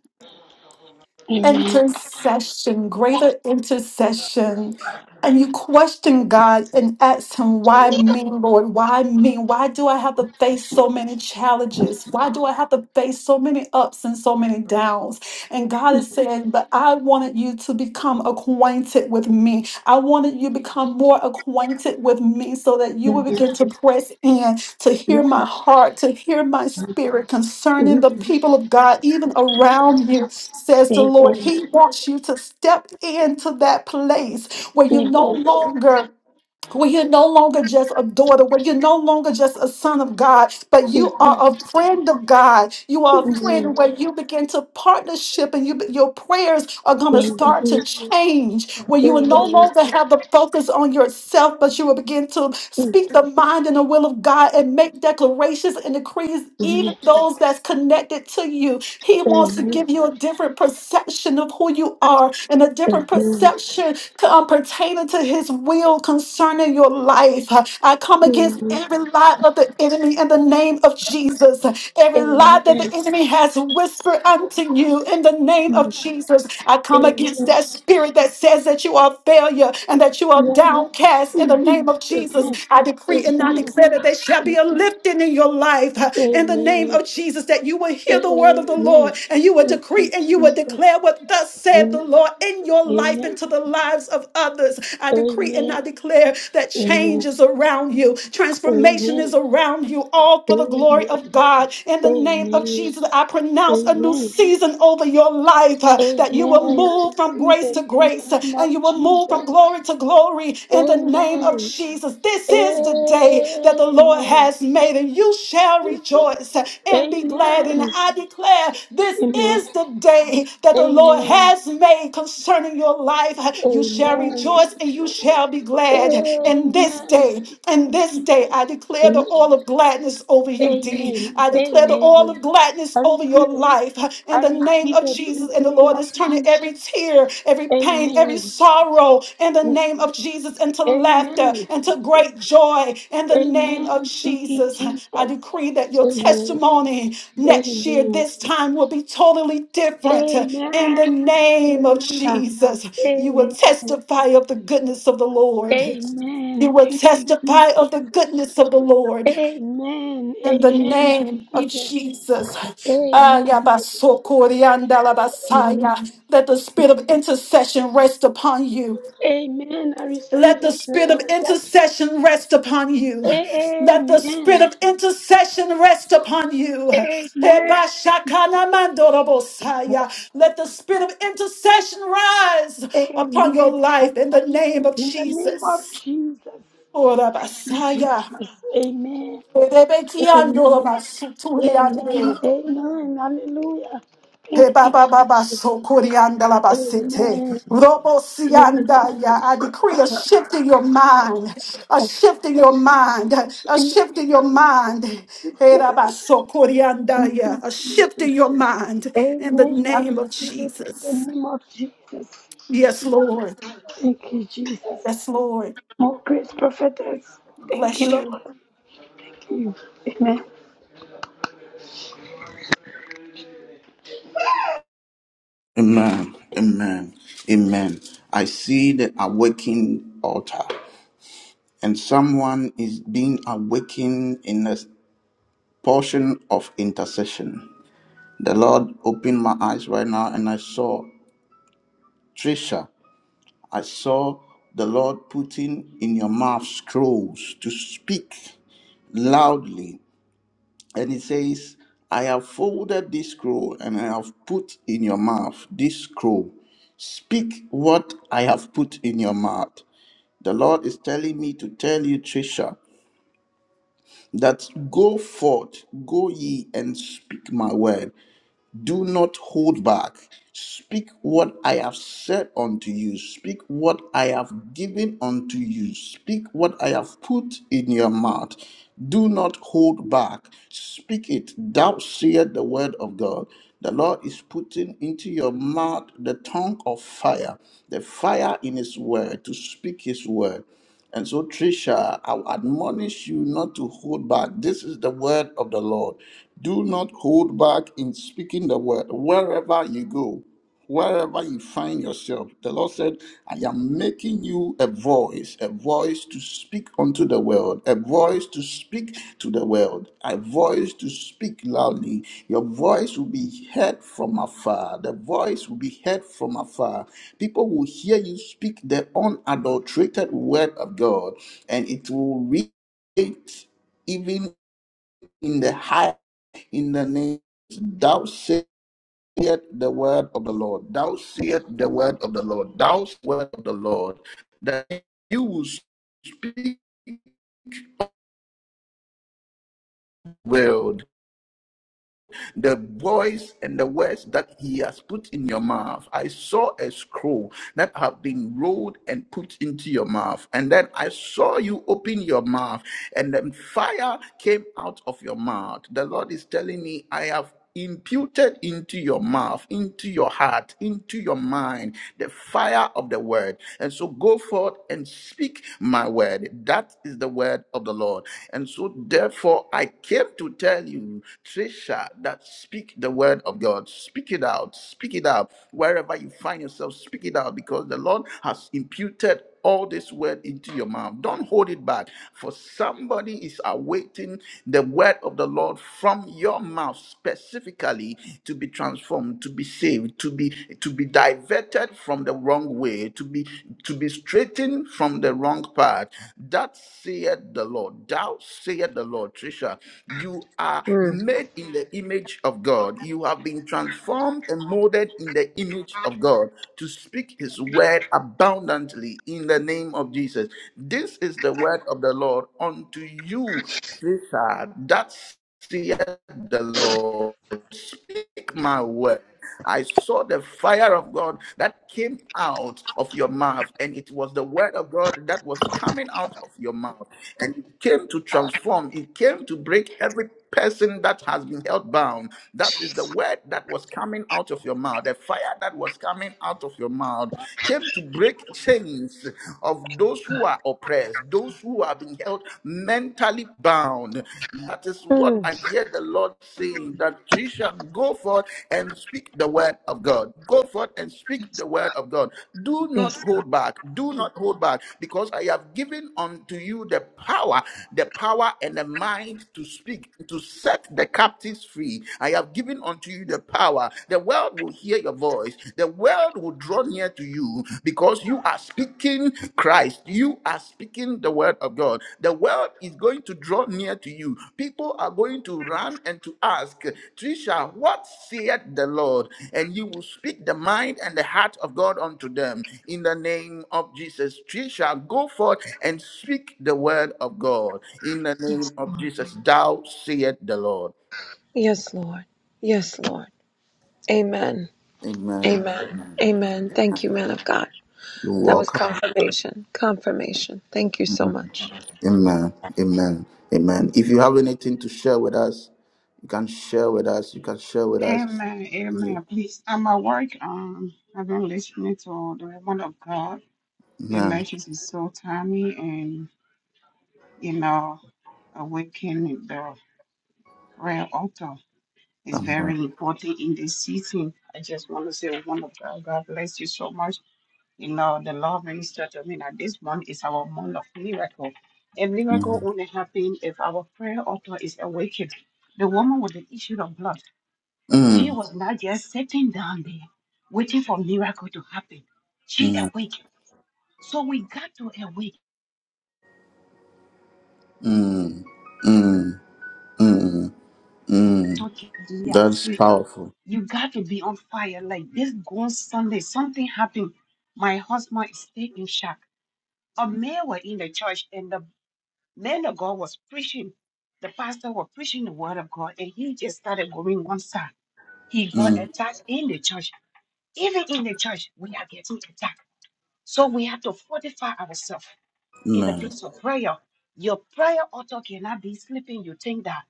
[SPEAKER 5] Amen.
[SPEAKER 3] intercession, greater intercession. And you question God and ask Him, why me, Lord? Why me? Why do I have to face so many challenges? Why do I have to face so many ups and so many downs? And God is saying, but I wanted you to become acquainted with me. I wanted you to become more acquainted with me so that you will begin to press in to hear
[SPEAKER 5] Yes.
[SPEAKER 3] my heart, to hear my spirit concerning
[SPEAKER 5] Mhm.
[SPEAKER 3] the people of God, even around you, says the
[SPEAKER 5] Amen.
[SPEAKER 3] Lord. He wants you to step into that place where you no
[SPEAKER 5] Amen.
[SPEAKER 3] longer where you're no longer just a daughter, where you're no longer just a son of God, but you are a friend of God. You are a
[SPEAKER 5] Amen.
[SPEAKER 3] friend where you begin to partnership and you your prayers are gonna start to
[SPEAKER 5] Amen.
[SPEAKER 3] change, where you will no
[SPEAKER 5] Amen.
[SPEAKER 3] longer have the focus on yourself, but you will begin to
[SPEAKER 5] Amen.
[SPEAKER 3] speak the mind and the will of God and make declarations and decrees, even
[SPEAKER 5] Amen.
[SPEAKER 3] those that's connected to you. He wants to
[SPEAKER 5] Amen.
[SPEAKER 3] give you a different perception of who you are and a different perception to, um, pertaining to his will concerning concerning your life. I come against
[SPEAKER 5] Amen.
[SPEAKER 3] every lie of the enemy in the name of Jesus. Every lie
[SPEAKER 5] Amen.
[SPEAKER 3] that the enemy has whispered unto you in the name of Jesus. I come against
[SPEAKER 5] Amen.
[SPEAKER 3] that spirit that says that you are a failure and that you are
[SPEAKER 5] Yes.
[SPEAKER 3] downcast in the name of Jesus.
[SPEAKER 5] Amen.
[SPEAKER 3] I decree and I declare that there shall be a lifting in your life uh,
[SPEAKER 5] Amen.
[SPEAKER 3] in the name of
[SPEAKER 5] Amen.
[SPEAKER 3] Jesus, that you will hear the word of the
[SPEAKER 5] Amen.
[SPEAKER 3] Lord and you will
[SPEAKER 5] Thank you,
[SPEAKER 3] decree and you will
[SPEAKER 5] Jesus.
[SPEAKER 3] declare what thus said the Lord in your life and to
[SPEAKER 5] Amen.
[SPEAKER 3] the lives of others. I
[SPEAKER 5] Amen. Amen. Amen. Amen.
[SPEAKER 3] decree and I declare that
[SPEAKER 5] Amen. Amen. Amen.
[SPEAKER 3] change
[SPEAKER 5] Amen.
[SPEAKER 3] is around you,
[SPEAKER 5] I
[SPEAKER 3] transformation is around you, all for the glory of God. In the name of Jesus, I pronounce a new season over your life uh, that you will move from
[SPEAKER 5] receive
[SPEAKER 3] grace
[SPEAKER 5] it
[SPEAKER 3] to
[SPEAKER 5] in
[SPEAKER 3] grace
[SPEAKER 5] the
[SPEAKER 3] uh,
[SPEAKER 5] name of
[SPEAKER 3] and you will move from
[SPEAKER 5] Jesus.
[SPEAKER 3] glory to glory. In the name of
[SPEAKER 5] Amen.
[SPEAKER 3] Jesus, this is the day that the Lord
[SPEAKER 5] Amen.
[SPEAKER 3] has made, and you shall rejoice uh, and be glad. And
[SPEAKER 5] Amen.
[SPEAKER 3] I declare this
[SPEAKER 5] Amen.
[SPEAKER 3] is the day that the Lord
[SPEAKER 5] Amen.
[SPEAKER 3] has made concerning your life. You shall
[SPEAKER 5] Amen.
[SPEAKER 3] rejoice and you shall be glad. And this
[SPEAKER 5] Amen.
[SPEAKER 3] day,
[SPEAKER 5] Thank you,
[SPEAKER 3] and this day,
[SPEAKER 5] Jesus.
[SPEAKER 3] I declare the
[SPEAKER 5] Amen.
[SPEAKER 3] oil of gladness over you, D.
[SPEAKER 5] Amen.
[SPEAKER 3] I declare the oil of
[SPEAKER 5] Amen.
[SPEAKER 3] gladness
[SPEAKER 5] I
[SPEAKER 3] over your
[SPEAKER 5] receive it.
[SPEAKER 3] life in
[SPEAKER 5] I
[SPEAKER 3] the name
[SPEAKER 5] receive
[SPEAKER 3] of
[SPEAKER 5] it in
[SPEAKER 3] Jesus.
[SPEAKER 5] the
[SPEAKER 3] And the
[SPEAKER 5] name
[SPEAKER 3] Lord
[SPEAKER 5] of
[SPEAKER 3] is turning
[SPEAKER 5] Jesus.
[SPEAKER 3] every tear, every pain, every
[SPEAKER 5] Amen.
[SPEAKER 3] sorrow in the name of Jesus into laughter,
[SPEAKER 5] Amen.
[SPEAKER 3] into great joy in the name of
[SPEAKER 5] Amen. Thank you,
[SPEAKER 3] Jesus. I
[SPEAKER 5] Jesus.
[SPEAKER 3] decree that your
[SPEAKER 5] Amen. Amen.
[SPEAKER 3] testimony next year, this time, will be totally different in the
[SPEAKER 5] Amen.
[SPEAKER 3] name of
[SPEAKER 5] Hallelujah.
[SPEAKER 3] Jesus. You will
[SPEAKER 5] Amen.
[SPEAKER 3] testify of the goodness of the Lord. You
[SPEAKER 5] Amen.
[SPEAKER 3] will
[SPEAKER 5] Thank you,
[SPEAKER 3] testify of
[SPEAKER 5] Jesus.
[SPEAKER 3] the goodness of the Lord
[SPEAKER 5] Amen.
[SPEAKER 3] in the
[SPEAKER 5] Amen. I
[SPEAKER 3] name of
[SPEAKER 5] receive it.
[SPEAKER 3] Jesus.
[SPEAKER 5] Amen. Amen.
[SPEAKER 3] Ayabasokoriandalabasaya. Let the spirit of intercession rest upon you.
[SPEAKER 5] Amen. I
[SPEAKER 3] Let
[SPEAKER 5] receive
[SPEAKER 3] the
[SPEAKER 5] it.
[SPEAKER 3] spirit of
[SPEAKER 5] Lord.
[SPEAKER 3] intercession rest upon you. Let the spirit
[SPEAKER 5] Amen.
[SPEAKER 3] of intercession rest upon you.
[SPEAKER 5] Amen.
[SPEAKER 3] Ebashakalamandorobosaya. Let the spirit of intercession rise upon your
[SPEAKER 5] Amen.
[SPEAKER 3] life in the name of
[SPEAKER 5] In the name of
[SPEAKER 3] Jesus.
[SPEAKER 5] Jesus. Thank you,
[SPEAKER 3] Orabasaya.
[SPEAKER 5] Jesus. Amen. Amen.
[SPEAKER 3] Rebekiando
[SPEAKER 5] Amen.
[SPEAKER 3] basuturiande.
[SPEAKER 5] Amen. Hallelujah. Thank you, Jesus.
[SPEAKER 3] Hebabababasokoriandalabasete.
[SPEAKER 5] Amen. Amen.
[SPEAKER 3] ya. I decree a shift in your mind, a shift in
[SPEAKER 5] Yes.
[SPEAKER 3] your mind, a
[SPEAKER 5] Amen.
[SPEAKER 3] shift in your mind. He raba so kurianda
[SPEAKER 5] Thank
[SPEAKER 3] ya.
[SPEAKER 5] you,
[SPEAKER 3] A shift in
[SPEAKER 5] Jesus.
[SPEAKER 3] your mind in the
[SPEAKER 5] Amen. I
[SPEAKER 3] name
[SPEAKER 5] receive
[SPEAKER 3] of
[SPEAKER 5] it in
[SPEAKER 3] Jesus.
[SPEAKER 5] the name of Jesus.
[SPEAKER 3] Yes, Lord.
[SPEAKER 5] Thank you, Jesus.
[SPEAKER 3] Yes, Lord.
[SPEAKER 5] More grace, prophetess. Thank you,
[SPEAKER 3] Bless
[SPEAKER 5] Lord.
[SPEAKER 3] you.
[SPEAKER 5] Thank you. Amen.
[SPEAKER 1] Amen. Amen. Amen. I see the awakened altar, and someone is being awakened in a portion of intercession. The Lord opened my eyes right now, and I saw Trisha. I saw the Lord putting in your mouth scrolls to speak loudly And it says, I have folded this scroll and I have put in your mouth this scroll. Speak what I have put in your mouth. The Lord is telling me to tell you, Trisha, that go forth, go ye and speak my word. Do not hold back. Speak what I have said unto you. Speak what I have given unto you. Speak what I have put in your mouth. Do not hold back. Speak it. Thou seest the word of God. The Lord is putting into your mouth the tongue of fire, the fire in His word, to speak His word. And so, Trisha, I will admonish you not to hold back. This is the word of the Lord. Do not hold back in speaking the word wherever you go wherever you find yourself. The Lord said, I am making you a voice, a voice to speak unto the world, a voice to speak to the world, a voice to speak loudly. Your voice will be heard from afar. The voice will be heard from afar. People will hear you speak the unadulterated word of God, and it will reach even in the high, in the name. Thou say seest the word of the Lord. Thou seest the word of the Lord. Thou seest the word of the Lord. That you will speak world, the voice and the words that he has put in your mouth. I saw a scroll that have been rolled and put into your mouth. And then I saw you open your mouth, and then fire came out of your mouth. The Lord is telling me, I have imputed into your mouth, into your heart, into your mind, the fire of the word. And so go forth and speak my word. That is the word of the Lord. And so therefore I came to tell you, Trisha, that speak the word of God. Speak it out. Speak it out. Wherever you find yourself, speak it out because the Lord has imputed all this word into your mouth. Don't hold it back, for somebody is awaiting the word of the Lord from your mouth specifically to be transformed, to be saved, to be to be diverted from the wrong way, to be to be straightened from the wrong path. That saith the Lord. Thou saith the Lord, Trisha. You are
[SPEAKER 8] Mm.
[SPEAKER 1] made in the image of God. You have been transformed and molded molded in the image of God to speak his word abundantly in the name of Jesus. This is the word of the Lord unto you, Richard. That's saith the Lord. Speak my word. I saw the fire of God that came out of your mouth, and it was the word of God that was coming out of your mouth, and it came to transform, it came to break every person that has been held bound. That is the word that was coming out of your mouth. The fire that was coming out of your mouth came to break chains of those
[SPEAKER 8] God.
[SPEAKER 1] who are oppressed, those who have been held mentally bound. That is what
[SPEAKER 8] Mm.
[SPEAKER 1] I hear the Lord saying that she shall go forth and speak the word of God. Go. Go forth and speak the word of God. Do not
[SPEAKER 8] Yes, God.
[SPEAKER 1] hold back. Do not hold back because I have given unto you the power, the power and the mind to speak, to set the captives free. I have given unto you the power. The world will hear your voice. The world will draw near to you because you are speaking Christ. You are speaking the word of God. The world is going to draw near to you. People are going to run and to ask, Trisha, what saith the Lord? And you will speak the mind and the heart of God unto them in the name of Jesus. Trisha, go forth and speak the word of God in the name of Jesus. Thou saith the Lord.
[SPEAKER 8] yes, Lord. Yes, Lord. Amen.
[SPEAKER 1] Amen.
[SPEAKER 8] Amen.
[SPEAKER 1] Amen.
[SPEAKER 8] Amen. Thank you, man of God.
[SPEAKER 1] You're
[SPEAKER 8] That was
[SPEAKER 1] welcome.
[SPEAKER 8] confirmation. Confirmation. Thank you so much.
[SPEAKER 1] Amen. Amen. Amen. If you have anything to share with us, you can share with us. You can share with us.
[SPEAKER 9] Amen,
[SPEAKER 1] If you-
[SPEAKER 9] amen. Please, I'm at work. Um, I've been listening to the woman of God. The
[SPEAKER 1] Amen.
[SPEAKER 9] message is so timely, and you know, awakening the prayer altar is
[SPEAKER 1] Amen.
[SPEAKER 9] very important in this season. I just want to say, "Oh, woman of God, God bless you so much. You know, the Lord minister to me that this month is our month of miracle. A miracle
[SPEAKER 1] Mm.
[SPEAKER 9] only happens if our prayer altar is awakened. The woman with the issue of blood. She
[SPEAKER 1] Mm.
[SPEAKER 9] was not just sitting down there waiting for miracle to happen. She
[SPEAKER 1] Mm.
[SPEAKER 9] awake. So we got to awake.
[SPEAKER 1] Mm. Mm. Mm. Mm.
[SPEAKER 9] Talking our
[SPEAKER 1] That's
[SPEAKER 9] spirit.
[SPEAKER 1] powerful.
[SPEAKER 9] You got to be on fire. Like this gone Sunday, something happened. My husband stayed in shock. A man were in the church and the man of God was preaching. The pastor was preaching the word of God and he just started going one side. He got
[SPEAKER 1] Mm.
[SPEAKER 9] attacked in the church. Even in the church, we are getting attacked. So we have to fortify ourselves. in the
[SPEAKER 1] Amen.
[SPEAKER 9] place of prayer, your prayer author cannot be sleeping. You think that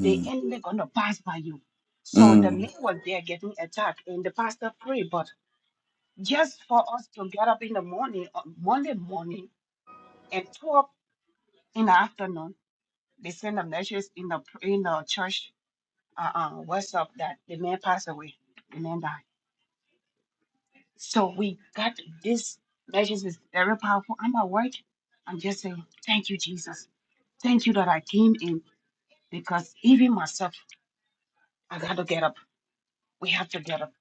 [SPEAKER 9] the enemy gonna pass by you. So the man
[SPEAKER 1] Mm.
[SPEAKER 9] was there getting attacked, and the pastor prayed. But just for us to get up in the morning, on Monday morning, and two up in the afternoon, they send a message in the in the church uh, uh, WhatsApp that the man passed away, the man died. So we got this message is very powerful. I'm at work. I'm just saying, thank you, Jesus. Thank you that I came in. because even myself, I got to get up. We have to get up.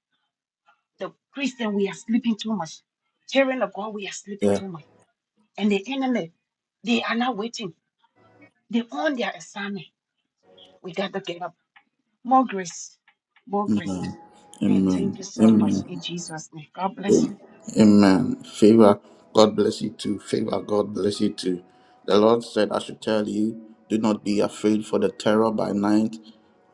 [SPEAKER 9] The Christian, we are sleeping too much. Children of God, we are sleeping
[SPEAKER 1] Yeah.
[SPEAKER 9] too much. And the enemy, they are not waiting. They own their assignment. We got to get up. More grace. More grace.
[SPEAKER 1] Amen.
[SPEAKER 9] And
[SPEAKER 1] Amen.
[SPEAKER 9] thank you so much
[SPEAKER 1] Amen.
[SPEAKER 9] in Jesus' name. God bless you.
[SPEAKER 1] Amen. Favor, God bless you too. Favor, God bless you too. The Lord said, I should tell you, do not be afraid for the terror by night,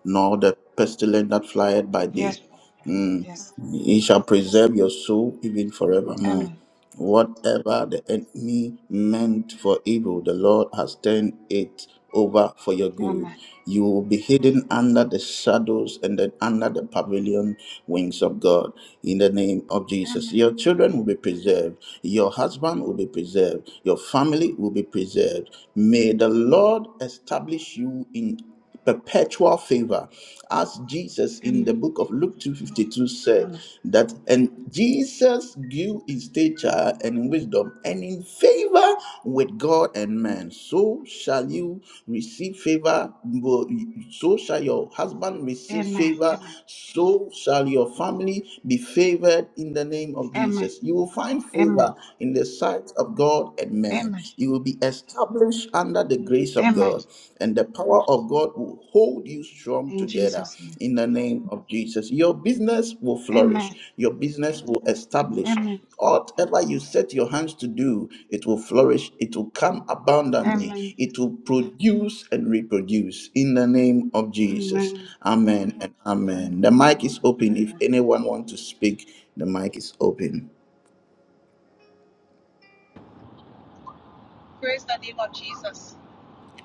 [SPEAKER 1] nor the pestilence that flieth by
[SPEAKER 9] Yes,
[SPEAKER 1] day.
[SPEAKER 9] Papa.
[SPEAKER 1] Mm.
[SPEAKER 9] Yes.
[SPEAKER 1] He shall preserve your soul even forevermore.
[SPEAKER 9] Amen.
[SPEAKER 1] Whatever the enemy meant for evil, the Lord has turned it over for your good.
[SPEAKER 9] Amen.
[SPEAKER 1] You will be hidden under the shadows and then under the pavilion wings of God in the name of
[SPEAKER 9] Amen.
[SPEAKER 1] Jesus. Your children will be preserved. Your husband will be preserved. Your family will be preserved. May the Lord establish you in perpetual favor as jesus in
[SPEAKER 9] Amen.
[SPEAKER 1] the book of luke 252 said
[SPEAKER 9] Amen.
[SPEAKER 1] that and jesus grew his stature and in wisdom and in favor with god and man so shall you receive favor bo- so shall your husband receive
[SPEAKER 9] Amen.
[SPEAKER 1] favor so shall your family be favored in the name of
[SPEAKER 9] Amen. Amen.
[SPEAKER 1] jesus you will find
[SPEAKER 9] Amen.
[SPEAKER 1] favor in the sight of god and man
[SPEAKER 9] Amen.
[SPEAKER 1] You will be established under the grace of God, and the power of God will hold you strong
[SPEAKER 9] In
[SPEAKER 1] together
[SPEAKER 9] Jesus' name.
[SPEAKER 1] in the name of Jesus. Your business will flourish,
[SPEAKER 9] Amen.
[SPEAKER 1] your business will establish.
[SPEAKER 9] Amen.
[SPEAKER 1] Whatever you set your hands to do, it will flourish, it will come abundantly,
[SPEAKER 9] Amen.
[SPEAKER 1] it will produce and reproduce in the name of Jesus.
[SPEAKER 9] Amen.
[SPEAKER 1] Amen and
[SPEAKER 9] Thank
[SPEAKER 1] amen. The
[SPEAKER 9] you,
[SPEAKER 1] mic is open.
[SPEAKER 9] Jesus.
[SPEAKER 1] If anyone wants to speak, the mic is open.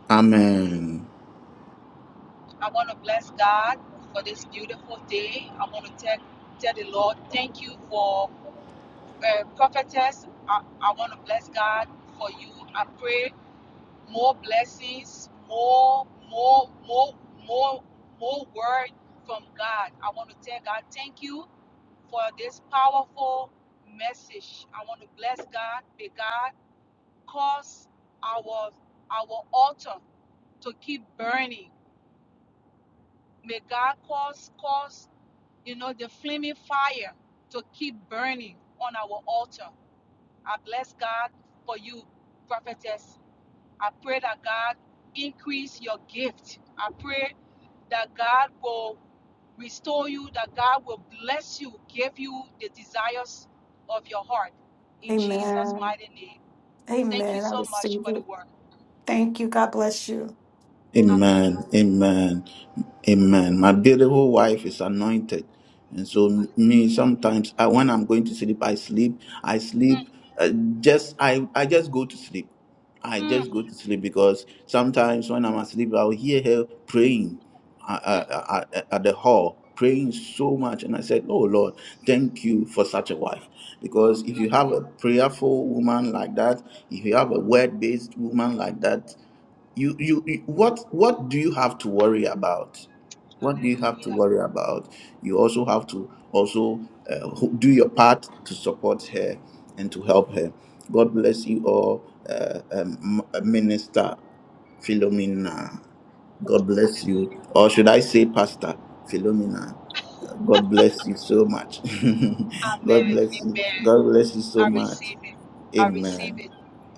[SPEAKER 1] Amen.
[SPEAKER 3] Amen. Amen. I receive it. Thank you. God bless you.
[SPEAKER 1] Amen. Amen. Amen. My beautiful wife is anointed. And so me sometimes I, when I'm going to sleep, I sleep. I sleep uh, just I, I just go to sleep. I just go to sleep because sometimes when I'm asleep, I'll hear her praying uh, uh, uh, uh, uh, at the hall, praying so much. And I said, Oh Lord, thank you for such a wife. Because if you have a prayerful woman like that, if you have a word based woman like that, you, you you what what do you have to worry about what do you have to worry about you also have to also uh, ho- do your part to support her and to help her god bless you all uh, um, M- uh, minister philomena god bless you or should i say pastor philomena Uh, god bless you so much god bless you god bless you so much Amen.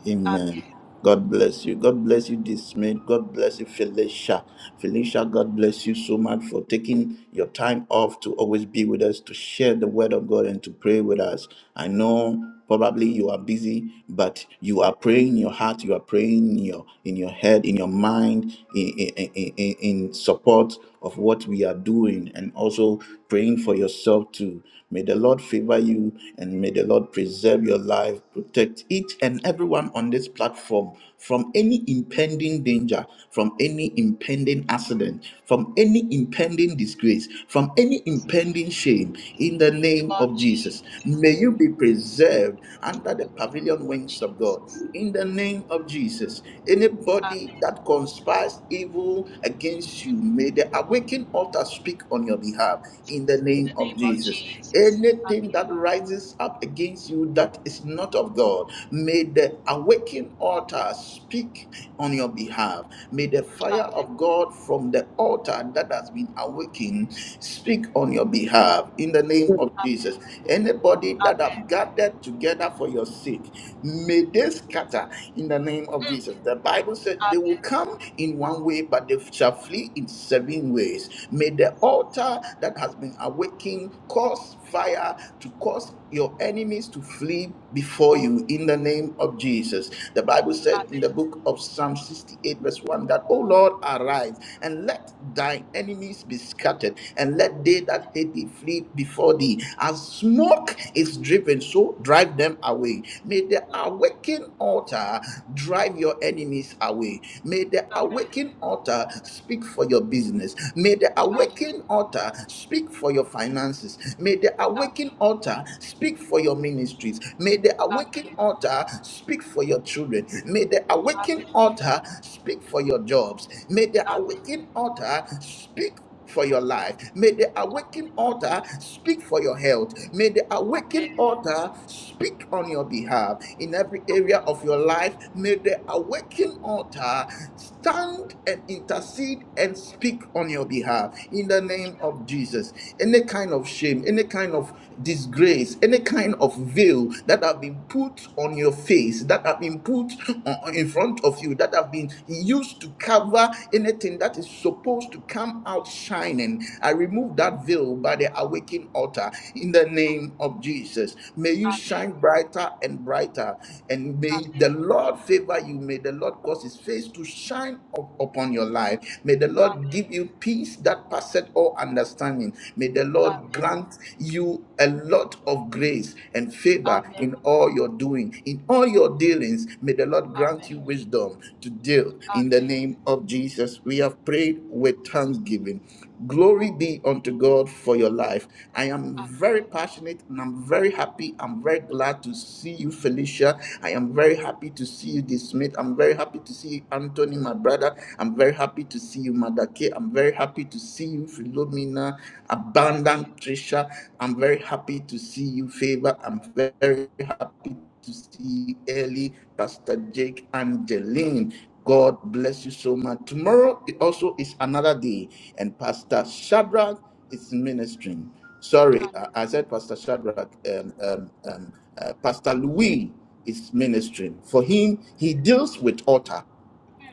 [SPEAKER 1] Amen. God bless you. God bless you, Dismayed. God bless you, Felicia. Felicia, God bless you so much for taking your time off to always be with us, to share the word of God, and to pray with us. I know probably you are busy, but you are praying in your heart, you are praying in your in your head, in your mind, in in, in, in in support of what we are doing, and also praying for yourself too. May the Lord favor you and may the Lord preserve your life protect each and everyone on this platform from any impending danger, from any impending accident, from any impending disgrace, from any impending shame in the name of Jesus. May you be preserved under the pavilion wings of God. In the name of Jesus, anybody that conspires evil against you, may the awakened altar speak on your behalf. In the name of Jesus, anything that rises up up against you that is not of God. May the awakened altar speak on your behalf. May the fire of God from the altar that has been awakened speak on your behalf in the name of Jesus. Anybody that have gathered together for your sake, may they scatter in the name of Jesus. The Bible says they will come in one way, but they shall flee in seven ways. May the altar that has been awakened cause fire to cause your enemies to flee before you in the name of Jesus. The Bible said in the book of Psalm 68, verse 1 that, O Lord, arise and let thine enemies be scattered, and let they that hate thee flee before thee. As smoke is driven, so drive them away. May the awakened altar drive your enemies away. May the awakened altar speak for your business. May the awakened altar speak for your finances. May the awakened altar speak for your ministries. May the awakened altar speak for your children. May the awakened altar speak for your jobs. May the awakened altar speak for your life. May the awakened altar speak for your health. May the awakened altar speak on your behalf in every area of your life. May the awakened altar stand and intercede and speak on your behalf in the name of Jesus. Any kind of shame, any kind of disgrace, any kind of veil that have been put on your face, that have been put on- in front of you, that have been used to cover anything that is supposed to come out shining, I remove that veil by the awakening altar in the name of Jesus. May you shine brighter and brighter, and may the Lord favor you. May the Lord cause His face to shine up upon your life. May the Lord Lord give you peace that passeth all understanding. May the Lord grant you a lot of grace and favor in all your doing, in all your dealings. May the Lord grant you wisdom to deal in the name of Jesus. We have prayed with thanksgiving. Glory be unto God for your life. I am very passionate and I'm very happy. I'm very glad to see you, Felicia. I am very happy to see you, this Smith. I'm very happy to see you, Anthony, my brother. I'm very happy to see you, Madake. I'm very happy to see you, Philomena, Abandon, Trisha. I'm very happy to see you, Favor. I'm very happy to see Ellie, Pastor Jake, Angeline. God bless you so much. Tomorrow it also is another day, and Pastor Shadrach is ministering. Sorry, I, I said Pastor Shadrach. Um, um, um, uh, Pastor Louis is ministering. For him, he deals with altar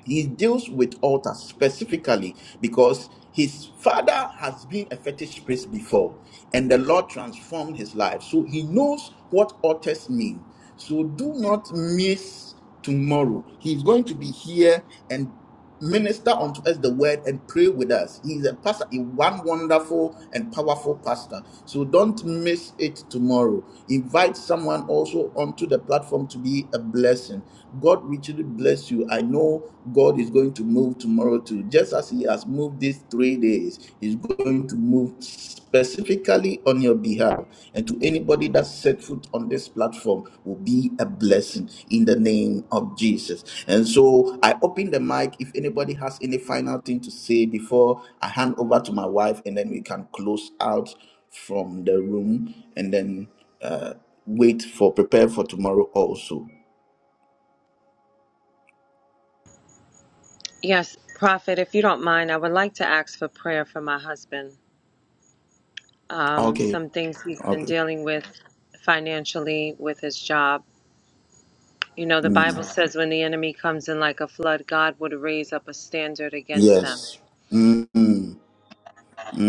[SPEAKER 1] he deals with altars specifically because his father has been a fetish priest before and the lord transformed his life so he knows what altars mean so do not miss tomorrow he's going to be here and minister unto us the word and pray with us. He's a pastor, a one wonderful and powerful pastor. So don't miss it tomorrow. Invite someone also onto the platform to be a blessing. God richly bless you. I know God is going to move tomorrow too. Just as He has moved these three days, He's going to move specifically specifically on your behalf. And to anybody that set foot on this platform will be a blessing in the name of Jesus. And so I open the mic if anybody has any final thing to say before I hand over to my wife, and then we can close out from the room and then uh, wait for prepare for tomorrow also.
[SPEAKER 8] Yes, Prophet, if you don't mind, I would like to ask for prayer for my husband. Um,
[SPEAKER 1] Okay.
[SPEAKER 8] some things he's been
[SPEAKER 1] Okay.
[SPEAKER 8] dealing with financially with his job. You know, the Bible
[SPEAKER 1] Mm.
[SPEAKER 8] says when the enemy comes in like a flood, God would raise up a standard against them.
[SPEAKER 1] Yes. Mm, mm,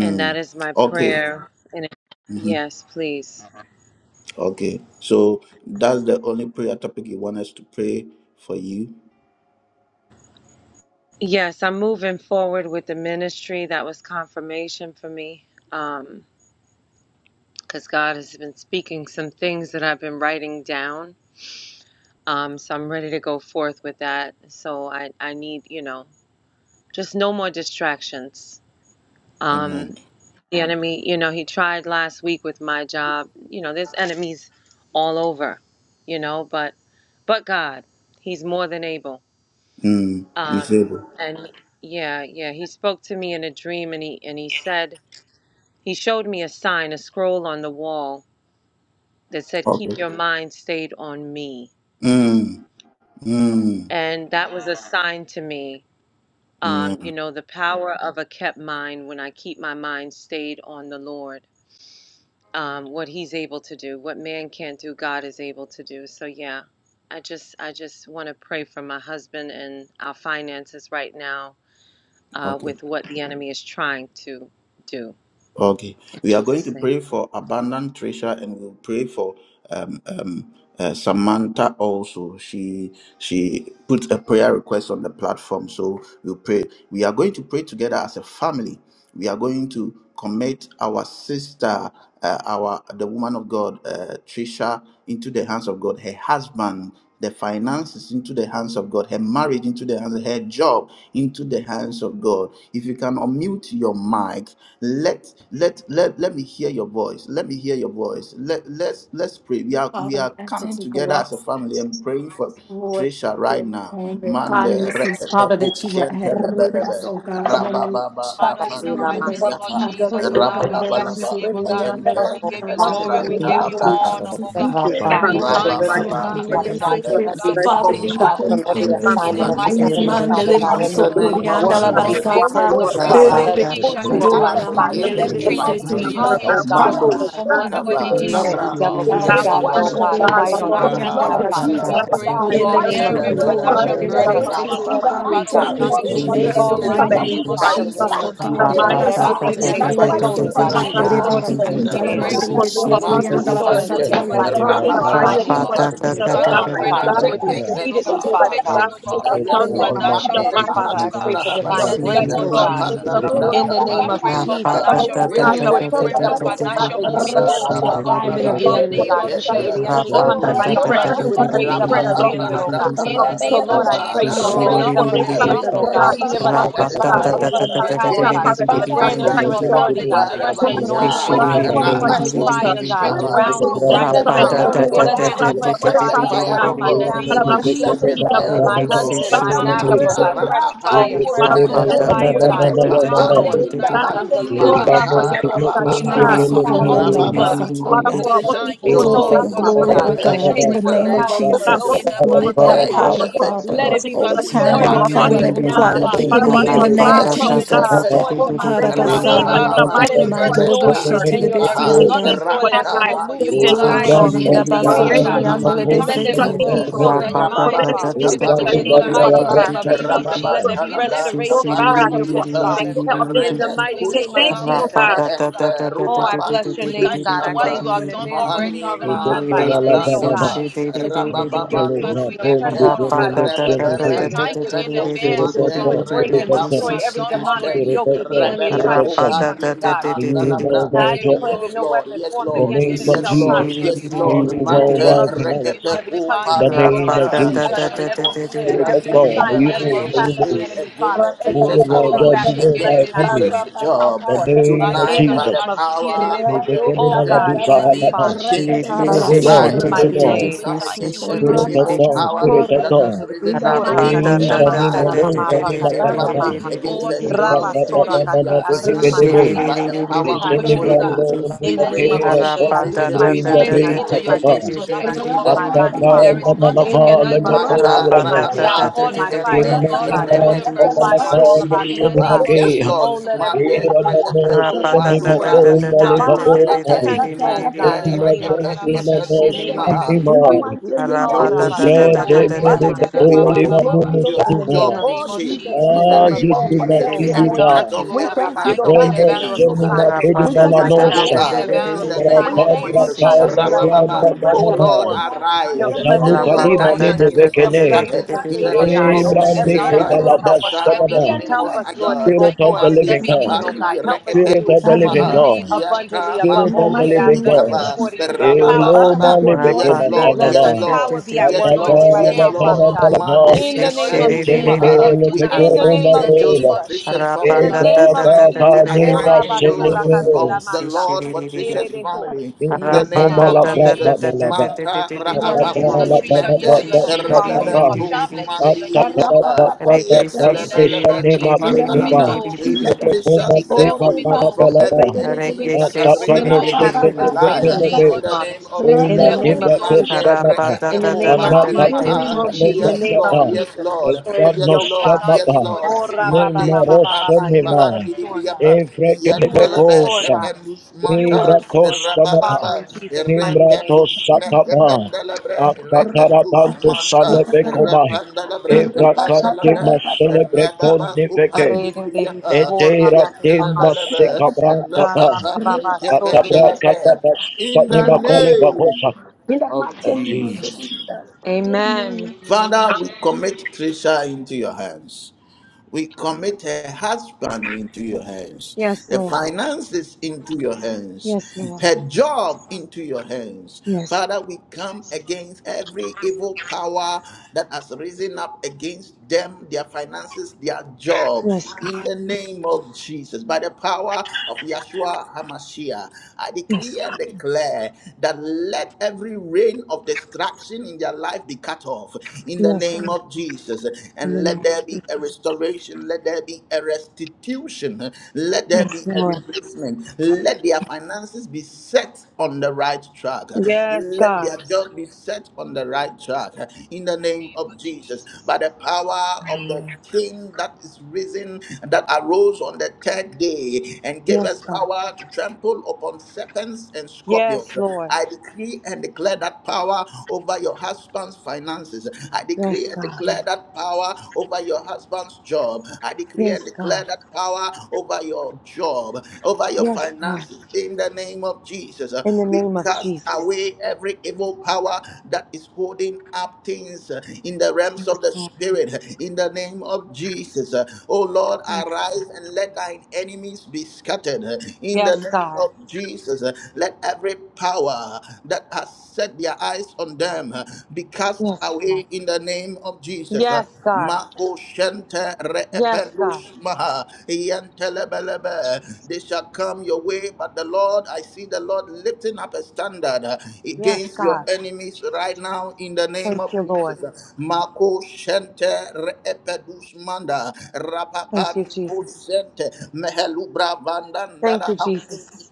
[SPEAKER 8] And that is my
[SPEAKER 1] Okay.
[SPEAKER 8] prayer. And it,
[SPEAKER 1] Mm-hmm.
[SPEAKER 8] yes, please.
[SPEAKER 1] Okay, so that's the only prayer topic you want us to pray for you.
[SPEAKER 8] Yes, I'm moving forward with the ministry. That was confirmation for me um, because God has been speaking some things that I've been writing down. Um, so I'm ready to go forth with that. So I, I need, you know, just no more distractions.
[SPEAKER 1] Amen.
[SPEAKER 8] Um, the enemy, you know, he tried last week with my job. You know, there's enemies all over, you know, but but God, he's more than able.
[SPEAKER 1] Mm, you
[SPEAKER 8] Um,
[SPEAKER 1] say,
[SPEAKER 8] and yeah, yeah, he spoke to me in a dream and he and he said He showed me a sign, a scroll on the wall that said, Keep
[SPEAKER 1] okay.
[SPEAKER 8] your mind stayed on me.
[SPEAKER 1] Mm, mm,
[SPEAKER 8] And that was a sign to me, um,
[SPEAKER 1] amen.
[SPEAKER 8] you know, the power of a kept mind when I keep my mind stayed on the Lord, um, what He's able to do, what man can't do, God is able to do. So, yeah. I just, I just want to pray for my husband and our finances right now, uh,
[SPEAKER 1] Okay.
[SPEAKER 8] with what the enemy is trying to do.
[SPEAKER 1] Okay,
[SPEAKER 8] In
[SPEAKER 1] we are going to
[SPEAKER 8] Jesus' name.
[SPEAKER 1] pray for abundant treasure, and we'll pray for um, um, uh, Samantha also. She she put a prayer request on the platform, so we'll pray. We are going to pray together as a family. We are going to commit our sister, uh, our the woman of God, uh, Trisha, into the hands of God. Her husband the finances into the hands of God, her marriage into the hands, her job into the hands of God. If you can unmute your mic, let let let, let me hear your voice. Let me hear your voice. Let let's let's pray. We are we
[SPEAKER 3] Father,
[SPEAKER 1] are
[SPEAKER 3] I ask that
[SPEAKER 1] coming
[SPEAKER 3] you
[SPEAKER 1] together as a
[SPEAKER 3] bless.
[SPEAKER 1] family and praying for
[SPEAKER 3] Lord,
[SPEAKER 1] Trisha right
[SPEAKER 3] dear
[SPEAKER 1] now.
[SPEAKER 3] Father,
[SPEAKER 1] Mande re-
[SPEAKER 3] finances, Father,
[SPEAKER 1] epeko
[SPEAKER 3] that you would
[SPEAKER 1] shente
[SPEAKER 3] have increase,
[SPEAKER 1] lebelebe.
[SPEAKER 3] oh God, in the name of
[SPEAKER 1] Rabababa
[SPEAKER 5] Father,
[SPEAKER 3] Jesus,
[SPEAKER 5] in the
[SPEAKER 1] kapani
[SPEAKER 5] name
[SPEAKER 3] Father.
[SPEAKER 5] of
[SPEAKER 1] diapa.
[SPEAKER 3] I
[SPEAKER 5] Jesus,
[SPEAKER 3] pray,
[SPEAKER 5] O
[SPEAKER 3] oh
[SPEAKER 5] God,
[SPEAKER 3] God, that
[SPEAKER 5] Father,
[SPEAKER 3] I'm
[SPEAKER 5] we
[SPEAKER 1] Rabalabalaba
[SPEAKER 5] pray for
[SPEAKER 3] security
[SPEAKER 5] your
[SPEAKER 3] and that
[SPEAKER 1] kushente
[SPEAKER 5] servant,
[SPEAKER 8] Oh,
[SPEAKER 3] I was
[SPEAKER 1] mehelu
[SPEAKER 8] Father, in
[SPEAKER 3] having a
[SPEAKER 8] the
[SPEAKER 5] husband, O
[SPEAKER 10] Thank
[SPEAKER 3] little
[SPEAKER 5] God,
[SPEAKER 8] name of
[SPEAKER 5] Father.
[SPEAKER 8] Jesus,
[SPEAKER 3] worship.
[SPEAKER 8] thank
[SPEAKER 5] We
[SPEAKER 1] labra.
[SPEAKER 8] you,
[SPEAKER 5] pray that.
[SPEAKER 8] Father, for
[SPEAKER 3] Lord, I'm seeing
[SPEAKER 8] delivering
[SPEAKER 1] Rabababa,
[SPEAKER 8] me,
[SPEAKER 3] I'm being
[SPEAKER 1] no
[SPEAKER 3] a
[SPEAKER 8] Father God,
[SPEAKER 3] basic
[SPEAKER 8] from
[SPEAKER 1] skipper.
[SPEAKER 3] priest.
[SPEAKER 8] every
[SPEAKER 1] We
[SPEAKER 3] Father,
[SPEAKER 1] commit
[SPEAKER 8] trap,
[SPEAKER 3] increase,
[SPEAKER 8] from every
[SPEAKER 1] Jesus'
[SPEAKER 3] increase,
[SPEAKER 8] assignment
[SPEAKER 1] husband
[SPEAKER 8] of
[SPEAKER 1] into
[SPEAKER 8] the
[SPEAKER 3] increase,
[SPEAKER 1] your
[SPEAKER 8] enemy,
[SPEAKER 1] hands.
[SPEAKER 8] Father
[SPEAKER 3] mandele
[SPEAKER 8] God,
[SPEAKER 1] In
[SPEAKER 8] every
[SPEAKER 1] the
[SPEAKER 3] manso
[SPEAKER 1] name of
[SPEAKER 3] kurianda
[SPEAKER 8] work,
[SPEAKER 3] la
[SPEAKER 8] every
[SPEAKER 1] Jesus,
[SPEAKER 5] Holy
[SPEAKER 8] demonic
[SPEAKER 3] basata,
[SPEAKER 5] Ghost
[SPEAKER 8] work, Father,
[SPEAKER 1] whoever
[SPEAKER 5] fire
[SPEAKER 8] let
[SPEAKER 3] bebe
[SPEAKER 8] it be
[SPEAKER 1] has
[SPEAKER 5] consume
[SPEAKER 8] destroyed
[SPEAKER 1] risen
[SPEAKER 8] by
[SPEAKER 5] that
[SPEAKER 1] up
[SPEAKER 3] andora
[SPEAKER 5] attack
[SPEAKER 8] fire
[SPEAKER 5] in
[SPEAKER 1] against
[SPEAKER 8] in
[SPEAKER 3] mandele
[SPEAKER 8] the
[SPEAKER 5] the
[SPEAKER 1] his
[SPEAKER 5] name
[SPEAKER 8] name of
[SPEAKER 5] of
[SPEAKER 3] besete,
[SPEAKER 5] Jesus.
[SPEAKER 8] Jesus.
[SPEAKER 1] finances,
[SPEAKER 3] Father,
[SPEAKER 8] Oh,
[SPEAKER 3] do
[SPEAKER 8] God,
[SPEAKER 5] Father,
[SPEAKER 1] Mando,
[SPEAKER 3] what
[SPEAKER 5] we
[SPEAKER 8] arise.
[SPEAKER 3] only
[SPEAKER 5] soak
[SPEAKER 3] you can
[SPEAKER 5] the
[SPEAKER 1] Sikava,
[SPEAKER 8] And let
[SPEAKER 3] do,
[SPEAKER 1] Nabra,
[SPEAKER 8] every
[SPEAKER 5] family,
[SPEAKER 8] devil be
[SPEAKER 5] his
[SPEAKER 8] scattered,
[SPEAKER 5] wife,
[SPEAKER 8] oh
[SPEAKER 3] God.
[SPEAKER 5] his
[SPEAKER 1] Luskependele,
[SPEAKER 8] God.
[SPEAKER 3] Mandela
[SPEAKER 5] children
[SPEAKER 8] Fight
[SPEAKER 3] Beso,
[SPEAKER 8] on
[SPEAKER 5] into
[SPEAKER 8] our
[SPEAKER 5] the blood
[SPEAKER 3] Kuriandala
[SPEAKER 8] behalf,
[SPEAKER 1] Rababa
[SPEAKER 5] of
[SPEAKER 8] Father
[SPEAKER 5] Jesus,
[SPEAKER 8] God.
[SPEAKER 3] Basata,
[SPEAKER 1] Kalaba,
[SPEAKER 5] oh God.
[SPEAKER 8] In the name
[SPEAKER 5] Father,
[SPEAKER 3] Urebeki
[SPEAKER 8] of
[SPEAKER 5] we pray
[SPEAKER 8] Jesus,
[SPEAKER 3] Andora,
[SPEAKER 8] and
[SPEAKER 5] for
[SPEAKER 3] Mandela
[SPEAKER 1] Yantelebelebelebe.
[SPEAKER 8] deliver,
[SPEAKER 3] Beso,
[SPEAKER 8] God.
[SPEAKER 5] restoration in
[SPEAKER 8] Set
[SPEAKER 5] the
[SPEAKER 1] Rabababa.
[SPEAKER 3] Father,
[SPEAKER 1] We
[SPEAKER 8] free,
[SPEAKER 5] mighty
[SPEAKER 3] do it
[SPEAKER 8] God.
[SPEAKER 1] come
[SPEAKER 3] for
[SPEAKER 5] name
[SPEAKER 3] your
[SPEAKER 5] of
[SPEAKER 1] against
[SPEAKER 3] glory
[SPEAKER 8] Make
[SPEAKER 5] Jesus.
[SPEAKER 8] all
[SPEAKER 1] every
[SPEAKER 3] in the
[SPEAKER 8] things
[SPEAKER 5] Father,
[SPEAKER 8] new,
[SPEAKER 3] name
[SPEAKER 1] enemy
[SPEAKER 5] we
[SPEAKER 3] of
[SPEAKER 1] that
[SPEAKER 8] Father,
[SPEAKER 1] is
[SPEAKER 8] in the
[SPEAKER 5] silence
[SPEAKER 3] Jesus,
[SPEAKER 8] name
[SPEAKER 5] that
[SPEAKER 8] of
[SPEAKER 3] oh
[SPEAKER 1] fighting
[SPEAKER 8] Jesus.
[SPEAKER 3] God.
[SPEAKER 5] enemies,
[SPEAKER 8] And let
[SPEAKER 5] oh
[SPEAKER 1] against
[SPEAKER 5] God.
[SPEAKER 8] everything that they
[SPEAKER 1] his
[SPEAKER 5] That's
[SPEAKER 8] have
[SPEAKER 5] why things
[SPEAKER 8] stolen,
[SPEAKER 1] finances
[SPEAKER 5] are
[SPEAKER 3] Rabasokoriandelebesoto,
[SPEAKER 8] God, be
[SPEAKER 1] right
[SPEAKER 5] gone,
[SPEAKER 4] pastor
[SPEAKER 5] oh
[SPEAKER 4] to do
[SPEAKER 8] restored
[SPEAKER 1] now.
[SPEAKER 4] the
[SPEAKER 5] God.
[SPEAKER 8] unto
[SPEAKER 5] We
[SPEAKER 1] In
[SPEAKER 8] his
[SPEAKER 1] the
[SPEAKER 5] pray,
[SPEAKER 1] name
[SPEAKER 5] oh
[SPEAKER 8] hands.
[SPEAKER 1] of
[SPEAKER 5] God,
[SPEAKER 1] Jesus.
[SPEAKER 8] Let it be
[SPEAKER 5] that Jesus, in
[SPEAKER 1] Mako
[SPEAKER 4] to do the
[SPEAKER 8] restored unto
[SPEAKER 1] Shente.
[SPEAKER 8] his
[SPEAKER 3] erebeki-andalamandelebesokoriandalabasataya.
[SPEAKER 8] life,
[SPEAKER 5] the
[SPEAKER 4] but
[SPEAKER 8] unto
[SPEAKER 3] Father,
[SPEAKER 4] if
[SPEAKER 5] name
[SPEAKER 4] I
[SPEAKER 8] his
[SPEAKER 5] of
[SPEAKER 4] find that
[SPEAKER 1] Rabababa
[SPEAKER 4] you want
[SPEAKER 8] finances,
[SPEAKER 5] Jesus.
[SPEAKER 4] to be
[SPEAKER 8] unto
[SPEAKER 1] Kapani
[SPEAKER 8] his
[SPEAKER 4] something
[SPEAKER 5] Eh,
[SPEAKER 4] God,
[SPEAKER 8] account,
[SPEAKER 1] Maha
[SPEAKER 8] oh
[SPEAKER 4] like
[SPEAKER 8] God.
[SPEAKER 4] God
[SPEAKER 1] Lubrande
[SPEAKER 4] was
[SPEAKER 10] you.
[SPEAKER 8] Quickly,
[SPEAKER 4] doing, I
[SPEAKER 8] speedily,
[SPEAKER 4] feel
[SPEAKER 1] Kepentus
[SPEAKER 4] like
[SPEAKER 8] Father
[SPEAKER 5] karababashakadabadaba,
[SPEAKER 8] God.
[SPEAKER 1] Manda.
[SPEAKER 6] Thank
[SPEAKER 4] God was taking
[SPEAKER 1] Uh,
[SPEAKER 4] a
[SPEAKER 8] In the
[SPEAKER 1] Yes,
[SPEAKER 4] turn
[SPEAKER 6] you.
[SPEAKER 4] in me.
[SPEAKER 8] name
[SPEAKER 1] Lord.
[SPEAKER 8] of
[SPEAKER 4] You know,
[SPEAKER 5] rabashakadababa,
[SPEAKER 1] Mande
[SPEAKER 8] Jesus,
[SPEAKER 4] find it.
[SPEAKER 8] Father, I
[SPEAKER 1] Mahalush
[SPEAKER 8] pray for
[SPEAKER 10] Rapata
[SPEAKER 4] So
[SPEAKER 8] divine
[SPEAKER 1] Rahabada.
[SPEAKER 4] we bless you,
[SPEAKER 8] breakthrough,
[SPEAKER 5] rabadabadaba,
[SPEAKER 4] Lord.
[SPEAKER 8] God
[SPEAKER 4] We lift it
[SPEAKER 1] Rapanda
[SPEAKER 4] up to the Lord.
[SPEAKER 1] Labra
[SPEAKER 8] in the
[SPEAKER 4] We
[SPEAKER 8] name
[SPEAKER 1] Kapani
[SPEAKER 8] of
[SPEAKER 4] thank
[SPEAKER 5] ribabababa,
[SPEAKER 4] you.
[SPEAKER 8] Jesus.
[SPEAKER 4] I
[SPEAKER 1] Libriapa.
[SPEAKER 4] hope you find
[SPEAKER 8] You
[SPEAKER 1] Hey,
[SPEAKER 4] out
[SPEAKER 8] would
[SPEAKER 1] ke
[SPEAKER 4] a
[SPEAKER 8] raise up
[SPEAKER 4] point
[SPEAKER 8] a
[SPEAKER 5] karabashakadabadaba,
[SPEAKER 1] pendus
[SPEAKER 4] for God
[SPEAKER 8] standard
[SPEAKER 4] in the
[SPEAKER 1] mandala
[SPEAKER 8] against
[SPEAKER 4] name of
[SPEAKER 1] bra
[SPEAKER 8] every
[SPEAKER 1] raba
[SPEAKER 4] Jesus.
[SPEAKER 1] ba ba
[SPEAKER 8] assignment
[SPEAKER 1] ba
[SPEAKER 8] of
[SPEAKER 4] That's
[SPEAKER 8] the
[SPEAKER 4] all we
[SPEAKER 8] enemy,
[SPEAKER 4] want to do.
[SPEAKER 8] God. You
[SPEAKER 1] yetenda
[SPEAKER 4] God,
[SPEAKER 8] said
[SPEAKER 5] ribababashakadabadaba,
[SPEAKER 8] when
[SPEAKER 1] la
[SPEAKER 8] the
[SPEAKER 4] I
[SPEAKER 1] ke
[SPEAKER 8] enemy
[SPEAKER 4] thank you,
[SPEAKER 5] Oh,
[SPEAKER 8] comes
[SPEAKER 4] God.
[SPEAKER 8] in
[SPEAKER 1] pendus
[SPEAKER 8] like
[SPEAKER 4] We
[SPEAKER 8] a
[SPEAKER 5] Rado
[SPEAKER 4] pray.
[SPEAKER 8] flood,
[SPEAKER 4] I
[SPEAKER 1] manda
[SPEAKER 8] you
[SPEAKER 4] don't
[SPEAKER 8] would
[SPEAKER 4] want to be
[SPEAKER 8] raise up
[SPEAKER 1] rapa
[SPEAKER 8] a
[SPEAKER 4] prayer,
[SPEAKER 1] pa
[SPEAKER 4] Lord.
[SPEAKER 8] standard,
[SPEAKER 1] mandala
[SPEAKER 8] oh
[SPEAKER 4] I
[SPEAKER 8] God.
[SPEAKER 4] don't want to
[SPEAKER 8] So,
[SPEAKER 4] so
[SPEAKER 8] Lord,
[SPEAKER 4] early.
[SPEAKER 8] I
[SPEAKER 5] Rabadabadaba,
[SPEAKER 8] pray
[SPEAKER 4] So,
[SPEAKER 1] Father
[SPEAKER 8] you would
[SPEAKER 1] Lord,
[SPEAKER 8] raise
[SPEAKER 4] for
[SPEAKER 8] up
[SPEAKER 4] the
[SPEAKER 8] a
[SPEAKER 5] Rababa,
[SPEAKER 1] every
[SPEAKER 8] standard,
[SPEAKER 4] process
[SPEAKER 8] oh
[SPEAKER 4] of God,
[SPEAKER 8] God.
[SPEAKER 4] if you
[SPEAKER 8] Give
[SPEAKER 1] enemy
[SPEAKER 5] Rababa,
[SPEAKER 8] us
[SPEAKER 4] want to
[SPEAKER 1] that
[SPEAKER 8] strength,
[SPEAKER 1] is
[SPEAKER 4] God,
[SPEAKER 8] God.
[SPEAKER 4] I'm going
[SPEAKER 8] Give
[SPEAKER 4] to
[SPEAKER 8] us
[SPEAKER 1] fighting
[SPEAKER 8] your
[SPEAKER 4] tell you,
[SPEAKER 5] Rabadabadaba,
[SPEAKER 8] power,
[SPEAKER 4] God,
[SPEAKER 8] God.
[SPEAKER 1] against
[SPEAKER 4] Father, that
[SPEAKER 1] his
[SPEAKER 4] God,
[SPEAKER 8] Grant
[SPEAKER 4] just
[SPEAKER 8] us
[SPEAKER 4] like
[SPEAKER 8] your
[SPEAKER 4] you
[SPEAKER 1] finances,
[SPEAKER 4] know, you
[SPEAKER 8] authority,
[SPEAKER 4] know,
[SPEAKER 8] God. Fresh
[SPEAKER 1] wherever
[SPEAKER 4] so that
[SPEAKER 1] they
[SPEAKER 4] you know,
[SPEAKER 8] anointing,
[SPEAKER 1] are,
[SPEAKER 4] God,
[SPEAKER 8] God.
[SPEAKER 4] you know, you want
[SPEAKER 8] Fresh
[SPEAKER 1] rapa
[SPEAKER 4] Jesus.
[SPEAKER 5] Rabadabadaba,
[SPEAKER 1] pus
[SPEAKER 8] fire, God,
[SPEAKER 4] I
[SPEAKER 1] ipava.
[SPEAKER 4] would
[SPEAKER 8] around
[SPEAKER 4] say
[SPEAKER 1] we
[SPEAKER 8] him
[SPEAKER 1] send
[SPEAKER 4] thanks
[SPEAKER 8] right
[SPEAKER 1] the
[SPEAKER 4] for that you
[SPEAKER 8] now.
[SPEAKER 4] know,
[SPEAKER 1] fire
[SPEAKER 4] for
[SPEAKER 1] of
[SPEAKER 4] all
[SPEAKER 8] Let
[SPEAKER 1] God.
[SPEAKER 4] this
[SPEAKER 8] there be
[SPEAKER 4] part
[SPEAKER 1] We
[SPEAKER 4] and for
[SPEAKER 8] fresh
[SPEAKER 4] other
[SPEAKER 1] send the
[SPEAKER 8] fire
[SPEAKER 4] parties in
[SPEAKER 1] fire
[SPEAKER 4] our
[SPEAKER 8] around
[SPEAKER 1] of
[SPEAKER 8] my
[SPEAKER 4] team.
[SPEAKER 1] God.
[SPEAKER 4] But
[SPEAKER 8] family,
[SPEAKER 1] We
[SPEAKER 8] my
[SPEAKER 4] about so
[SPEAKER 1] send
[SPEAKER 4] for
[SPEAKER 8] children,
[SPEAKER 1] the
[SPEAKER 4] the government
[SPEAKER 1] fire
[SPEAKER 8] my
[SPEAKER 1] of
[SPEAKER 4] and the people
[SPEAKER 8] husband,
[SPEAKER 4] I
[SPEAKER 1] God.
[SPEAKER 8] my marriage,
[SPEAKER 4] would
[SPEAKER 8] oh
[SPEAKER 4] say
[SPEAKER 8] God,
[SPEAKER 4] thank
[SPEAKER 8] fresh
[SPEAKER 4] you
[SPEAKER 1] Manda
[SPEAKER 4] for
[SPEAKER 8] fire,
[SPEAKER 4] part
[SPEAKER 8] fresh
[SPEAKER 4] of
[SPEAKER 8] winds of
[SPEAKER 1] usnehede
[SPEAKER 4] the people who
[SPEAKER 8] fire,
[SPEAKER 4] are working
[SPEAKER 8] God, to
[SPEAKER 4] for
[SPEAKER 8] come,
[SPEAKER 4] the
[SPEAKER 8] Lord,
[SPEAKER 4] work
[SPEAKER 1] repapandi
[SPEAKER 4] to that.
[SPEAKER 8] and
[SPEAKER 1] brahalus
[SPEAKER 6] Spirit
[SPEAKER 4] Work
[SPEAKER 8] deliver
[SPEAKER 4] that
[SPEAKER 6] of
[SPEAKER 8] us
[SPEAKER 4] for
[SPEAKER 8] from
[SPEAKER 1] mahanta
[SPEAKER 8] every
[SPEAKER 1] rababa
[SPEAKER 6] God,
[SPEAKER 10] Rapa
[SPEAKER 8] snare,
[SPEAKER 4] success
[SPEAKER 8] every
[SPEAKER 1] Baba,
[SPEAKER 8] fowler,
[SPEAKER 4] oh God.
[SPEAKER 1] rababa. We
[SPEAKER 8] everything
[SPEAKER 4] Father,
[SPEAKER 3] Namasokoriandalabasataya.
[SPEAKER 1] commit
[SPEAKER 8] that
[SPEAKER 4] for
[SPEAKER 8] the
[SPEAKER 4] our working
[SPEAKER 8] enemy
[SPEAKER 1] Trisha's
[SPEAKER 8] has
[SPEAKER 4] doors,
[SPEAKER 3] Do it
[SPEAKER 4] oh
[SPEAKER 3] for
[SPEAKER 1] job
[SPEAKER 8] stolen,
[SPEAKER 4] God,
[SPEAKER 3] your
[SPEAKER 4] in the
[SPEAKER 8] Father
[SPEAKER 1] into
[SPEAKER 3] glory,
[SPEAKER 4] mighty
[SPEAKER 1] your
[SPEAKER 8] God,
[SPEAKER 3] O
[SPEAKER 4] name
[SPEAKER 8] that the
[SPEAKER 4] of
[SPEAKER 3] God,
[SPEAKER 1] hands
[SPEAKER 3] in
[SPEAKER 1] in
[SPEAKER 3] the
[SPEAKER 1] the
[SPEAKER 8] cakeworm,
[SPEAKER 3] name
[SPEAKER 4] Jesus.
[SPEAKER 3] of
[SPEAKER 1] name of
[SPEAKER 4] Oh
[SPEAKER 8] caterpillar,
[SPEAKER 4] God,
[SPEAKER 8] locust
[SPEAKER 3] Jesus.
[SPEAKER 4] working
[SPEAKER 1] Jesus.
[SPEAKER 8] have
[SPEAKER 3] Move
[SPEAKER 4] doors,
[SPEAKER 8] eaten
[SPEAKER 1] Keep
[SPEAKER 3] by
[SPEAKER 8] up,
[SPEAKER 3] your
[SPEAKER 1] her
[SPEAKER 4] working
[SPEAKER 1] in
[SPEAKER 4] doors,
[SPEAKER 8] God.
[SPEAKER 3] power,
[SPEAKER 4] working
[SPEAKER 1] perfect
[SPEAKER 3] Father.
[SPEAKER 8] Let
[SPEAKER 4] doors,
[SPEAKER 8] it be
[SPEAKER 1] peace.
[SPEAKER 4] that you
[SPEAKER 1] Keep
[SPEAKER 3] Overturn
[SPEAKER 1] her
[SPEAKER 8] restored
[SPEAKER 4] cover
[SPEAKER 3] every
[SPEAKER 1] in
[SPEAKER 4] our
[SPEAKER 8] unto
[SPEAKER 3] plan
[SPEAKER 4] hearts,
[SPEAKER 8] us
[SPEAKER 3] and
[SPEAKER 4] oh
[SPEAKER 3] every
[SPEAKER 1] perfect
[SPEAKER 8] now,
[SPEAKER 3] plot
[SPEAKER 4] God.
[SPEAKER 3] of
[SPEAKER 8] Father,
[SPEAKER 3] the
[SPEAKER 1] protection.
[SPEAKER 8] in
[SPEAKER 4] Father, for
[SPEAKER 8] the
[SPEAKER 3] enemy
[SPEAKER 4] us
[SPEAKER 8] name
[SPEAKER 4] to
[SPEAKER 3] in the
[SPEAKER 8] of
[SPEAKER 1] Keep
[SPEAKER 4] apply
[SPEAKER 3] name of
[SPEAKER 8] Jesus.
[SPEAKER 4] to
[SPEAKER 1] her
[SPEAKER 8] Let
[SPEAKER 4] our
[SPEAKER 8] it be
[SPEAKER 4] God.
[SPEAKER 3] Jesus.
[SPEAKER 1] perfect
[SPEAKER 8] restored
[SPEAKER 4] Oh
[SPEAKER 8] to
[SPEAKER 1] peace.
[SPEAKER 8] my
[SPEAKER 4] God, let us
[SPEAKER 8] husband, oh God.
[SPEAKER 4] favor in
[SPEAKER 3] Harabasaya.
[SPEAKER 4] the
[SPEAKER 8] Let
[SPEAKER 1] Rabababa,
[SPEAKER 4] mighty
[SPEAKER 8] it
[SPEAKER 4] name
[SPEAKER 8] be, let
[SPEAKER 4] of
[SPEAKER 3] Mandorobo
[SPEAKER 8] joy
[SPEAKER 4] Jesus.
[SPEAKER 1] Rento
[SPEAKER 8] and your
[SPEAKER 4] And we
[SPEAKER 8] peace
[SPEAKER 1] Spibaha,
[SPEAKER 4] say
[SPEAKER 8] be
[SPEAKER 4] thank
[SPEAKER 3] shetelebesianda.
[SPEAKER 4] you
[SPEAKER 8] restored
[SPEAKER 4] for their
[SPEAKER 8] unto
[SPEAKER 1] Ranta
[SPEAKER 8] him.
[SPEAKER 4] life.
[SPEAKER 8] Remove
[SPEAKER 4] We
[SPEAKER 1] Mandi
[SPEAKER 8] the
[SPEAKER 4] thank
[SPEAKER 3] Do it,
[SPEAKER 4] you,
[SPEAKER 3] O
[SPEAKER 8] anxiety,
[SPEAKER 4] Lord.
[SPEAKER 3] God.
[SPEAKER 1] Mahalus
[SPEAKER 8] remove the
[SPEAKER 4] For
[SPEAKER 1] Kinta
[SPEAKER 8] fear, God, and let there
[SPEAKER 1] Raapandus
[SPEAKER 8] be
[SPEAKER 3] Yadabasotoriandelebesete.
[SPEAKER 1] Nata,
[SPEAKER 8] peace over his
[SPEAKER 4] The
[SPEAKER 8] mind,
[SPEAKER 4] forbidden
[SPEAKER 1] Rababani
[SPEAKER 8] Father.
[SPEAKER 4] ministry,
[SPEAKER 1] Kapandi
[SPEAKER 8] In the mighty
[SPEAKER 1] Briapa,
[SPEAKER 8] name of Jesus,
[SPEAKER 1] Rababa
[SPEAKER 8] let
[SPEAKER 4] of
[SPEAKER 8] there be
[SPEAKER 1] Calabra
[SPEAKER 4] Oh
[SPEAKER 8] restoration and
[SPEAKER 4] God,
[SPEAKER 1] Kapandi
[SPEAKER 4] and what
[SPEAKER 8] recompense,
[SPEAKER 4] you
[SPEAKER 1] Briapa,
[SPEAKER 4] thank
[SPEAKER 8] Father.
[SPEAKER 4] you of this
[SPEAKER 8] In the
[SPEAKER 1] Rebe
[SPEAKER 8] mighty name of
[SPEAKER 4] oh
[SPEAKER 1] Kushente
[SPEAKER 8] Jesus.
[SPEAKER 1] Mehende,
[SPEAKER 8] Oh, I bless your
[SPEAKER 1] Rubabandus
[SPEAKER 8] name, God. I
[SPEAKER 1] Kikaba,
[SPEAKER 8] thank you in advance that it's
[SPEAKER 1] Mahani
[SPEAKER 8] already done by
[SPEAKER 10] Rapata
[SPEAKER 1] Mahandara
[SPEAKER 8] faith, oh God.
[SPEAKER 1] Brakapa,
[SPEAKER 8] As we seek your
[SPEAKER 1] Rabababa
[SPEAKER 8] face and your presence,
[SPEAKER 1] Nusmente,
[SPEAKER 8] oh God, that you would deliver,
[SPEAKER 1] Rebebebe
[SPEAKER 8] that you would heal, that you
[SPEAKER 1] Kepenusmante,
[SPEAKER 8] would break
[SPEAKER 6] Spirit
[SPEAKER 8] and
[SPEAKER 6] of God,
[SPEAKER 8] destroy every
[SPEAKER 1] Rebabusmente,
[SPEAKER 8] demonic
[SPEAKER 6] Spirit
[SPEAKER 8] yoke
[SPEAKER 6] of
[SPEAKER 8] that the
[SPEAKER 6] God,
[SPEAKER 8] enemy is
[SPEAKER 6] Spirit
[SPEAKER 1] Rebebe
[SPEAKER 8] trying to
[SPEAKER 6] of God,
[SPEAKER 8] place on
[SPEAKER 1] Kupani
[SPEAKER 8] him, God.
[SPEAKER 6] may you
[SPEAKER 1] Mahandala Bra.
[SPEAKER 6] revolve our
[SPEAKER 8] I
[SPEAKER 6] joy
[SPEAKER 8] declare that
[SPEAKER 1] Yes,
[SPEAKER 8] no
[SPEAKER 1] Lord,
[SPEAKER 8] weapon
[SPEAKER 1] yes,
[SPEAKER 8] formed
[SPEAKER 6] in the
[SPEAKER 1] Lord,
[SPEAKER 8] against
[SPEAKER 6] name
[SPEAKER 8] him
[SPEAKER 6] of
[SPEAKER 1] yes,
[SPEAKER 8] shall
[SPEAKER 1] Lord,
[SPEAKER 6] Jesus.
[SPEAKER 8] prosper
[SPEAKER 1] yes,
[SPEAKER 6] May you
[SPEAKER 1] Lord,
[SPEAKER 8] in the
[SPEAKER 6] revolve
[SPEAKER 1] Mante,
[SPEAKER 8] name
[SPEAKER 6] our
[SPEAKER 8] of Jesus,
[SPEAKER 6] finance
[SPEAKER 8] and
[SPEAKER 1] Reepe
[SPEAKER 8] every tongue
[SPEAKER 6] in
[SPEAKER 8] that's
[SPEAKER 6] the
[SPEAKER 8] risen
[SPEAKER 1] Kupandala
[SPEAKER 6] name of
[SPEAKER 8] against him
[SPEAKER 1] Bra.
[SPEAKER 8] in
[SPEAKER 6] Jesus.
[SPEAKER 8] judgment,
[SPEAKER 1] Every
[SPEAKER 8] every
[SPEAKER 1] conspiracy
[SPEAKER 8] snare,
[SPEAKER 6] Spirit of
[SPEAKER 8] every
[SPEAKER 1] conspiracy
[SPEAKER 6] God,
[SPEAKER 1] in
[SPEAKER 6] may
[SPEAKER 1] the
[SPEAKER 8] assignment,
[SPEAKER 6] you
[SPEAKER 8] every
[SPEAKER 1] realms
[SPEAKER 6] move,
[SPEAKER 1] of
[SPEAKER 6] may
[SPEAKER 1] the
[SPEAKER 8] attack
[SPEAKER 6] you
[SPEAKER 8] of the
[SPEAKER 6] move,
[SPEAKER 1] spirit
[SPEAKER 8] enemy, Father,
[SPEAKER 1] against
[SPEAKER 6] move
[SPEAKER 8] anything
[SPEAKER 1] Trisha's
[SPEAKER 6] in our
[SPEAKER 8] holding
[SPEAKER 6] job,
[SPEAKER 1] husband,
[SPEAKER 8] back his
[SPEAKER 6] move in our
[SPEAKER 8] blessing,
[SPEAKER 1] against
[SPEAKER 8] I
[SPEAKER 6] family
[SPEAKER 8] command
[SPEAKER 6] in
[SPEAKER 1] Trisha's
[SPEAKER 8] it to come
[SPEAKER 1] job.
[SPEAKER 6] the
[SPEAKER 5] Rabadabadaba,
[SPEAKER 8] forth
[SPEAKER 6] name of
[SPEAKER 8] in
[SPEAKER 1] Tonight,
[SPEAKER 5] karabababashakadabadaba,
[SPEAKER 8] the
[SPEAKER 1] by the
[SPEAKER 8] name
[SPEAKER 6] Jesus.
[SPEAKER 8] of Jesus.
[SPEAKER 1] power
[SPEAKER 6] May
[SPEAKER 1] of
[SPEAKER 6] the
[SPEAKER 1] the
[SPEAKER 5] Rado
[SPEAKER 6] enemy
[SPEAKER 8] Oh
[SPEAKER 6] not do
[SPEAKER 8] God,
[SPEAKER 1] risen
[SPEAKER 6] so,
[SPEAKER 8] thank
[SPEAKER 5] Chakadaba,
[SPEAKER 8] you,
[SPEAKER 6] ah, ah, ah.
[SPEAKER 8] Father,
[SPEAKER 1] King
[SPEAKER 6] Move
[SPEAKER 8] in
[SPEAKER 1] Jesus
[SPEAKER 5] Ratadabadaba,
[SPEAKER 8] Jesus'
[SPEAKER 6] along,
[SPEAKER 1] Christ,
[SPEAKER 6] move
[SPEAKER 8] mighty
[SPEAKER 1] we
[SPEAKER 6] along.
[SPEAKER 8] name.
[SPEAKER 5] Rababa,
[SPEAKER 1] come
[SPEAKER 3] Harabasotoriandelebesete.
[SPEAKER 1] against
[SPEAKER 3] Thank you,
[SPEAKER 1] every
[SPEAKER 6] Spirit of
[SPEAKER 5] Rabba
[SPEAKER 1] evil
[SPEAKER 3] Jesus.
[SPEAKER 6] God,
[SPEAKER 1] power
[SPEAKER 6] Spirit of
[SPEAKER 1] that
[SPEAKER 8] Corre
[SPEAKER 5] Chakarababa,
[SPEAKER 8] de
[SPEAKER 1] has
[SPEAKER 6] God.
[SPEAKER 8] de de de
[SPEAKER 5] in
[SPEAKER 1] risen
[SPEAKER 5] the
[SPEAKER 1] up
[SPEAKER 8] hora
[SPEAKER 5] mighty
[SPEAKER 8] kate
[SPEAKER 1] against
[SPEAKER 8] la
[SPEAKER 6] Is
[SPEAKER 5] name
[SPEAKER 1] her
[SPEAKER 5] of
[SPEAKER 1] life,
[SPEAKER 8] masara
[SPEAKER 6] animal, animal,
[SPEAKER 5] Jesus.
[SPEAKER 8] mamara
[SPEAKER 1] against
[SPEAKER 6] animal,
[SPEAKER 1] her
[SPEAKER 8] katu
[SPEAKER 6] animal.
[SPEAKER 1] family,
[SPEAKER 8] yamaha.
[SPEAKER 1] against her
[SPEAKER 6] May the
[SPEAKER 8] Rabba
[SPEAKER 1] job,
[SPEAKER 8] sora
[SPEAKER 5] Karudududu,
[SPEAKER 1] against
[SPEAKER 6] enemy
[SPEAKER 1] their
[SPEAKER 8] kate.
[SPEAKER 6] not
[SPEAKER 8] I
[SPEAKER 6] do so,
[SPEAKER 8] loose
[SPEAKER 6] ah,
[SPEAKER 8] my
[SPEAKER 6] ah,
[SPEAKER 1] finances,
[SPEAKER 6] ah.
[SPEAKER 8] husband
[SPEAKER 1] by
[SPEAKER 8] from
[SPEAKER 1] the
[SPEAKER 5] Rabababa,
[SPEAKER 8] every
[SPEAKER 1] power of
[SPEAKER 8] attack
[SPEAKER 1] of the
[SPEAKER 8] of the
[SPEAKER 1] Holy
[SPEAKER 8] enemy.
[SPEAKER 1] Ghost.
[SPEAKER 6] Zenebrando
[SPEAKER 8] In
[SPEAKER 1] We
[SPEAKER 8] the
[SPEAKER 1] pray
[SPEAKER 8] name
[SPEAKER 10] Rapata
[SPEAKER 8] of
[SPEAKER 5] Rabababa,
[SPEAKER 1] for
[SPEAKER 6] Matera
[SPEAKER 8] Jesus, I loose
[SPEAKER 1] restoration.
[SPEAKER 8] my
[SPEAKER 1] We
[SPEAKER 6] Sandrinda
[SPEAKER 8] children,
[SPEAKER 1] pray
[SPEAKER 8] I
[SPEAKER 1] for
[SPEAKER 6] Brinca
[SPEAKER 8] loose my
[SPEAKER 6] Baba
[SPEAKER 1] restitution
[SPEAKER 8] grandchildren, I
[SPEAKER 1] in
[SPEAKER 8] loose
[SPEAKER 1] the
[SPEAKER 8] my
[SPEAKER 6] Atta
[SPEAKER 8] life,
[SPEAKER 1] mighty
[SPEAKER 8] Father.
[SPEAKER 1] name
[SPEAKER 6] Branda
[SPEAKER 1] of Jesus.
[SPEAKER 8] In the
[SPEAKER 6] Manavale
[SPEAKER 8] name of Jesus,
[SPEAKER 1] Mata
[SPEAKER 6] Matore
[SPEAKER 8] in my
[SPEAKER 6] Menosa
[SPEAKER 8] job,
[SPEAKER 1] raapa
[SPEAKER 8] in my
[SPEAKER 1] koshente
[SPEAKER 8] finances,
[SPEAKER 6] Immati
[SPEAKER 8] God, you are the
[SPEAKER 6] Paranta
[SPEAKER 1] rebentos
[SPEAKER 8] supplier of all of
[SPEAKER 6] Palatana
[SPEAKER 1] mandiri
[SPEAKER 8] our needs,
[SPEAKER 1] briapa.
[SPEAKER 8] God.
[SPEAKER 1] Yes,
[SPEAKER 6] Sinimakea
[SPEAKER 1] Lord.
[SPEAKER 8] Oh, let everything
[SPEAKER 1] Mande
[SPEAKER 8] that
[SPEAKER 6] Era
[SPEAKER 8] the enemy has
[SPEAKER 1] reepe
[SPEAKER 6] Mamos
[SPEAKER 8] stolen be
[SPEAKER 1] koba
[SPEAKER 8] restored
[SPEAKER 1] lubra
[SPEAKER 8] to us
[SPEAKER 6] Sinimatoma
[SPEAKER 8] now,
[SPEAKER 1] libra
[SPEAKER 8] Father.
[SPEAKER 1] lusnete
[SPEAKER 6] Levacomari
[SPEAKER 5] Rapapa,
[SPEAKER 8] Tenfold,
[SPEAKER 1] mente
[SPEAKER 8] God, in the
[SPEAKER 6] Inna
[SPEAKER 8] name of
[SPEAKER 1] reepe
[SPEAKER 6] Zendi
[SPEAKER 8] Jesus,
[SPEAKER 1] kepe
[SPEAKER 8] in the
[SPEAKER 6] Manos
[SPEAKER 1] lus
[SPEAKER 8] name of
[SPEAKER 1] maha.
[SPEAKER 5] in
[SPEAKER 8] Jesus.
[SPEAKER 5] the
[SPEAKER 1] We
[SPEAKER 6] Andimai
[SPEAKER 5] mighty
[SPEAKER 1] put your
[SPEAKER 5] name
[SPEAKER 8] Oh,
[SPEAKER 1] job
[SPEAKER 5] of
[SPEAKER 1] in shape.
[SPEAKER 8] Rabasola
[SPEAKER 5] Jesus,
[SPEAKER 6] Imprede
[SPEAKER 8] Catela
[SPEAKER 5] Father, we
[SPEAKER 8] Massa.
[SPEAKER 5] give
[SPEAKER 1] We
[SPEAKER 5] you all
[SPEAKER 6] Merigacoli
[SPEAKER 5] the
[SPEAKER 1] put
[SPEAKER 5] glory,
[SPEAKER 6] Mamunus
[SPEAKER 5] Lord
[SPEAKER 1] your
[SPEAKER 8] In
[SPEAKER 5] God.
[SPEAKER 8] the name
[SPEAKER 1] job
[SPEAKER 6] Anima
[SPEAKER 8] of
[SPEAKER 1] in
[SPEAKER 5] Oh,
[SPEAKER 8] Jesus,
[SPEAKER 1] shape
[SPEAKER 5] Jesus,
[SPEAKER 8] in
[SPEAKER 5] we
[SPEAKER 8] the
[SPEAKER 1] in the
[SPEAKER 8] name
[SPEAKER 5] thank
[SPEAKER 8] of
[SPEAKER 5] you,
[SPEAKER 1] name of
[SPEAKER 5] Lord,
[SPEAKER 6] Agini
[SPEAKER 5] for
[SPEAKER 8] Jesus,
[SPEAKER 1] Jesus
[SPEAKER 8] oh God,
[SPEAKER 1] and
[SPEAKER 8] I
[SPEAKER 1] we
[SPEAKER 5] testimony.
[SPEAKER 8] thank
[SPEAKER 1] cut
[SPEAKER 6] Makidivai
[SPEAKER 8] you,
[SPEAKER 1] off
[SPEAKER 5] We
[SPEAKER 8] oh
[SPEAKER 1] every
[SPEAKER 5] thank
[SPEAKER 8] Rabba,
[SPEAKER 5] you,
[SPEAKER 1] hand
[SPEAKER 5] Lord
[SPEAKER 8] so
[SPEAKER 1] of the
[SPEAKER 8] for
[SPEAKER 5] God,
[SPEAKER 8] your
[SPEAKER 5] for your
[SPEAKER 6] Ipremos
[SPEAKER 1] enemy
[SPEAKER 8] miracle
[SPEAKER 1] that
[SPEAKER 5] deliverance.
[SPEAKER 8] signs
[SPEAKER 1] is
[SPEAKER 8] and
[SPEAKER 6] Sinimakedi
[SPEAKER 5] We
[SPEAKER 8] wonders
[SPEAKER 1] pushing
[SPEAKER 5] thank you
[SPEAKER 1] things
[SPEAKER 8] right
[SPEAKER 5] for
[SPEAKER 1] to
[SPEAKER 5] your
[SPEAKER 8] now,
[SPEAKER 1] go
[SPEAKER 6] Malanosa
[SPEAKER 8] God.
[SPEAKER 1] bad
[SPEAKER 8] Your
[SPEAKER 1] in
[SPEAKER 5] restoration.
[SPEAKER 1] the
[SPEAKER 8] miracle
[SPEAKER 1] name
[SPEAKER 5] We
[SPEAKER 8] signs
[SPEAKER 1] of
[SPEAKER 8] and
[SPEAKER 5] thank you,
[SPEAKER 8] wonders,
[SPEAKER 1] Jesus.
[SPEAKER 5] King
[SPEAKER 8] God. Your
[SPEAKER 5] of glory.
[SPEAKER 8] blessings
[SPEAKER 5] We
[SPEAKER 1] Rabababa.
[SPEAKER 8] over my
[SPEAKER 1] Oh
[SPEAKER 5] worship
[SPEAKER 8] son
[SPEAKER 5] you
[SPEAKER 1] Lord,
[SPEAKER 8] Corey.
[SPEAKER 6] Azanu
[SPEAKER 5] tonight. We
[SPEAKER 8] Your
[SPEAKER 1] arise
[SPEAKER 5] give you
[SPEAKER 10] Rapata
[SPEAKER 5] all the
[SPEAKER 8] blessings
[SPEAKER 1] and let
[SPEAKER 8] over
[SPEAKER 6] kalima
[SPEAKER 8] my
[SPEAKER 1] thine
[SPEAKER 5] glory.
[SPEAKER 8] son
[SPEAKER 6] nene
[SPEAKER 8] Chance.
[SPEAKER 1] enemies be
[SPEAKER 8] Your
[SPEAKER 6] vekene.
[SPEAKER 5] In
[SPEAKER 10] Rekeshe
[SPEAKER 8] blessings
[SPEAKER 1] scattered
[SPEAKER 8] and
[SPEAKER 1] in the
[SPEAKER 8] favor,
[SPEAKER 1] name
[SPEAKER 8] God,
[SPEAKER 1] of
[SPEAKER 8] over
[SPEAKER 6] Emrande
[SPEAKER 8] every
[SPEAKER 1] Jesus
[SPEAKER 6] kobala
[SPEAKER 8] destiny
[SPEAKER 1] Christ, the
[SPEAKER 8] helper,
[SPEAKER 1] Son
[SPEAKER 8] God.
[SPEAKER 1] of the
[SPEAKER 6] vasanama.
[SPEAKER 5] the
[SPEAKER 1] Living
[SPEAKER 5] name
[SPEAKER 8] Help
[SPEAKER 1] Most
[SPEAKER 8] us,
[SPEAKER 5] of
[SPEAKER 1] High
[SPEAKER 8] Lord, to
[SPEAKER 1] God.
[SPEAKER 8] go
[SPEAKER 5] Jesus,
[SPEAKER 6] Spirit of the
[SPEAKER 8] forth in
[SPEAKER 1] Mani
[SPEAKER 8] this
[SPEAKER 6] living
[SPEAKER 5] thank you,
[SPEAKER 6] God.
[SPEAKER 8] season, oh
[SPEAKER 5] Holy
[SPEAKER 1] kapani
[SPEAKER 8] God. Help us to
[SPEAKER 6] Spirit
[SPEAKER 8] do
[SPEAKER 6] of
[SPEAKER 1] reepelus
[SPEAKER 6] the living
[SPEAKER 8] exceedingly
[SPEAKER 1] maha
[SPEAKER 5] Spirit.
[SPEAKER 6] God.
[SPEAKER 8] abundantly
[SPEAKER 1] yanta
[SPEAKER 8] above
[SPEAKER 5] In
[SPEAKER 6] Spirit
[SPEAKER 5] the
[SPEAKER 8] all
[SPEAKER 6] of
[SPEAKER 8] we
[SPEAKER 6] the
[SPEAKER 8] could
[SPEAKER 5] mighty
[SPEAKER 1] manus
[SPEAKER 8] ask
[SPEAKER 6] living
[SPEAKER 5] name
[SPEAKER 8] for,
[SPEAKER 5] of
[SPEAKER 8] think
[SPEAKER 6] God.
[SPEAKER 1] ikava.
[SPEAKER 8] according to
[SPEAKER 5] Jesus.
[SPEAKER 8] the power that
[SPEAKER 6] Elo
[SPEAKER 5] Father,
[SPEAKER 8] is
[SPEAKER 5] we
[SPEAKER 1] Rabababa.
[SPEAKER 8] at
[SPEAKER 6] mane
[SPEAKER 5] give
[SPEAKER 8] work
[SPEAKER 5] you
[SPEAKER 8] in
[SPEAKER 5] all
[SPEAKER 8] us.
[SPEAKER 5] the
[SPEAKER 1] Yes,
[SPEAKER 6] vekoma
[SPEAKER 1] Lord.
[SPEAKER 5] glory.
[SPEAKER 8] Let
[SPEAKER 6] sanama.
[SPEAKER 8] your
[SPEAKER 1] Yes, Lord.
[SPEAKER 8] power be at
[SPEAKER 1] Yes,
[SPEAKER 8] work
[SPEAKER 1] Lord.
[SPEAKER 8] in
[SPEAKER 6] Ataka
[SPEAKER 1] Lord.
[SPEAKER 8] us right
[SPEAKER 6] la
[SPEAKER 1] Yes,
[SPEAKER 8] now,
[SPEAKER 1] Lord.
[SPEAKER 6] kana
[SPEAKER 8] Father
[SPEAKER 6] la
[SPEAKER 8] God.
[SPEAKER 6] la.
[SPEAKER 1] Monday,
[SPEAKER 8] In the name
[SPEAKER 5] We
[SPEAKER 8] of
[SPEAKER 5] give you-
[SPEAKER 6] Eseneme
[SPEAKER 8] Jesus.
[SPEAKER 1] Maha.
[SPEAKER 6] le
[SPEAKER 1] We
[SPEAKER 8] In the
[SPEAKER 1] assign
[SPEAKER 6] vekoma
[SPEAKER 8] name of
[SPEAKER 1] angels
[SPEAKER 6] leva.
[SPEAKER 1] for
[SPEAKER 8] Jesus.
[SPEAKER 1] Trisha's
[SPEAKER 8] In the
[SPEAKER 1] family.
[SPEAKER 6] Ebra
[SPEAKER 1] We
[SPEAKER 8] name of
[SPEAKER 6] da
[SPEAKER 1] assign,
[SPEAKER 6] da
[SPEAKER 8] Jesus.
[SPEAKER 1] we
[SPEAKER 8] Oh,
[SPEAKER 1] assign
[SPEAKER 6] nima
[SPEAKER 1] angels
[SPEAKER 8] Rabasola
[SPEAKER 6] seneme.
[SPEAKER 1] of
[SPEAKER 8] Katela
[SPEAKER 1] the
[SPEAKER 8] Masa.
[SPEAKER 1] Lord for Trisha's
[SPEAKER 8] Eredeho.
[SPEAKER 1] family. In the
[SPEAKER 8] Yes,
[SPEAKER 1] name
[SPEAKER 6] Vekoma
[SPEAKER 8] God.
[SPEAKER 6] la
[SPEAKER 1] of Jesus.
[SPEAKER 6] vrana
[SPEAKER 1] Manta
[SPEAKER 6] Every
[SPEAKER 5] In
[SPEAKER 8] Yes, God.
[SPEAKER 1] Raabakus
[SPEAKER 6] day,
[SPEAKER 1] Mente.
[SPEAKER 8] Yes, God. Father, in Jesus'
[SPEAKER 1] Rebebentus
[SPEAKER 8] mighty name.
[SPEAKER 1] Mandilibriapa. Yetelebelebe
[SPEAKER 5] the name
[SPEAKER 1] Kapandalabra.
[SPEAKER 5] of
[SPEAKER 1] Let
[SPEAKER 5] Jesus.
[SPEAKER 1] Trisha be set
[SPEAKER 5] Oh,
[SPEAKER 1] free
[SPEAKER 5] Reba,
[SPEAKER 1] from
[SPEAKER 5] Sheke, Te,
[SPEAKER 1] every
[SPEAKER 5] Te, Te, Te, Te,
[SPEAKER 1] enemy
[SPEAKER 5] Te.
[SPEAKER 1] that has risen
[SPEAKER 8] Let
[SPEAKER 1] up
[SPEAKER 8] the
[SPEAKER 5] Rapa,
[SPEAKER 1] against
[SPEAKER 5] Pa,
[SPEAKER 8] captive,
[SPEAKER 1] her
[SPEAKER 8] be
[SPEAKER 5] Pa,
[SPEAKER 8] set
[SPEAKER 1] life.
[SPEAKER 8] free
[SPEAKER 5] Rapa,
[SPEAKER 8] now,
[SPEAKER 1] In the
[SPEAKER 8] Father.
[SPEAKER 1] name of
[SPEAKER 8] In
[SPEAKER 5] Rapa,
[SPEAKER 1] Jesus.
[SPEAKER 5] Te,
[SPEAKER 8] the name
[SPEAKER 5] Te,
[SPEAKER 8] of
[SPEAKER 5] Te, Te.
[SPEAKER 8] Jesus.
[SPEAKER 1] Mande
[SPEAKER 10] Thank
[SPEAKER 8] In the name of
[SPEAKER 5] Mighty
[SPEAKER 8] Jesus.
[SPEAKER 5] name of
[SPEAKER 8] In the
[SPEAKER 1] Yes,
[SPEAKER 8] name of
[SPEAKER 1] Lord, yes,
[SPEAKER 8] Jesus.
[SPEAKER 1] Lord,
[SPEAKER 8] Destroy every
[SPEAKER 1] yes,
[SPEAKER 8] yoke,
[SPEAKER 1] Lord,
[SPEAKER 8] Father.
[SPEAKER 1] yes, Lord.
[SPEAKER 8] Oh, ra, ba, ba,
[SPEAKER 1] Mande
[SPEAKER 8] ba, ba, ba, ba, ba.
[SPEAKER 1] kupani
[SPEAKER 8] You will
[SPEAKER 1] mahandi di
[SPEAKER 8] restore, God.
[SPEAKER 1] briapa.
[SPEAKER 8] You will
[SPEAKER 1] Yantelebe
[SPEAKER 8] restore, God.
[SPEAKER 1] kependus
[SPEAKER 8] You will
[SPEAKER 1] manta.
[SPEAKER 6] Ebra
[SPEAKER 8] restore, God.
[SPEAKER 6] Kosanaba,
[SPEAKER 8] Father,
[SPEAKER 1] Rabababa.
[SPEAKER 8] in Jesus' mighty name.
[SPEAKER 6] Timbrato
[SPEAKER 1] Rependus
[SPEAKER 6] Satapa,
[SPEAKER 1] nekependelebre. Re'etus
[SPEAKER 6] Atacaratanto
[SPEAKER 5] Jesus. Te,
[SPEAKER 1] manta.
[SPEAKER 5] Te, Te,
[SPEAKER 6] Salebecomai,
[SPEAKER 1] Rapandalabra
[SPEAKER 6] Evacante
[SPEAKER 1] kapandalabra.
[SPEAKER 5] Rapa, Te,
[SPEAKER 6] Macelebrecon
[SPEAKER 1] Rababa
[SPEAKER 6] Niveke,
[SPEAKER 1] kupani
[SPEAKER 8] Re,
[SPEAKER 1] di
[SPEAKER 8] de, de, de, de,
[SPEAKER 1] briapa.
[SPEAKER 8] ho, ra,
[SPEAKER 6] Etera
[SPEAKER 8] ka, te, la, ma,
[SPEAKER 6] Tima
[SPEAKER 5] Te,
[SPEAKER 1] Yantelebelebe.
[SPEAKER 5] Te, Te, Te,
[SPEAKER 8] Ra,
[SPEAKER 5] Te.
[SPEAKER 6] Secabrantapa,
[SPEAKER 8] ba, ba, ba,
[SPEAKER 1] Rapapani
[SPEAKER 8] ba,
[SPEAKER 5] Reba,
[SPEAKER 8] so,
[SPEAKER 5] Shaka,
[SPEAKER 8] de.
[SPEAKER 5] Rapa,
[SPEAKER 6] Atabracatapa
[SPEAKER 1] kependelebe. In the
[SPEAKER 6] Sanemacole
[SPEAKER 1] name
[SPEAKER 6] Bacosa,
[SPEAKER 5] In the
[SPEAKER 1] of
[SPEAKER 5] mighty
[SPEAKER 6] of
[SPEAKER 5] name of
[SPEAKER 6] Jesus.
[SPEAKER 1] Jesus.
[SPEAKER 5] Jesus. Amen.
[SPEAKER 1] Father, we commit Trisha into your hands. We commit her husband into your hands,
[SPEAKER 8] Yes,
[SPEAKER 1] the
[SPEAKER 8] Lord.
[SPEAKER 1] finances into your hands,
[SPEAKER 8] Yes, Lord.
[SPEAKER 1] her job into your hands.
[SPEAKER 8] Yes.
[SPEAKER 1] Father, we come against every evil power that has risen up against them, their finances, their job,
[SPEAKER 8] Yes, God.
[SPEAKER 1] in the name of Jesus. By the power of Yeshua HaMashiach, I
[SPEAKER 8] Yes.
[SPEAKER 1] decree
[SPEAKER 8] God.
[SPEAKER 1] and declare that let every reign of destruction in their life be cut off. In the name
[SPEAKER 8] Yes,
[SPEAKER 1] name
[SPEAKER 8] God.
[SPEAKER 1] of Jesus.
[SPEAKER 8] In the
[SPEAKER 1] And let
[SPEAKER 8] name of
[SPEAKER 1] there be
[SPEAKER 8] Jesus.
[SPEAKER 1] a restoration. Let there be a restitution. Let there
[SPEAKER 8] Yes,
[SPEAKER 1] be a
[SPEAKER 8] Lord.
[SPEAKER 1] replacement. Let their finances be set on the right track.
[SPEAKER 8] Yes,
[SPEAKER 1] Let
[SPEAKER 8] God.
[SPEAKER 1] their jobs be set on the right track. In the name of Jesus. By the power of the
[SPEAKER 8] Hallelujah.
[SPEAKER 1] King that is risen, that arose on the third day and gave
[SPEAKER 8] Yes,
[SPEAKER 1] us
[SPEAKER 8] God.
[SPEAKER 1] power to trample upon serpents and scorpions.
[SPEAKER 8] Yes, Lord.
[SPEAKER 1] I decree and declare that power power over your husband's finances. I decree
[SPEAKER 8] Yes,
[SPEAKER 1] and
[SPEAKER 8] God.
[SPEAKER 1] declare that power over your husband's job. I decree
[SPEAKER 8] Yes,
[SPEAKER 1] and
[SPEAKER 8] God.
[SPEAKER 1] declare that power over your job, over your
[SPEAKER 8] Yes, God.
[SPEAKER 1] finances. In the name of Jesus, uh,
[SPEAKER 8] In the
[SPEAKER 1] we
[SPEAKER 8] name of
[SPEAKER 1] cast
[SPEAKER 8] Jesus.
[SPEAKER 1] away every evil power that is holding up things uh, in the realms of the spirit. In the name of Jesus, uh, oh Lord,
[SPEAKER 8] Yes,
[SPEAKER 1] arise and let thine enemies be scattered. In the
[SPEAKER 8] Yes,
[SPEAKER 1] name
[SPEAKER 8] God.
[SPEAKER 1] of Jesus, uh, let. Let every power that has set their eyes on them uh, be cast
[SPEAKER 8] Yes, God.
[SPEAKER 1] away in the name of Jesus. Uh,
[SPEAKER 8] Yes, God.
[SPEAKER 1] Mako shente
[SPEAKER 8] Yes, God.
[SPEAKER 1] reepelus maha, yentelebelebe. They shall come your way, but the Lord, I see the Lord lifting up a standard uh,
[SPEAKER 8] Yes,
[SPEAKER 1] against your
[SPEAKER 8] God.
[SPEAKER 1] enemies right now in the name
[SPEAKER 8] Thank
[SPEAKER 1] of
[SPEAKER 8] you, Lord.
[SPEAKER 1] Jesus. Uh, Mako shente reepelus manda,
[SPEAKER 8] Thank you,
[SPEAKER 1] rapapaniko
[SPEAKER 8] Jesus.
[SPEAKER 1] sente,
[SPEAKER 8] Thank you,
[SPEAKER 1] Vandandara
[SPEAKER 8] Jesus.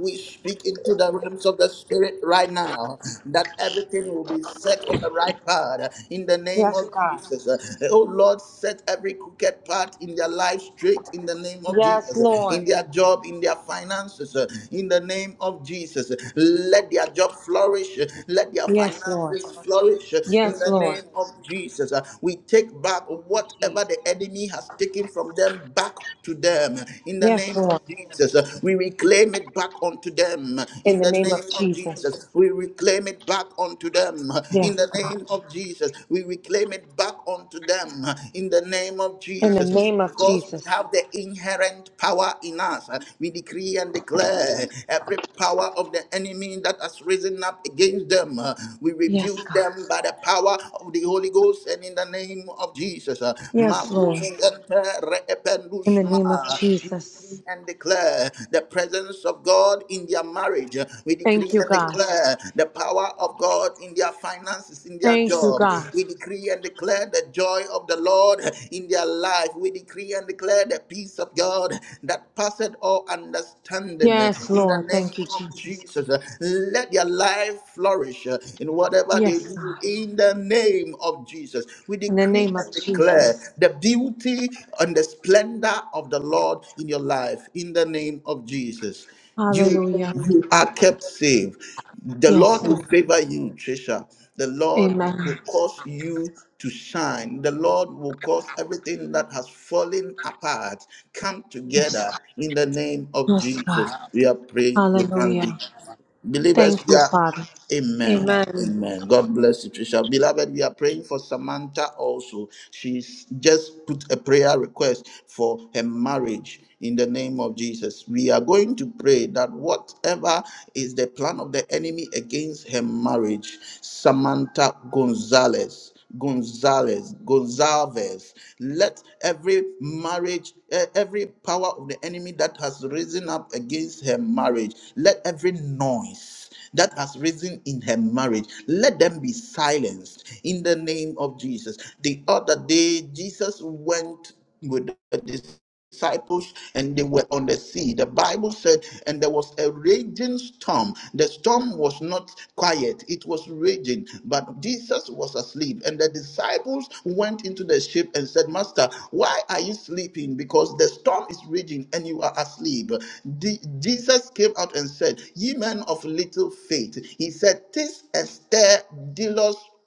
[SPEAKER 1] We speak into the realms of the spirit right now that everything will be set on the right path in the name
[SPEAKER 8] Yes,
[SPEAKER 1] of
[SPEAKER 8] God.
[SPEAKER 1] Jesus. Oh Lord, set every crooked path in their life straight in the name of
[SPEAKER 8] Yes,
[SPEAKER 1] Jesus,
[SPEAKER 8] Lord.
[SPEAKER 1] in their job, in their finances, in the name of Jesus. Let their job flourish, let their
[SPEAKER 8] Yes, Lord.
[SPEAKER 1] finances flourish in
[SPEAKER 8] Yes,
[SPEAKER 1] the
[SPEAKER 8] Lord.
[SPEAKER 1] name of Jesus. We take back whatever the enemy has taken from them back to them in the
[SPEAKER 8] Yes,
[SPEAKER 1] name of
[SPEAKER 8] Lord.
[SPEAKER 1] Jesus. We reclaim it back unto them
[SPEAKER 8] In
[SPEAKER 1] in
[SPEAKER 8] the
[SPEAKER 1] the
[SPEAKER 8] name
[SPEAKER 1] name
[SPEAKER 8] of
[SPEAKER 1] of Jesus.
[SPEAKER 8] Jesus.
[SPEAKER 1] We reclaim it back unto them in
[SPEAKER 8] Yes,
[SPEAKER 1] the
[SPEAKER 8] God.
[SPEAKER 1] name of Jesus. We reclaim it back unto them in the name of
[SPEAKER 8] In the
[SPEAKER 1] Jesus
[SPEAKER 8] name of
[SPEAKER 1] because we
[SPEAKER 8] Jesus.
[SPEAKER 1] have the inherent power in us. We decree and declare every power of the enemy that has risen up against them. We
[SPEAKER 8] Yes,
[SPEAKER 1] rebuke
[SPEAKER 8] God.
[SPEAKER 1] them by the power of the Holy Ghost and in the name of of Jesus. uh,
[SPEAKER 8] Yes, Lord.
[SPEAKER 1] Makushiente
[SPEAKER 8] in the name of
[SPEAKER 1] reependusma. We
[SPEAKER 8] Jesus.
[SPEAKER 1] decree and declare the presence of God in their marriage. We decree
[SPEAKER 8] Thank you,
[SPEAKER 1] and
[SPEAKER 8] God.
[SPEAKER 1] declare the power of God in their finances, in their
[SPEAKER 8] Thank you,
[SPEAKER 1] job.
[SPEAKER 8] God.
[SPEAKER 1] We decree and declare the joy of the Lord in their life. We decree and declare the peace of God that passeth all understanding. uh,
[SPEAKER 8] Yes,
[SPEAKER 1] In the
[SPEAKER 8] Lord. Thank
[SPEAKER 1] name
[SPEAKER 8] you,
[SPEAKER 1] of
[SPEAKER 8] Jesus.
[SPEAKER 1] Jesus, Uh, let their life flourish uh, in whatever they they
[SPEAKER 8] Yes,
[SPEAKER 1] do
[SPEAKER 8] God.
[SPEAKER 1] in the name of Jesus. We
[SPEAKER 8] In the
[SPEAKER 1] decree
[SPEAKER 8] name of
[SPEAKER 1] and declare
[SPEAKER 8] Jesus.
[SPEAKER 1] the beauty and the splendor of the Lord in your life in the name of Jesus. You
[SPEAKER 8] Hallelujah.
[SPEAKER 1] you are kept safe. The
[SPEAKER 8] Yes,
[SPEAKER 1] Lord
[SPEAKER 8] Lord.
[SPEAKER 1] will favor you, Trisha. The Lord will
[SPEAKER 8] Amen.
[SPEAKER 1] cause you to shine. The Lord will cause everything that has fallen apart come
[SPEAKER 8] Yes,
[SPEAKER 1] together
[SPEAKER 8] God.
[SPEAKER 1] in the name of
[SPEAKER 8] Yes,
[SPEAKER 1] Jesus.
[SPEAKER 8] God.
[SPEAKER 1] We are prayed with
[SPEAKER 8] Hallelujah.
[SPEAKER 1] thanksgiving. Believers,
[SPEAKER 8] Thank you,
[SPEAKER 1] yeah.
[SPEAKER 8] Father.
[SPEAKER 1] Amen.
[SPEAKER 8] Amen.
[SPEAKER 1] Amen. God bless you, Trisha. Beloved, we are praying for Samantha also. She's just put a prayer request for her marriage in the name of Jesus. We are going to pray that whatever is the plan of the enemy against her marriage, Samantha Gonzalez. Gonzalez, Gonzalez. Let every marriage, eh, every power of the enemy that has risen up against her marriage, let every noise that has risen in her marriage, let them be silenced in the name of Jesus. The other day, Jesus went with the disciples disciples and they were on the sea. The Bible said, and there was a raging storm. The storm was not quiet, it was raging, but Jesus was asleep. And the disciples went into the ship and said, Master, why are you sleeping? Because the storm is raging and you are asleep. The- Jesus came out and said, Ye men of little faith, he said, Tis a stir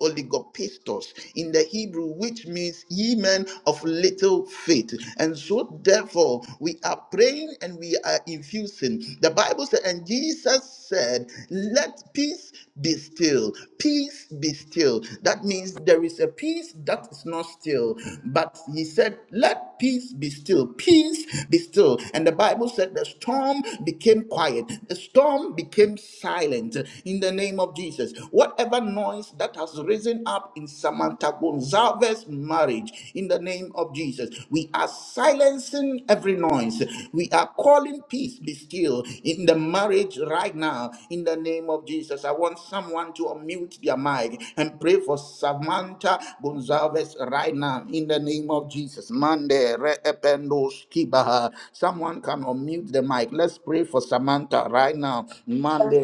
[SPEAKER 1] oligopistos in the Hebrew, which means ye men of little faith. And so, therefore, we are praying and we are infusing. The Bible said, and Jesus said, Let peace be still. Peace be still. That means there is a peace that is not still. But he said, Let peace be still. Peace be still. And the Bible said, The storm became quiet. The storm became silent in the name of Jesus. Jesus. Whatever noise that has risen up in Samantha Gonzalez's marriage, in the name of Jesus, we are silencing every noise. We are calling peace be still in the marriage right now, in the name of Jesus. I want someone to unmute their mic and pray for Samantha Gonzalez right now, in the name of Jesus. Mande re ependo skibaha. Someone can unmute the mic. Let's pray for Samantha right now.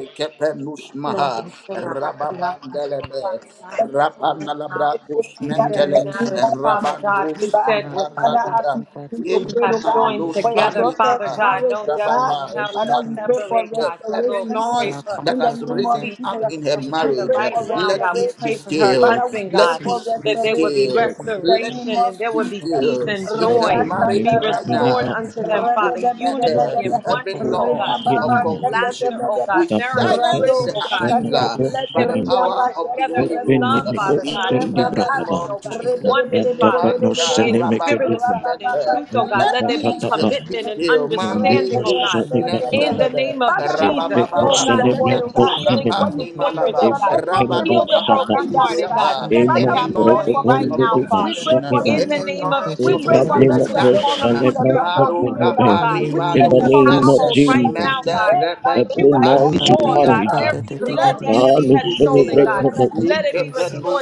[SPEAKER 1] Lebe Kepenus
[SPEAKER 8] Lord, I
[SPEAKER 1] Maha
[SPEAKER 8] pray that I love myself,
[SPEAKER 1] Rababandelebe
[SPEAKER 8] Father God, with you,
[SPEAKER 1] Rapanalabra
[SPEAKER 5] Let's go, Father, in
[SPEAKER 8] Their
[SPEAKER 1] Kusmentele
[SPEAKER 5] the name
[SPEAKER 8] marriage,
[SPEAKER 5] of
[SPEAKER 8] Father
[SPEAKER 5] Jesus,
[SPEAKER 8] God,
[SPEAKER 5] oh
[SPEAKER 8] you
[SPEAKER 1] Rabandus
[SPEAKER 5] God.
[SPEAKER 8] said was
[SPEAKER 5] Father,
[SPEAKER 8] ready.
[SPEAKER 5] as
[SPEAKER 1] Kipanalabra
[SPEAKER 5] we begin
[SPEAKER 8] that you
[SPEAKER 5] to pray, oh
[SPEAKER 8] have
[SPEAKER 1] Lima
[SPEAKER 5] God,
[SPEAKER 8] joined
[SPEAKER 5] for your
[SPEAKER 8] together,
[SPEAKER 1] Luspani
[SPEAKER 5] daughter's
[SPEAKER 8] Father
[SPEAKER 1] Kapa
[SPEAKER 8] God.
[SPEAKER 5] marriage,
[SPEAKER 8] No
[SPEAKER 5] oh
[SPEAKER 8] devil
[SPEAKER 5] God.
[SPEAKER 8] in
[SPEAKER 1] Rababa
[SPEAKER 8] hell
[SPEAKER 5] Father,
[SPEAKER 8] shall
[SPEAKER 5] we
[SPEAKER 1] Likatu
[SPEAKER 5] pray for
[SPEAKER 8] separate,
[SPEAKER 1] Shente
[SPEAKER 8] God. So,
[SPEAKER 1] Every
[SPEAKER 8] Lord, we
[SPEAKER 5] restoration
[SPEAKER 8] pray
[SPEAKER 1] noise
[SPEAKER 8] for.
[SPEAKER 1] that
[SPEAKER 5] in the
[SPEAKER 1] has
[SPEAKER 5] name of
[SPEAKER 1] risen
[SPEAKER 8] We
[SPEAKER 1] up
[SPEAKER 8] pray
[SPEAKER 5] Jesus.
[SPEAKER 1] in her
[SPEAKER 8] for
[SPEAKER 5] We
[SPEAKER 8] Samantha
[SPEAKER 5] pray
[SPEAKER 1] marriage, uh,
[SPEAKER 5] for
[SPEAKER 8] right now,
[SPEAKER 1] let
[SPEAKER 8] God. We
[SPEAKER 1] peace be
[SPEAKER 8] pray
[SPEAKER 5] restoration.
[SPEAKER 8] for her
[SPEAKER 1] still.
[SPEAKER 5] Father, we
[SPEAKER 8] husband,
[SPEAKER 5] pray
[SPEAKER 1] Let
[SPEAKER 8] God,
[SPEAKER 5] for
[SPEAKER 1] peace be
[SPEAKER 8] that there will be
[SPEAKER 5] restoration.
[SPEAKER 1] still.
[SPEAKER 5] the
[SPEAKER 1] Let
[SPEAKER 5] name
[SPEAKER 8] restoration
[SPEAKER 5] of
[SPEAKER 8] and
[SPEAKER 1] peace
[SPEAKER 8] there
[SPEAKER 1] be
[SPEAKER 8] will be
[SPEAKER 5] Jesus.
[SPEAKER 8] peace
[SPEAKER 1] still
[SPEAKER 8] and
[SPEAKER 1] in her
[SPEAKER 5] Riba
[SPEAKER 8] joy.
[SPEAKER 6] Breco
[SPEAKER 1] marriage
[SPEAKER 5] sata
[SPEAKER 8] Be
[SPEAKER 6] Minibus
[SPEAKER 1] right
[SPEAKER 5] rababa.
[SPEAKER 8] restored
[SPEAKER 1] now.
[SPEAKER 6] Minima,
[SPEAKER 8] unto them, Father.
[SPEAKER 1] Marcus
[SPEAKER 8] Unity and
[SPEAKER 5] Rebedebedebedebe.
[SPEAKER 1] every
[SPEAKER 8] oneness,
[SPEAKER 6] Ubucum
[SPEAKER 8] oh God.
[SPEAKER 1] noise, agents
[SPEAKER 5] Ribababa
[SPEAKER 1] of
[SPEAKER 8] Love
[SPEAKER 6] Cinema,
[SPEAKER 8] and laughter,
[SPEAKER 1] confusion.
[SPEAKER 8] oh
[SPEAKER 5] shakatebedebe.
[SPEAKER 8] God.
[SPEAKER 1] We
[SPEAKER 8] Marital
[SPEAKER 1] silence
[SPEAKER 5] Rado
[SPEAKER 8] bliss,
[SPEAKER 6] Tapatapa
[SPEAKER 1] the
[SPEAKER 8] oh God.
[SPEAKER 5] shakata.
[SPEAKER 1] accuser
[SPEAKER 8] Let
[SPEAKER 1] by the
[SPEAKER 8] them
[SPEAKER 6] Sanemacosene,
[SPEAKER 8] join
[SPEAKER 5] Riyaba
[SPEAKER 1] power of the
[SPEAKER 8] together
[SPEAKER 1] Holy
[SPEAKER 8] in
[SPEAKER 5] shakarebede.
[SPEAKER 1] Ghost.
[SPEAKER 8] love,
[SPEAKER 6] Ubinimico
[SPEAKER 8] Father God, in
[SPEAKER 1] In the
[SPEAKER 5] Rebababa.
[SPEAKER 1] name
[SPEAKER 8] compassion,
[SPEAKER 6] Sendibrakaba,
[SPEAKER 8] oh
[SPEAKER 1] of
[SPEAKER 8] God, in
[SPEAKER 1] Jesus.
[SPEAKER 10] you.
[SPEAKER 8] oneness,
[SPEAKER 6] Atapa
[SPEAKER 8] Father,
[SPEAKER 6] no
[SPEAKER 1] Manta
[SPEAKER 5] Rebedebedebedebedebe.
[SPEAKER 8] in spirit and
[SPEAKER 1] rabakus
[SPEAKER 6] Senemecadomi.
[SPEAKER 8] love and in
[SPEAKER 5] Rabababa
[SPEAKER 1] mente.
[SPEAKER 8] truth,
[SPEAKER 6] It
[SPEAKER 8] oh God.
[SPEAKER 6] it
[SPEAKER 1] Let
[SPEAKER 8] Let
[SPEAKER 6] back
[SPEAKER 8] there be
[SPEAKER 6] up
[SPEAKER 1] peace
[SPEAKER 6] up up.
[SPEAKER 1] be
[SPEAKER 8] commitment
[SPEAKER 5] shakarababa.
[SPEAKER 8] and
[SPEAKER 1] still.
[SPEAKER 6] It
[SPEAKER 5] Father,
[SPEAKER 1] Mande
[SPEAKER 8] understanding,
[SPEAKER 6] was
[SPEAKER 8] oh
[SPEAKER 10] Rapper,
[SPEAKER 8] God.
[SPEAKER 6] shut
[SPEAKER 1] kus
[SPEAKER 6] it back up.
[SPEAKER 8] In the
[SPEAKER 1] nentelebe.
[SPEAKER 8] name of
[SPEAKER 5] for
[SPEAKER 6] It
[SPEAKER 5] you
[SPEAKER 8] Jesus,
[SPEAKER 6] it was
[SPEAKER 5] said
[SPEAKER 8] oh
[SPEAKER 1] Rabababa.
[SPEAKER 5] in
[SPEAKER 8] God,
[SPEAKER 5] your
[SPEAKER 8] let there
[SPEAKER 5] word,
[SPEAKER 6] celebrate
[SPEAKER 5] oh
[SPEAKER 8] be
[SPEAKER 6] was
[SPEAKER 1] Yento
[SPEAKER 5] God,
[SPEAKER 8] healing in
[SPEAKER 5] what
[SPEAKER 6] celebrate.
[SPEAKER 5] you
[SPEAKER 1] kapandi
[SPEAKER 8] their
[SPEAKER 5] put
[SPEAKER 8] marriage,
[SPEAKER 1] malaba.
[SPEAKER 6] It
[SPEAKER 8] oh
[SPEAKER 5] together,
[SPEAKER 8] God.
[SPEAKER 6] back
[SPEAKER 5] let no
[SPEAKER 6] here
[SPEAKER 5] man
[SPEAKER 6] back
[SPEAKER 1] Rabadu
[SPEAKER 8] Heal
[SPEAKER 5] put
[SPEAKER 8] the
[SPEAKER 5] it
[SPEAKER 6] shut up.
[SPEAKER 1] kapandi
[SPEAKER 5] asunder, oh
[SPEAKER 8] brokenhearted,
[SPEAKER 5] God.
[SPEAKER 8] God.
[SPEAKER 1] libriapa.
[SPEAKER 8] Set
[SPEAKER 6] It
[SPEAKER 8] the
[SPEAKER 6] more
[SPEAKER 5] Father,
[SPEAKER 1] Any
[SPEAKER 5] we
[SPEAKER 6] for
[SPEAKER 8] captive
[SPEAKER 6] it
[SPEAKER 5] pray
[SPEAKER 6] to
[SPEAKER 8] free
[SPEAKER 5] for
[SPEAKER 1] noise
[SPEAKER 6] come
[SPEAKER 8] right
[SPEAKER 5] peace.
[SPEAKER 6] to
[SPEAKER 1] of
[SPEAKER 8] now,
[SPEAKER 6] the back
[SPEAKER 5] We
[SPEAKER 8] Father.
[SPEAKER 5] pray
[SPEAKER 6] shut
[SPEAKER 1] confusion,
[SPEAKER 6] it
[SPEAKER 5] for
[SPEAKER 6] back.
[SPEAKER 8] In the
[SPEAKER 5] unity.
[SPEAKER 1] any
[SPEAKER 8] name of
[SPEAKER 1] noise
[SPEAKER 5] We
[SPEAKER 6] It
[SPEAKER 1] of
[SPEAKER 5] pray
[SPEAKER 8] Jesus,
[SPEAKER 6] brought
[SPEAKER 5] for
[SPEAKER 6] me more
[SPEAKER 8] we
[SPEAKER 6] for
[SPEAKER 8] call
[SPEAKER 1] misunderstanding.
[SPEAKER 5] restoration in
[SPEAKER 8] upon
[SPEAKER 5] your
[SPEAKER 8] your,
[SPEAKER 6] celebrate
[SPEAKER 8] your
[SPEAKER 5] daughter,
[SPEAKER 1] Mado
[SPEAKER 5] womb, oh
[SPEAKER 6] the
[SPEAKER 8] spirit, oh
[SPEAKER 6] day.
[SPEAKER 5] God.
[SPEAKER 8] God, to
[SPEAKER 5] We
[SPEAKER 8] be
[SPEAKER 5] pray
[SPEAKER 6] In
[SPEAKER 8] in
[SPEAKER 6] the
[SPEAKER 1] Livado
[SPEAKER 5] for
[SPEAKER 8] their
[SPEAKER 5] her
[SPEAKER 6] name of
[SPEAKER 1] Sente,
[SPEAKER 5] marriage,
[SPEAKER 8] household
[SPEAKER 5] oh God.
[SPEAKER 8] right
[SPEAKER 6] Jesus,
[SPEAKER 8] now,
[SPEAKER 5] Eh,
[SPEAKER 1] Manda
[SPEAKER 8] God.
[SPEAKER 1] Rebe
[SPEAKER 8] That you
[SPEAKER 6] every
[SPEAKER 5] Karumba,
[SPEAKER 8] would
[SPEAKER 1] Kupan
[SPEAKER 5] Shaka,
[SPEAKER 6] noise in
[SPEAKER 5] Ba,
[SPEAKER 8] restore,
[SPEAKER 5] Ba,
[SPEAKER 8] God,
[SPEAKER 1] Ninibriata.
[SPEAKER 6] marriage,
[SPEAKER 5] Ba. Ra,
[SPEAKER 8] everything that
[SPEAKER 1] Let
[SPEAKER 8] the
[SPEAKER 5] Ba, Da,
[SPEAKER 6] come
[SPEAKER 8] enemy
[SPEAKER 1] peace
[SPEAKER 6] and
[SPEAKER 8] had
[SPEAKER 1] be
[SPEAKER 8] stolen,
[SPEAKER 5] Ba,
[SPEAKER 6] celebrate
[SPEAKER 8] God.
[SPEAKER 1] still.
[SPEAKER 5] Da,
[SPEAKER 6] with
[SPEAKER 5] Ba.
[SPEAKER 6] me.
[SPEAKER 8] Let it be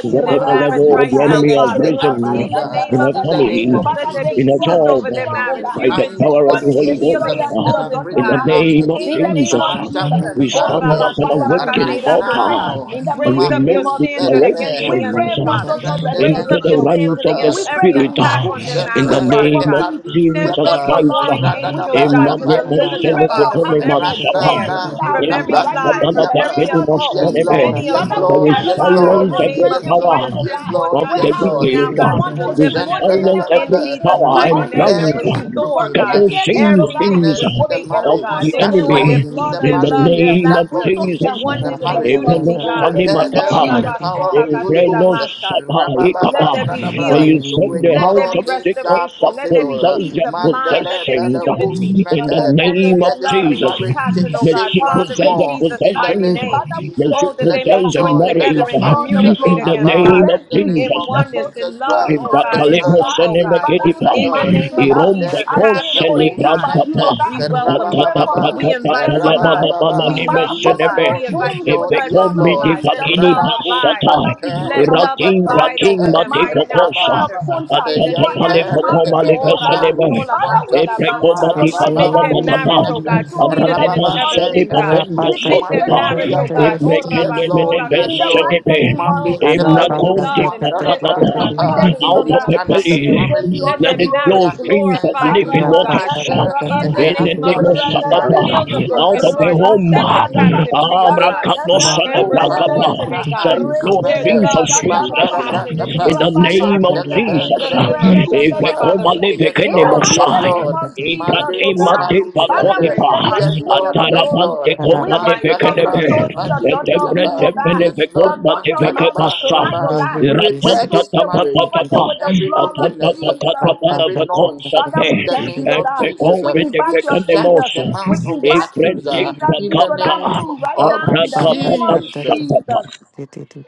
[SPEAKER 6] to
[SPEAKER 8] to them
[SPEAKER 6] whatever
[SPEAKER 1] Maha.
[SPEAKER 8] marriage
[SPEAKER 1] We
[SPEAKER 6] level the
[SPEAKER 8] right now,
[SPEAKER 6] enemy has
[SPEAKER 1] silence the
[SPEAKER 8] Father.
[SPEAKER 6] risen
[SPEAKER 8] In the
[SPEAKER 1] accuser
[SPEAKER 8] name
[SPEAKER 6] in
[SPEAKER 8] of
[SPEAKER 6] her
[SPEAKER 1] in the name
[SPEAKER 6] family,
[SPEAKER 8] Jesus,
[SPEAKER 1] of
[SPEAKER 8] let
[SPEAKER 5] Father,
[SPEAKER 8] there
[SPEAKER 1] Jesus.
[SPEAKER 8] be
[SPEAKER 6] in her
[SPEAKER 5] destroy,
[SPEAKER 8] peace
[SPEAKER 1] Every
[SPEAKER 6] job,
[SPEAKER 8] over
[SPEAKER 5] destroy,
[SPEAKER 8] their
[SPEAKER 5] oh
[SPEAKER 1] enemy
[SPEAKER 8] marriage,
[SPEAKER 5] God.
[SPEAKER 6] by the
[SPEAKER 1] behind
[SPEAKER 8] unity,
[SPEAKER 6] power
[SPEAKER 5] Destroy
[SPEAKER 1] the
[SPEAKER 6] of the
[SPEAKER 5] the
[SPEAKER 8] oneness,
[SPEAKER 6] Holy
[SPEAKER 1] scenes
[SPEAKER 6] Ghost,
[SPEAKER 8] healing,
[SPEAKER 5] destroyer
[SPEAKER 8] and
[SPEAKER 5] in
[SPEAKER 6] uh,
[SPEAKER 1] that
[SPEAKER 5] your
[SPEAKER 1] has
[SPEAKER 8] wholeness,
[SPEAKER 5] daughter
[SPEAKER 6] in the
[SPEAKER 8] God.
[SPEAKER 1] risen up
[SPEAKER 5] marriage.
[SPEAKER 6] name of
[SPEAKER 8] In
[SPEAKER 5] In
[SPEAKER 8] the
[SPEAKER 5] the
[SPEAKER 1] against
[SPEAKER 8] name
[SPEAKER 5] name
[SPEAKER 6] Jesus,
[SPEAKER 8] of
[SPEAKER 5] of
[SPEAKER 6] uh,
[SPEAKER 1] Samantha
[SPEAKER 5] Jesus,
[SPEAKER 8] Jesus,
[SPEAKER 6] we
[SPEAKER 8] oh
[SPEAKER 5] Holy
[SPEAKER 6] stand
[SPEAKER 5] Ghost
[SPEAKER 8] Rabba
[SPEAKER 6] as
[SPEAKER 1] Gonzalez
[SPEAKER 6] an
[SPEAKER 5] fire
[SPEAKER 8] Sola
[SPEAKER 6] awakened
[SPEAKER 5] consume
[SPEAKER 8] Kate
[SPEAKER 1] right
[SPEAKER 8] La
[SPEAKER 5] them
[SPEAKER 6] altar
[SPEAKER 5] tonight.
[SPEAKER 8] Masa.
[SPEAKER 1] now.
[SPEAKER 5] In the
[SPEAKER 6] and we
[SPEAKER 8] raise
[SPEAKER 5] mighty
[SPEAKER 8] up
[SPEAKER 6] make
[SPEAKER 8] your
[SPEAKER 5] name
[SPEAKER 1] Marcos
[SPEAKER 5] of
[SPEAKER 8] standard
[SPEAKER 5] Jesus,
[SPEAKER 8] against
[SPEAKER 1] Peleve.
[SPEAKER 8] the
[SPEAKER 5] we
[SPEAKER 6] declarations.
[SPEAKER 5] pray
[SPEAKER 8] enemy,
[SPEAKER 6] uh,
[SPEAKER 5] for
[SPEAKER 1] We
[SPEAKER 8] Father.
[SPEAKER 5] total
[SPEAKER 1] send the
[SPEAKER 8] Raise
[SPEAKER 6] into
[SPEAKER 8] up
[SPEAKER 6] the
[SPEAKER 8] your
[SPEAKER 5] restoration.
[SPEAKER 1] angels
[SPEAKER 6] realms
[SPEAKER 1] of
[SPEAKER 8] standard
[SPEAKER 6] of the
[SPEAKER 1] God.
[SPEAKER 8] against
[SPEAKER 5] We pray
[SPEAKER 8] every
[SPEAKER 5] for
[SPEAKER 6] spirit
[SPEAKER 8] attack
[SPEAKER 6] uh,
[SPEAKER 1] Maapo
[SPEAKER 8] on
[SPEAKER 5] enlargement.
[SPEAKER 8] their
[SPEAKER 6] in
[SPEAKER 5] We
[SPEAKER 8] marriage,
[SPEAKER 6] the
[SPEAKER 1] Center
[SPEAKER 5] pray
[SPEAKER 8] Father
[SPEAKER 5] for
[SPEAKER 6] name
[SPEAKER 8] God.
[SPEAKER 6] of
[SPEAKER 5] peace. We
[SPEAKER 8] Send
[SPEAKER 6] Jesus
[SPEAKER 5] pray
[SPEAKER 10] Rapper,
[SPEAKER 8] forth
[SPEAKER 1] Repandilibriapa,
[SPEAKER 5] for
[SPEAKER 8] your
[SPEAKER 6] Christ. uh,
[SPEAKER 5] love.
[SPEAKER 8] warring
[SPEAKER 5] We
[SPEAKER 8] angels,
[SPEAKER 5] pray
[SPEAKER 1] Radalaba
[SPEAKER 5] for
[SPEAKER 8] God,
[SPEAKER 6] Emmanuel,
[SPEAKER 8] to
[SPEAKER 6] in
[SPEAKER 5] unity.
[SPEAKER 8] deliver
[SPEAKER 5] We
[SPEAKER 8] them,
[SPEAKER 5] pray
[SPEAKER 1] Tapandilibriapa,
[SPEAKER 5] for
[SPEAKER 8] Father, from every
[SPEAKER 5] happiness, joy
[SPEAKER 8] snare,
[SPEAKER 5] in
[SPEAKER 1] Randanda
[SPEAKER 5] our
[SPEAKER 8] from
[SPEAKER 5] room
[SPEAKER 6] that
[SPEAKER 8] every
[SPEAKER 5] right now
[SPEAKER 8] lie,
[SPEAKER 6] command
[SPEAKER 5] in
[SPEAKER 6] of
[SPEAKER 8] from
[SPEAKER 5] the
[SPEAKER 6] the
[SPEAKER 8] every
[SPEAKER 5] name
[SPEAKER 6] enemy
[SPEAKER 5] of
[SPEAKER 6] of
[SPEAKER 1] Nukapandilibriapa.
[SPEAKER 8] occult,
[SPEAKER 1] Yes,
[SPEAKER 5] Jesus.
[SPEAKER 6] Solomon,
[SPEAKER 1] Lord,
[SPEAKER 8] any
[SPEAKER 1] yes,
[SPEAKER 5] Father, we
[SPEAKER 8] occultic
[SPEAKER 1] Lord,
[SPEAKER 6] there
[SPEAKER 5] pray,
[SPEAKER 8] act.
[SPEAKER 6] is
[SPEAKER 5] oh
[SPEAKER 1] yes,
[SPEAKER 5] God,
[SPEAKER 8] Father,
[SPEAKER 1] Lord,
[SPEAKER 5] that
[SPEAKER 8] in
[SPEAKER 6] silence
[SPEAKER 8] the
[SPEAKER 6] every
[SPEAKER 8] name
[SPEAKER 5] husband
[SPEAKER 8] of
[SPEAKER 1] yes,
[SPEAKER 5] and
[SPEAKER 6] power
[SPEAKER 5] wife,
[SPEAKER 1] Lord,
[SPEAKER 8] Jesus,
[SPEAKER 5] oh
[SPEAKER 8] send
[SPEAKER 1] yes,
[SPEAKER 5] God,
[SPEAKER 8] forth
[SPEAKER 1] Lord,
[SPEAKER 6] of
[SPEAKER 8] your
[SPEAKER 5] will
[SPEAKER 1] yes,
[SPEAKER 6] the
[SPEAKER 5] have
[SPEAKER 8] angels
[SPEAKER 1] Lord.
[SPEAKER 8] now,
[SPEAKER 6] wicked.
[SPEAKER 5] peace
[SPEAKER 8] God,
[SPEAKER 6] uh,
[SPEAKER 8] to
[SPEAKER 5] once
[SPEAKER 1] Mako
[SPEAKER 6] There is
[SPEAKER 5] again
[SPEAKER 8] deliver
[SPEAKER 5] more
[SPEAKER 8] them
[SPEAKER 1] Center
[SPEAKER 5] than
[SPEAKER 6] silence
[SPEAKER 5] ever
[SPEAKER 8] in
[SPEAKER 1] Lebalaba.
[SPEAKER 6] every
[SPEAKER 8] Jesus'
[SPEAKER 5] before.
[SPEAKER 1] We
[SPEAKER 6] power
[SPEAKER 8] mighty
[SPEAKER 6] and
[SPEAKER 8] name
[SPEAKER 1] repair
[SPEAKER 8] and
[SPEAKER 6] plans, uh,
[SPEAKER 1] this
[SPEAKER 5] Understanding,
[SPEAKER 8] restore,
[SPEAKER 1] broken,
[SPEAKER 8] God,
[SPEAKER 6] scatter
[SPEAKER 1] this
[SPEAKER 6] same
[SPEAKER 5] communication, oh God,
[SPEAKER 8] everything that
[SPEAKER 6] things uh,
[SPEAKER 8] was
[SPEAKER 1] brokenness in
[SPEAKER 5] will
[SPEAKER 1] the
[SPEAKER 5] be
[SPEAKER 8] taken, oh
[SPEAKER 6] of
[SPEAKER 5] open
[SPEAKER 1] marriage,
[SPEAKER 8] God,
[SPEAKER 6] the
[SPEAKER 8] their
[SPEAKER 5] unto
[SPEAKER 1] that
[SPEAKER 5] them
[SPEAKER 8] joy,
[SPEAKER 6] enemy
[SPEAKER 5] by the
[SPEAKER 8] their
[SPEAKER 1] noise in
[SPEAKER 8] peace,
[SPEAKER 5] blood
[SPEAKER 1] the
[SPEAKER 6] in
[SPEAKER 8] their
[SPEAKER 5] of
[SPEAKER 6] the
[SPEAKER 8] love,
[SPEAKER 1] marriage,
[SPEAKER 8] their
[SPEAKER 5] Jesus.
[SPEAKER 6] name
[SPEAKER 1] that
[SPEAKER 6] of
[SPEAKER 5] We
[SPEAKER 8] laughter,
[SPEAKER 5] soak their
[SPEAKER 1] confusion
[SPEAKER 6] Jesus.
[SPEAKER 5] home
[SPEAKER 1] in the
[SPEAKER 8] oneness
[SPEAKER 5] into
[SPEAKER 8] and
[SPEAKER 5] the
[SPEAKER 1] marriage.
[SPEAKER 5] blood, oh
[SPEAKER 8] unity,
[SPEAKER 1] We
[SPEAKER 5] God.
[SPEAKER 8] God.
[SPEAKER 5] Thank
[SPEAKER 1] repair
[SPEAKER 5] you,
[SPEAKER 8] Oh,
[SPEAKER 1] them
[SPEAKER 6] Amen.
[SPEAKER 1] by the
[SPEAKER 5] Jesus.
[SPEAKER 1] power of
[SPEAKER 8] Rabasola
[SPEAKER 1] the the Holy
[SPEAKER 8] Katela
[SPEAKER 6] Evreno
[SPEAKER 1] Ghost. Uh,
[SPEAKER 8] Masa.
[SPEAKER 6] Shama
[SPEAKER 8] Let
[SPEAKER 6] Ikaba.
[SPEAKER 8] there be
[SPEAKER 6] For
[SPEAKER 8] healing.
[SPEAKER 6] you said
[SPEAKER 1] With
[SPEAKER 6] the
[SPEAKER 8] Let
[SPEAKER 1] God,
[SPEAKER 8] there
[SPEAKER 6] house
[SPEAKER 1] all
[SPEAKER 8] be
[SPEAKER 6] of
[SPEAKER 1] things
[SPEAKER 6] Jacob
[SPEAKER 1] are
[SPEAKER 6] shall
[SPEAKER 8] restoration. Let there be
[SPEAKER 1] possible. Uh,
[SPEAKER 6] possess
[SPEAKER 8] peace
[SPEAKER 6] their
[SPEAKER 8] of mind. Let
[SPEAKER 1] Mandere
[SPEAKER 8] there be
[SPEAKER 6] possessions.
[SPEAKER 1] better
[SPEAKER 8] unity.
[SPEAKER 5] In
[SPEAKER 6] In the
[SPEAKER 5] the
[SPEAKER 1] matter.
[SPEAKER 8] Let there
[SPEAKER 6] name
[SPEAKER 8] be
[SPEAKER 6] of
[SPEAKER 1] Let this
[SPEAKER 8] love and
[SPEAKER 6] Jesus,
[SPEAKER 1] marriage
[SPEAKER 8] compassion,
[SPEAKER 1] take
[SPEAKER 8] oh
[SPEAKER 6] may
[SPEAKER 8] God.
[SPEAKER 1] shape
[SPEAKER 5] name
[SPEAKER 6] she
[SPEAKER 5] of
[SPEAKER 1] once
[SPEAKER 8] Father,
[SPEAKER 6] possess
[SPEAKER 8] in
[SPEAKER 6] the
[SPEAKER 1] more
[SPEAKER 5] Jesus, oh
[SPEAKER 8] Jesus'
[SPEAKER 1] in
[SPEAKER 5] God.
[SPEAKER 1] the
[SPEAKER 8] mighty
[SPEAKER 6] possessions.
[SPEAKER 1] name
[SPEAKER 8] name.
[SPEAKER 1] of
[SPEAKER 5] Father, we
[SPEAKER 6] May
[SPEAKER 1] Jesus.
[SPEAKER 6] she
[SPEAKER 5] thank
[SPEAKER 8] Oh, that
[SPEAKER 5] you,
[SPEAKER 8] they
[SPEAKER 1] Let
[SPEAKER 5] oh
[SPEAKER 1] your
[SPEAKER 8] may
[SPEAKER 6] possess
[SPEAKER 5] God.
[SPEAKER 6] a
[SPEAKER 8] join
[SPEAKER 1] joy,
[SPEAKER 5] We
[SPEAKER 1] let
[SPEAKER 8] together
[SPEAKER 6] marriage.
[SPEAKER 1] your
[SPEAKER 5] give
[SPEAKER 8] and
[SPEAKER 5] you all
[SPEAKER 1] peace
[SPEAKER 5] the
[SPEAKER 1] uh,
[SPEAKER 8] communicate
[SPEAKER 6] In
[SPEAKER 5] glory.
[SPEAKER 6] the
[SPEAKER 8] again,
[SPEAKER 6] name
[SPEAKER 1] abound
[SPEAKER 8] Father,
[SPEAKER 6] of
[SPEAKER 5] Thank
[SPEAKER 1] in the
[SPEAKER 5] you,
[SPEAKER 1] name
[SPEAKER 8] in
[SPEAKER 6] Jesus,
[SPEAKER 1] of
[SPEAKER 5] Jesus,
[SPEAKER 8] oneness,
[SPEAKER 5] for
[SPEAKER 8] in
[SPEAKER 1] Jesus
[SPEAKER 8] love,
[SPEAKER 5] restoring
[SPEAKER 8] oh
[SPEAKER 1] Christ, the
[SPEAKER 8] God,
[SPEAKER 5] marriages,
[SPEAKER 8] in
[SPEAKER 5] oh
[SPEAKER 6] Bakalemo
[SPEAKER 1] Son
[SPEAKER 8] truth,
[SPEAKER 1] of the
[SPEAKER 5] God.
[SPEAKER 8] oh
[SPEAKER 6] seneme
[SPEAKER 8] God.
[SPEAKER 1] Living
[SPEAKER 5] Father,
[SPEAKER 1] Most
[SPEAKER 6] kedipa.
[SPEAKER 1] High
[SPEAKER 5] even
[SPEAKER 8] In the
[SPEAKER 1] God.
[SPEAKER 8] name
[SPEAKER 5] marriages
[SPEAKER 8] of
[SPEAKER 5] are,
[SPEAKER 6] Irombe
[SPEAKER 8] Jesus,
[SPEAKER 1] Mandere
[SPEAKER 5] are
[SPEAKER 6] kon
[SPEAKER 8] have
[SPEAKER 5] being
[SPEAKER 8] your way,
[SPEAKER 5] ordained
[SPEAKER 8] God.
[SPEAKER 5] by
[SPEAKER 6] celebranta
[SPEAKER 5] you,
[SPEAKER 6] pa.
[SPEAKER 5] oh
[SPEAKER 1] mente.
[SPEAKER 8] We
[SPEAKER 5] God. We
[SPEAKER 1] rabba
[SPEAKER 8] welcome
[SPEAKER 1] ba
[SPEAKER 8] you.
[SPEAKER 5] pray
[SPEAKER 6] Atata
[SPEAKER 5] for
[SPEAKER 8] We
[SPEAKER 5] peace,
[SPEAKER 1] ba
[SPEAKER 5] we
[SPEAKER 6] prakata
[SPEAKER 5] pray
[SPEAKER 8] invite you,
[SPEAKER 5] for
[SPEAKER 8] God.
[SPEAKER 6] kalamana
[SPEAKER 5] unity.
[SPEAKER 8] We
[SPEAKER 6] mananime
[SPEAKER 8] love
[SPEAKER 5] Father,
[SPEAKER 8] you,
[SPEAKER 1] Yes,
[SPEAKER 5] cover
[SPEAKER 8] God.
[SPEAKER 6] seneme.
[SPEAKER 5] those
[SPEAKER 1] Lord.
[SPEAKER 8] We
[SPEAKER 1] Yes,
[SPEAKER 8] invite
[SPEAKER 5] homes
[SPEAKER 8] your
[SPEAKER 5] with
[SPEAKER 1] Lord.
[SPEAKER 5] the
[SPEAKER 1] Yes,
[SPEAKER 8] presence,
[SPEAKER 6] Ebekom
[SPEAKER 5] blood
[SPEAKER 8] oh
[SPEAKER 5] of
[SPEAKER 1] Lord.
[SPEAKER 6] midi
[SPEAKER 8] God.
[SPEAKER 5] Jesus,
[SPEAKER 8] Let
[SPEAKER 5] oh
[SPEAKER 6] pakini
[SPEAKER 8] love
[SPEAKER 5] God.
[SPEAKER 1] Rabakum
[SPEAKER 8] abide.
[SPEAKER 6] basata.
[SPEAKER 5] Father, we use
[SPEAKER 8] Let
[SPEAKER 1] Center
[SPEAKER 5] our
[SPEAKER 8] love
[SPEAKER 6] Iraking
[SPEAKER 8] abide
[SPEAKER 5] sisterhood,
[SPEAKER 6] raking
[SPEAKER 8] over them
[SPEAKER 6] mate
[SPEAKER 8] right
[SPEAKER 5] marriage
[SPEAKER 8] now,
[SPEAKER 5] as
[SPEAKER 6] bokosa.
[SPEAKER 5] point of
[SPEAKER 8] Father,
[SPEAKER 1] Rababa
[SPEAKER 5] contact
[SPEAKER 8] in the
[SPEAKER 6] Atata
[SPEAKER 5] for
[SPEAKER 8] name of
[SPEAKER 6] pale
[SPEAKER 5] every
[SPEAKER 1] Yanter
[SPEAKER 8] Jesus.
[SPEAKER 5] marriage,
[SPEAKER 6] bokoma
[SPEAKER 8] Oh,
[SPEAKER 6] leve
[SPEAKER 5] oh
[SPEAKER 8] Rabba,
[SPEAKER 5] God.
[SPEAKER 6] seneme.
[SPEAKER 1] Epelus
[SPEAKER 5] Father, we
[SPEAKER 1] Monta
[SPEAKER 8] Katela, Masa.
[SPEAKER 5] intercede
[SPEAKER 6] Epekomati
[SPEAKER 10] Rapper,
[SPEAKER 5] tonight, oh
[SPEAKER 8] Make
[SPEAKER 5] God,
[SPEAKER 8] their
[SPEAKER 1] Marababantus
[SPEAKER 6] patapatapa,
[SPEAKER 8] marriage,
[SPEAKER 5] restore,
[SPEAKER 8] oh
[SPEAKER 1] Nete
[SPEAKER 8] God,
[SPEAKER 5] restore in
[SPEAKER 8] sweeter
[SPEAKER 5] the
[SPEAKER 8] than
[SPEAKER 6] apatapa
[SPEAKER 8] it's
[SPEAKER 5] name of
[SPEAKER 8] ever
[SPEAKER 1] Rababande
[SPEAKER 6] sali
[SPEAKER 8] been,
[SPEAKER 5] Jesus.
[SPEAKER 8] God.
[SPEAKER 6] patendo
[SPEAKER 1] Epelus
[SPEAKER 8] Make
[SPEAKER 5] Defeat
[SPEAKER 8] their
[SPEAKER 6] sotipa,
[SPEAKER 5] Satan
[SPEAKER 8] marriage,
[SPEAKER 5] and
[SPEAKER 8] oh
[SPEAKER 5] his
[SPEAKER 1] Mandilibriapa
[SPEAKER 8] God. Oh,
[SPEAKER 5] agents
[SPEAKER 6] ebrekene
[SPEAKER 1] Yes
[SPEAKER 8] Rabba,
[SPEAKER 1] Lord,
[SPEAKER 6] meneve
[SPEAKER 5] in
[SPEAKER 1] yes
[SPEAKER 5] the
[SPEAKER 8] Kate.
[SPEAKER 1] Lord
[SPEAKER 6] sedepe,
[SPEAKER 5] mighty name of
[SPEAKER 1] Mandi
[SPEAKER 8] Oh, flow
[SPEAKER 5] Jesus.
[SPEAKER 8] with
[SPEAKER 1] Epelus
[SPEAKER 6] emrakondi
[SPEAKER 8] love and bliss,
[SPEAKER 1] Montarabra
[SPEAKER 8] oh
[SPEAKER 6] patatapa,
[SPEAKER 8] God.
[SPEAKER 5] We
[SPEAKER 1] Kappa
[SPEAKER 5] thank
[SPEAKER 8] Father, in
[SPEAKER 5] you,
[SPEAKER 8] the
[SPEAKER 5] oh
[SPEAKER 6] out
[SPEAKER 1] We
[SPEAKER 6] of
[SPEAKER 8] name
[SPEAKER 5] God.
[SPEAKER 8] of
[SPEAKER 6] the
[SPEAKER 1] stand as a
[SPEAKER 8] Jesus,
[SPEAKER 5] We
[SPEAKER 6] belly,
[SPEAKER 5] give you
[SPEAKER 1] family
[SPEAKER 5] all
[SPEAKER 8] let
[SPEAKER 6] let
[SPEAKER 8] their
[SPEAKER 5] the
[SPEAKER 6] it
[SPEAKER 1] in
[SPEAKER 5] glory.
[SPEAKER 6] flow
[SPEAKER 8] marriage
[SPEAKER 1] prayer
[SPEAKER 6] streams of
[SPEAKER 1] incense
[SPEAKER 8] glorify
[SPEAKER 1] and we
[SPEAKER 6] living
[SPEAKER 8] you,
[SPEAKER 5] Baraba
[SPEAKER 8] God.
[SPEAKER 1] commit
[SPEAKER 5] shaka
[SPEAKER 6] waters,
[SPEAKER 1] her
[SPEAKER 8] In
[SPEAKER 1] and
[SPEAKER 8] the
[SPEAKER 5] rababa.
[SPEAKER 1] her
[SPEAKER 6] in the
[SPEAKER 8] name of
[SPEAKER 6] name
[SPEAKER 1] husband
[SPEAKER 6] of
[SPEAKER 1] and her
[SPEAKER 8] Jesus,
[SPEAKER 6] Satapa,
[SPEAKER 1] marriage
[SPEAKER 5] Ratadadadada.
[SPEAKER 8] heal the
[SPEAKER 1] into your
[SPEAKER 6] out of
[SPEAKER 1] hands
[SPEAKER 6] the
[SPEAKER 8] brokenhearted,
[SPEAKER 5] Reba
[SPEAKER 6] home,
[SPEAKER 1] in
[SPEAKER 8] set
[SPEAKER 1] the
[SPEAKER 8] the
[SPEAKER 5] shaka
[SPEAKER 1] name
[SPEAKER 5] daba.
[SPEAKER 1] of
[SPEAKER 8] captive free, oh God,
[SPEAKER 1] Jesus.
[SPEAKER 6] amrakano
[SPEAKER 5] Karakata
[SPEAKER 8] and
[SPEAKER 5] shaka
[SPEAKER 1] Makopa
[SPEAKER 8] restore
[SPEAKER 5] dadadada.
[SPEAKER 6] sadeprakapa,
[SPEAKER 8] today,
[SPEAKER 1] Ra
[SPEAKER 6] shall
[SPEAKER 8] God,
[SPEAKER 1] alus
[SPEAKER 6] flow
[SPEAKER 8] their
[SPEAKER 1] mata
[SPEAKER 6] streams
[SPEAKER 5] Repedede
[SPEAKER 6] of
[SPEAKER 8] love and their
[SPEAKER 5] shaka
[SPEAKER 6] sweetness,
[SPEAKER 1] mandara
[SPEAKER 5] rababa.
[SPEAKER 8] compassion and
[SPEAKER 6] in
[SPEAKER 1] brakapa
[SPEAKER 6] the
[SPEAKER 5] Raba
[SPEAKER 8] unity,
[SPEAKER 1] yet
[SPEAKER 6] name
[SPEAKER 8] Father.
[SPEAKER 6] of
[SPEAKER 5] shaka da.
[SPEAKER 1] telebe
[SPEAKER 8] In
[SPEAKER 6] Jesus,
[SPEAKER 8] the name of
[SPEAKER 6] if
[SPEAKER 1] repelus
[SPEAKER 8] Jesus,
[SPEAKER 1] maha
[SPEAKER 8] Father, we
[SPEAKER 6] Epekomale
[SPEAKER 5] Ratadadadadada.
[SPEAKER 8] give you
[SPEAKER 1] yes
[SPEAKER 5] In
[SPEAKER 6] vekene
[SPEAKER 5] the
[SPEAKER 1] lord
[SPEAKER 8] glory.
[SPEAKER 1] yes
[SPEAKER 5] mighty
[SPEAKER 6] mosai,
[SPEAKER 5] name
[SPEAKER 1] lord
[SPEAKER 5] of
[SPEAKER 8] We
[SPEAKER 5] Jesus,
[SPEAKER 8] give
[SPEAKER 1] mande
[SPEAKER 5] oh
[SPEAKER 8] you the
[SPEAKER 5] God.
[SPEAKER 8] honor.
[SPEAKER 6] Ikatemate
[SPEAKER 8] We
[SPEAKER 1] kopalus
[SPEAKER 8] give you the
[SPEAKER 5] Father,
[SPEAKER 1] dende
[SPEAKER 5] we
[SPEAKER 6] pakonipa,
[SPEAKER 8] praise.
[SPEAKER 5] say thank
[SPEAKER 1] yes
[SPEAKER 5] you, King
[SPEAKER 1] lord
[SPEAKER 8] Hallelujah.
[SPEAKER 5] of
[SPEAKER 1] yes
[SPEAKER 5] Glory.
[SPEAKER 6] atarapante
[SPEAKER 1] lord
[SPEAKER 8] In
[SPEAKER 10] about
[SPEAKER 5] We
[SPEAKER 6] kofa
[SPEAKER 8] the
[SPEAKER 6] de
[SPEAKER 5] thank you
[SPEAKER 8] mighty
[SPEAKER 1] mantala
[SPEAKER 5] for
[SPEAKER 8] name
[SPEAKER 10] that
[SPEAKER 8] of
[SPEAKER 6] vekelebe,
[SPEAKER 10] was
[SPEAKER 5] restoring
[SPEAKER 1] brakapa
[SPEAKER 8] Jesus.
[SPEAKER 5] your daughter
[SPEAKER 10] the
[SPEAKER 6] etepre
[SPEAKER 5] womb,
[SPEAKER 1] libriapa
[SPEAKER 5] oh God.
[SPEAKER 6] tepele
[SPEAKER 1] yes lord
[SPEAKER 5] Your
[SPEAKER 6] vekoma de
[SPEAKER 5] daughter
[SPEAKER 1] mantala
[SPEAKER 5] marriage
[SPEAKER 1] ba
[SPEAKER 6] vekebasa,
[SPEAKER 10] and
[SPEAKER 5] tonight, oh
[SPEAKER 1] raba
[SPEAKER 10] they
[SPEAKER 5] God.
[SPEAKER 10] will
[SPEAKER 1] we
[SPEAKER 5] We
[SPEAKER 1] repair
[SPEAKER 6] iratanta
[SPEAKER 5] soak
[SPEAKER 10] resist
[SPEAKER 1] this
[SPEAKER 5] it,
[SPEAKER 6] tapa
[SPEAKER 5] we
[SPEAKER 1] marriage
[SPEAKER 5] cover it
[SPEAKER 6] tapa,
[SPEAKER 1] from
[SPEAKER 5] with the
[SPEAKER 1] every
[SPEAKER 5] blood of
[SPEAKER 6] atanta
[SPEAKER 1] brokenness uh,
[SPEAKER 5] Jesus.
[SPEAKER 1] from
[SPEAKER 10] Papa
[SPEAKER 1] every
[SPEAKER 10] that that
[SPEAKER 1] noise
[SPEAKER 10] that
[SPEAKER 1] uh,
[SPEAKER 5] Father, we
[SPEAKER 1] in the
[SPEAKER 5] thank you,
[SPEAKER 1] name
[SPEAKER 5] oh
[SPEAKER 1] of
[SPEAKER 5] God.
[SPEAKER 1] jesus
[SPEAKER 5] We
[SPEAKER 1] uh, we
[SPEAKER 5] invite your
[SPEAKER 1] shut
[SPEAKER 5] angels.
[SPEAKER 1] the
[SPEAKER 5] We
[SPEAKER 1] mouth of the
[SPEAKER 5] invite you,
[SPEAKER 1] accuser
[SPEAKER 5] Jesus,
[SPEAKER 1] in the
[SPEAKER 5] into that
[SPEAKER 1] name
[SPEAKER 5] room right now
[SPEAKER 1] of
[SPEAKER 5] in the name of
[SPEAKER 10] that
[SPEAKER 1] Jesus.
[SPEAKER 5] Jesus.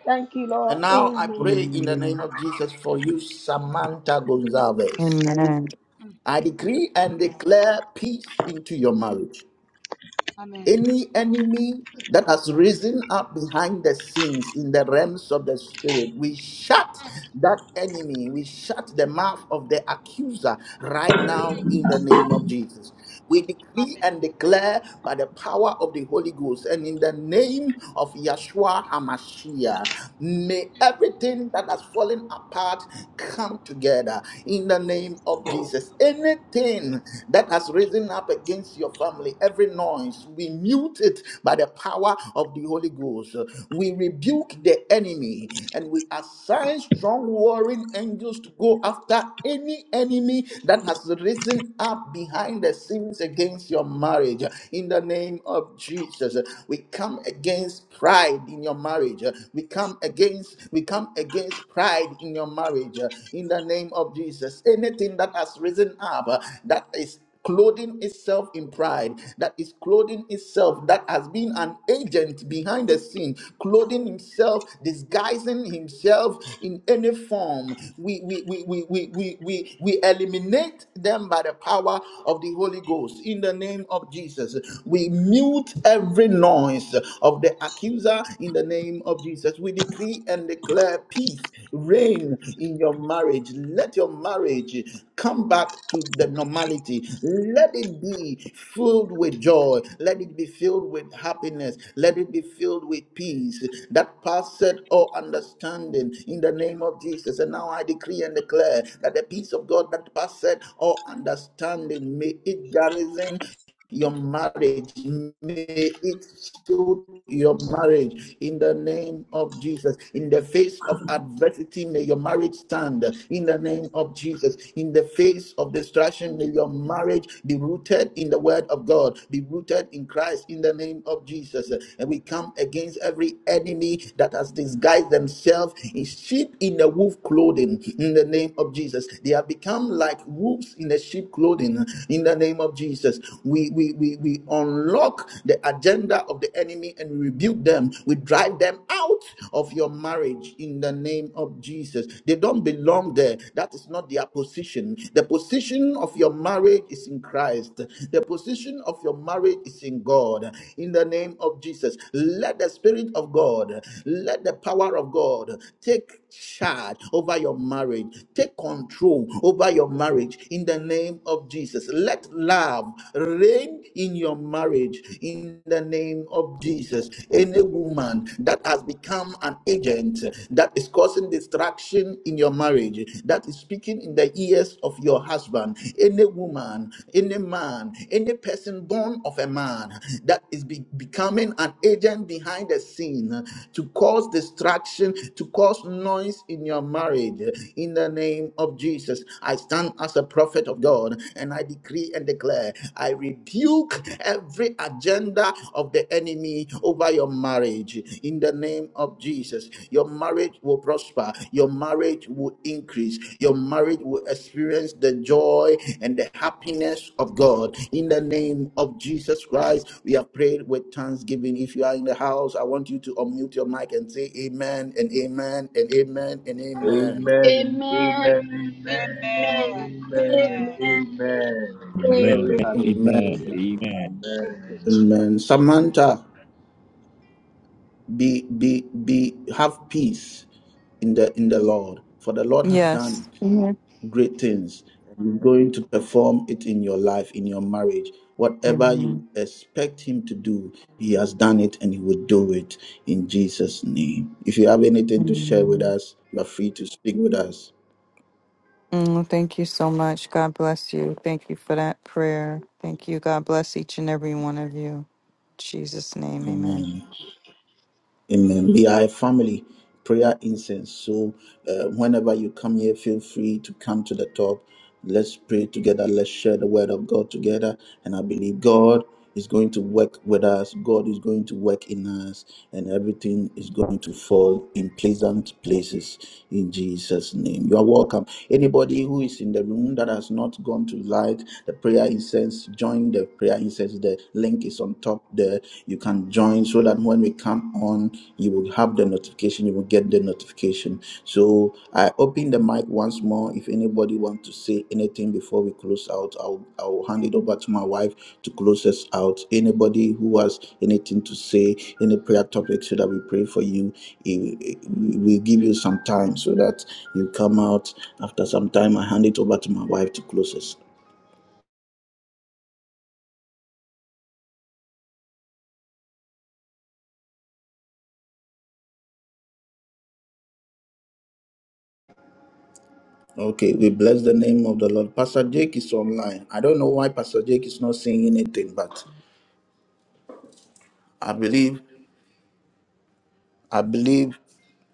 [SPEAKER 5] Thank you,
[SPEAKER 1] And
[SPEAKER 5] Lord.
[SPEAKER 1] now I pray
[SPEAKER 5] Amen.
[SPEAKER 1] in the name
[SPEAKER 10] Amen.
[SPEAKER 1] of Jesus for you, Samantha Gonzalez.
[SPEAKER 10] Amen.
[SPEAKER 1] I decree and declare peace into your marriage. Any enemy that has risen up behind the scenes in the realms of the spirit, we shut that enemy, we shut the mouth of the accuser right now in the name of Jesus. We decree and declare by the power of the Holy Ghost and in the name of Yeshua HaMashiach, may everything that has fallen apart come together in the name of Jesus. Anything that has has risen up against your family, every noise, we mute it by the power of the Holy Ghost. We rebuke the enemy and we assign strong warring angels to go after any enemy that has risen up behind the scenes against your marriage. In the name of Jesus, we come against pride in your marriage. We come against we come against pride in your marriage. In the name of Jesus, anything that has risen up uh, that is is clothing itself in pride, that is clothing itself, that has been an agent behind the scene, clothing himself, disguising himself in any form. We we we we we we we, we eliminate them by the power of the Holy Ghost in the name of Jesus. We mute every noise of the accuser in the name of Jesus. We decree and declare peace, reign in your marriage. Let let your marriage come back to the normality. Let it be filled with joy. Let it be filled with happiness. Let it be filled with peace that passeth all understanding in the name of Jesus. And now I decree and declare that the peace of God that passeth all understanding may it garrison your marriage. May it shield your marriage in the name of Jesus. In the face of adversity, may your marriage stand in the name of Jesus. In the face of distraction, may your marriage be rooted in the word of God, be rooted in Christ in the name of Jesus. And we come against every enemy that has disguised themselves in sheep in the wolf clothing in the name of Jesus. They have become like wolves in the sheep clothing in the name of Jesus. We, we, we, we unlock the agenda of the enemy and we rebuke them. We drive them out of your marriage in the name of Jesus. They don't belong there. That is not their position. The position of your marriage is in Christ, the position of your marriage is in God. In the name of Jesus, let the Spirit of God, let the power of God take charge over your marriage, take control over your marriage in the name of Jesus. Let love reign in your marriage in the name of Jesus. Any woman that has become an agent that is causing distraction in your marriage, that is speaking in the ears of your husband, any woman, any man, any person born of a man that is be- becoming an agent behind the scene to cause distraction, to cause noise in your marriage in the name of Jesus. Jesus, I stand as a prophet of God and I decree and declare, I rebuke every agenda of the enemy over your marriage in the name of Jesus. Your marriage will prosper, your marriage will increase, your marriage will experience the joy and the happiness of God in the name of Jesus Christ. We have prayed with thanksgiving. If you are in the house, I want you to unmute your mic and say amen and amen and amen and amen.
[SPEAKER 5] Amen. Amen. Amen.
[SPEAKER 6] Amen.
[SPEAKER 1] Amen.
[SPEAKER 6] Amen. Amen.
[SPEAKER 1] Amen. Samantha, be be be have peace in the in the Lord, for the Lord has
[SPEAKER 10] Yes.
[SPEAKER 1] done
[SPEAKER 10] Amen.
[SPEAKER 1] great things. and He's going to perform it in your life, in your marriage. Whatever
[SPEAKER 10] Amen.
[SPEAKER 1] you expect him to do, he has done it and he will do it in Jesus' name. If you have anything to share with
[SPEAKER 10] Amen.
[SPEAKER 1] us, you are free to speak with us.
[SPEAKER 10] Mm, thank you so much. God bless you. Thank you for that prayer. Thank you. God bless each and every one of you. In Jesus' name, amen.
[SPEAKER 1] Amen. Amen. We are a family prayer incense. So uh, whenever you come here, feel free to come to the top. Let's pray together. Let's share the word of God together. And I believe God is going to work with us. God is going to work in us. And everything is going to fall in pleasant places in Jesus' name. You are welcome. Anybody who is in the room that has not gone to light the prayer incense, join the prayer incense. The link link is on top there. You can join so that when we come on, you will have the notification. You will get the notification. So I open the mic once more. If anybody wants to say anything before we close out, I'll I'll hand it over to my wife to close us out. Anybody who has anything to say, any prayer topic, so that we pray for you. Eh, eh, we- We'll give you some time so that you come out after some time. I hand it over to my wife to close us. Okay, we bless the name of the Lord. Pastor Jake is online. I don't know why Pastor Jake is not saying anything, but I believe I believe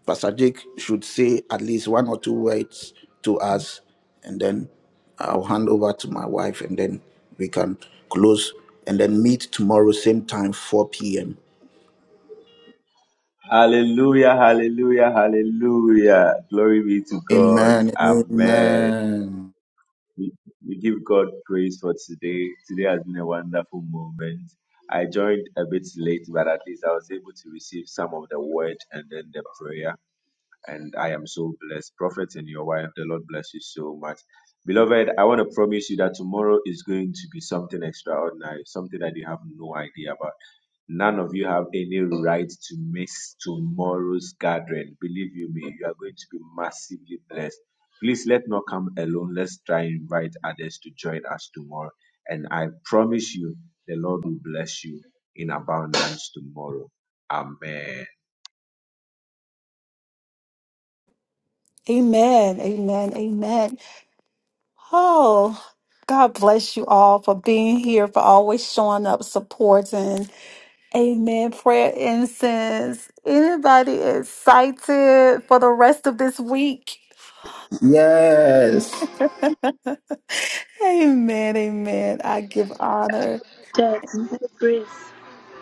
[SPEAKER 1] Pastor Jake should say at least one or two words to us, and then I'll hand over to my wife, and then we can close and then meet tomorrow same time 4 p.m.
[SPEAKER 11] Hallelujah, hallelujah, hallelujah. Glory be to God.
[SPEAKER 1] Amen.
[SPEAKER 11] Amen.
[SPEAKER 1] Amen.
[SPEAKER 11] We, we give God praise for today. Today has been a wonderful moment. I joined a bit late, but at least I was able to receive some of the word and then the prayer and I am so blessed. Prophet and your wife, the Lord bless you so much. Beloved, I want to promise you that tomorrow is going to be something extraordinary, something that you have no idea about. None of you have any right to miss tomorrow's gathering. Believe you me, you are going to be massively blessed. Please let not come alone. Let's try and invite others to join us tomorrow. And I promise you, the Lord will bless you in abundance tomorrow. Amen.
[SPEAKER 3] Amen. Amen. Amen. Oh, God bless you all for being here, for always showing up, supporting. Amen. Prayer incense. Anybody excited for the rest of this week?
[SPEAKER 1] Yes.
[SPEAKER 3] Amen. Amen. I give honor.
[SPEAKER 5] Yes. Praise.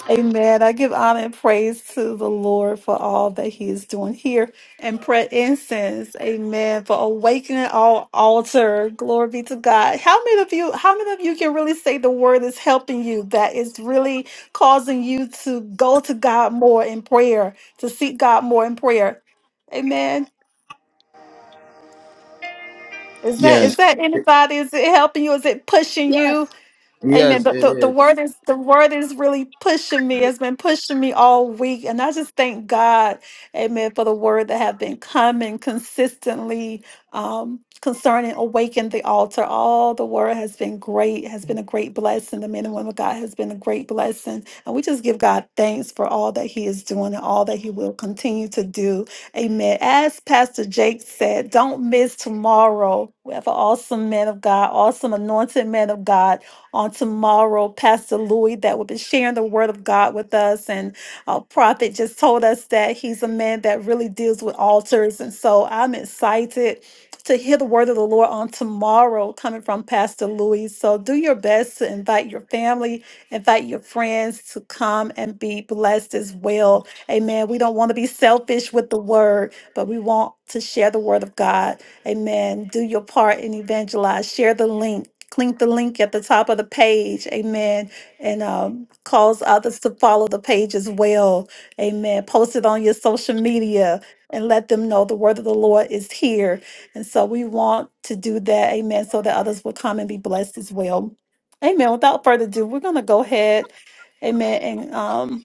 [SPEAKER 3] Amen. I give honor and praise to the Lord for all that He is doing here and pray incense. Amen. For awakening all altar. Glory be to God. How many of you, how many of you can really say the word is helping you? That is really causing you to go to God more in prayer, to seek God more in prayer. Amen. Is that is
[SPEAKER 1] Yes.
[SPEAKER 3] that anybody? Is it helping you? Is it pushing you? Amen.
[SPEAKER 1] Yes,
[SPEAKER 3] But
[SPEAKER 1] it
[SPEAKER 3] the, the
[SPEAKER 1] is.
[SPEAKER 3] word is the word is really pushing me. It's been pushing me all week. And I just thank God, Amen, for the word that have been coming consistently um concerning awaken the altar. All the word has been great, has been a great blessing. The men and women of God has been a great blessing. And we just give God thanks for all that He is doing and all that He will continue to do. Amen. As Pastor Jake said, don't miss tomorrow. We have an awesome man of God, awesome anointed man of God on tomorrow, Pastor Louis, that will be sharing the word of God with us. And uh, Prophet just told us that he's a man that really deals with altars. And so I'm excited to hear the word of the Lord on tomorrow coming from Pastor Louis. So do your best to invite your family, invite your friends to come and be blessed as well. Amen. We don't want to be selfish with the word, but we want to share the word of God Amen. Do your part and evangelize. Share the link. Click the link at the top of the page. Amen. And um, cause others to follow the page as well. Amen. Post it on your social media and let them know the word of the Lord is here. And so we want to do that. Amen. So that others will come and be blessed as well. Amen. Without further ado, we're going to go ahead. Amen. And um,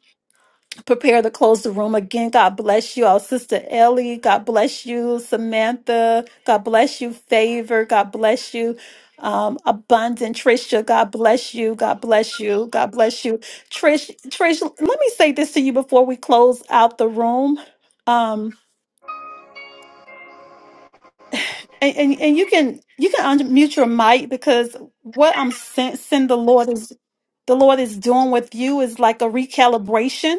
[SPEAKER 3] prepare to close the room again. God bless you all, Sister Ellie. God bless you, Samantha. God bless you, Favor. God bless you. Um, abundant Trisha, God bless you. God bless you. God bless you. Trish, Trish, let me say this to you before we close out the room. Um, and, and, and you can you can unmute your mic because what I'm sensing the Lord is the Lord is doing with you is like a recalibration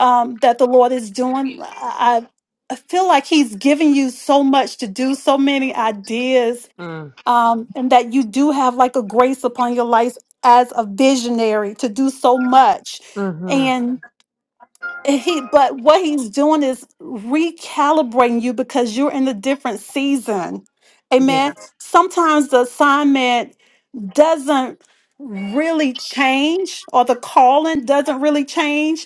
[SPEAKER 3] um, that the Lord is doing. I, I feel like He's giving you so much to do, so many ideas,
[SPEAKER 8] Mm-hmm.
[SPEAKER 3] um, and that you do have like a grace upon your life as a visionary to do so much.
[SPEAKER 8] Mm-hmm.
[SPEAKER 3] And he, but what He's doing is recalibrating you because you're in a different season. Amen. Sometimes the assignment doesn't really change or the calling doesn't really change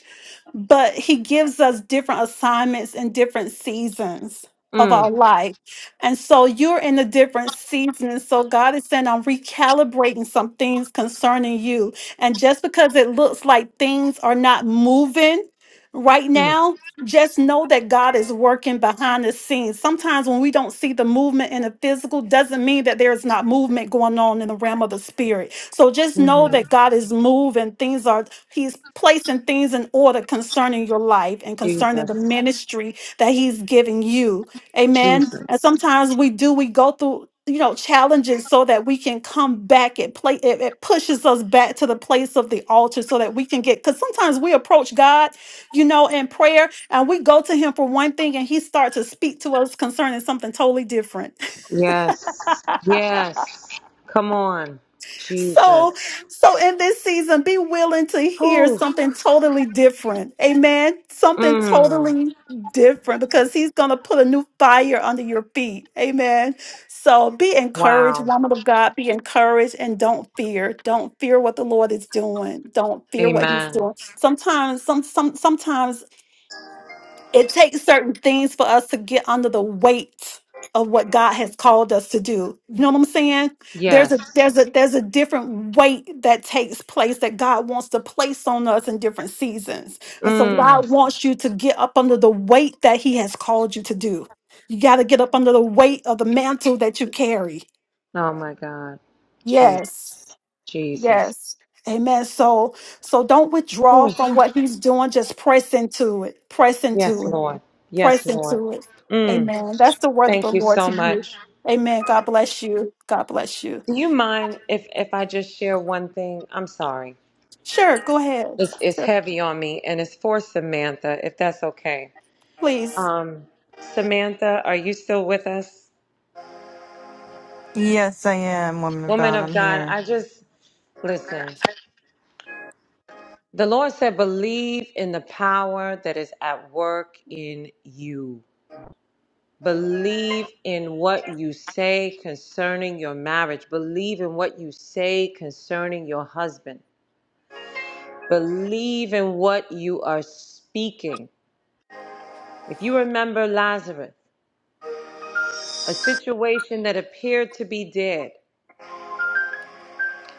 [SPEAKER 3] but he gives us different assignments in different seasons of our
[SPEAKER 8] Mm-hmm.
[SPEAKER 3] life. And so you're in a different season. And so God is saying, I'm recalibrating some things concerning you. And just because it looks like things are not moving right now, just know that God is working behind the scenes. Sometimes when we don't see the movement in the physical, doesn't mean that there is not movement going on in the realm of the spirit so just know that God is moving. Things are, He's placing things in order concerning your life and concerning
[SPEAKER 8] Jesus.
[SPEAKER 3] the ministry that He's giving you. Amen. And sometimes we do, we go through. You know, challenges so that we can come back. It play it, it pushes us back to the place of the altar so that we can get because sometimes we approach God, you know, in prayer and we go to him for one thing and he starts to speak to us concerning something totally different.
[SPEAKER 8] Yes. Yes. Come on. Jesus.
[SPEAKER 3] So, so in this season, be willing to hear
[SPEAKER 8] Whew.
[SPEAKER 3] something totally different. Amen. Something
[SPEAKER 8] Mm.
[SPEAKER 3] totally different because he's going to put a new fire under your feet. Amen. So be encouraged,
[SPEAKER 8] Wow.
[SPEAKER 3] woman of God. Be encouraged and don't fear. Don't fear what the Lord is doing. Don't fear what he's
[SPEAKER 8] Amen.
[SPEAKER 3] doing. Sometimes, some, some, sometimes it takes certain things for us to get under the weight of what God has called us to do. You know what I'm saying? There's a there's
[SPEAKER 8] Yes.
[SPEAKER 3] a there's a different weight that takes place that God wants to place on us in different seasons. And so
[SPEAKER 8] Mm.
[SPEAKER 3] God wants you to get up under the weight that he has called you to do. You got to get up under the weight of the mantle that you carry.
[SPEAKER 8] Oh my God. Jesus.
[SPEAKER 3] Yes.
[SPEAKER 8] Jesus.
[SPEAKER 3] Yes. Amen. So so don't withdraw from what he's doing, just press into it. Press
[SPEAKER 8] Yes,
[SPEAKER 3] into it
[SPEAKER 8] Lord. Yes,
[SPEAKER 3] press
[SPEAKER 8] Lord.
[SPEAKER 3] into it.
[SPEAKER 8] Mm.
[SPEAKER 3] Amen. That's the word of
[SPEAKER 8] Thank
[SPEAKER 3] the
[SPEAKER 8] you
[SPEAKER 3] Lord
[SPEAKER 8] so
[SPEAKER 3] to
[SPEAKER 8] much.
[SPEAKER 3] you. Amen. God bless you. God bless you.
[SPEAKER 8] Do you mind if if I just share one thing? I'm sorry.
[SPEAKER 3] Sure, go ahead.
[SPEAKER 8] It's
[SPEAKER 3] Sure,
[SPEAKER 8] heavy on me and it's for Samantha, if that's okay.
[SPEAKER 3] please.
[SPEAKER 8] Um Samantha, are you still with us?
[SPEAKER 10] Yes, I am, woman of
[SPEAKER 8] Woman
[SPEAKER 10] God.
[SPEAKER 8] of
[SPEAKER 10] I'm
[SPEAKER 8] God,
[SPEAKER 10] here.
[SPEAKER 8] I just listen. The Lord said, believe in the power that is at work in you. Believe in what you say concerning your marriage. Believe in what you say concerning your husband. Believe in what you are speaking. If you remember Lazarus, a situation that appeared to be dead,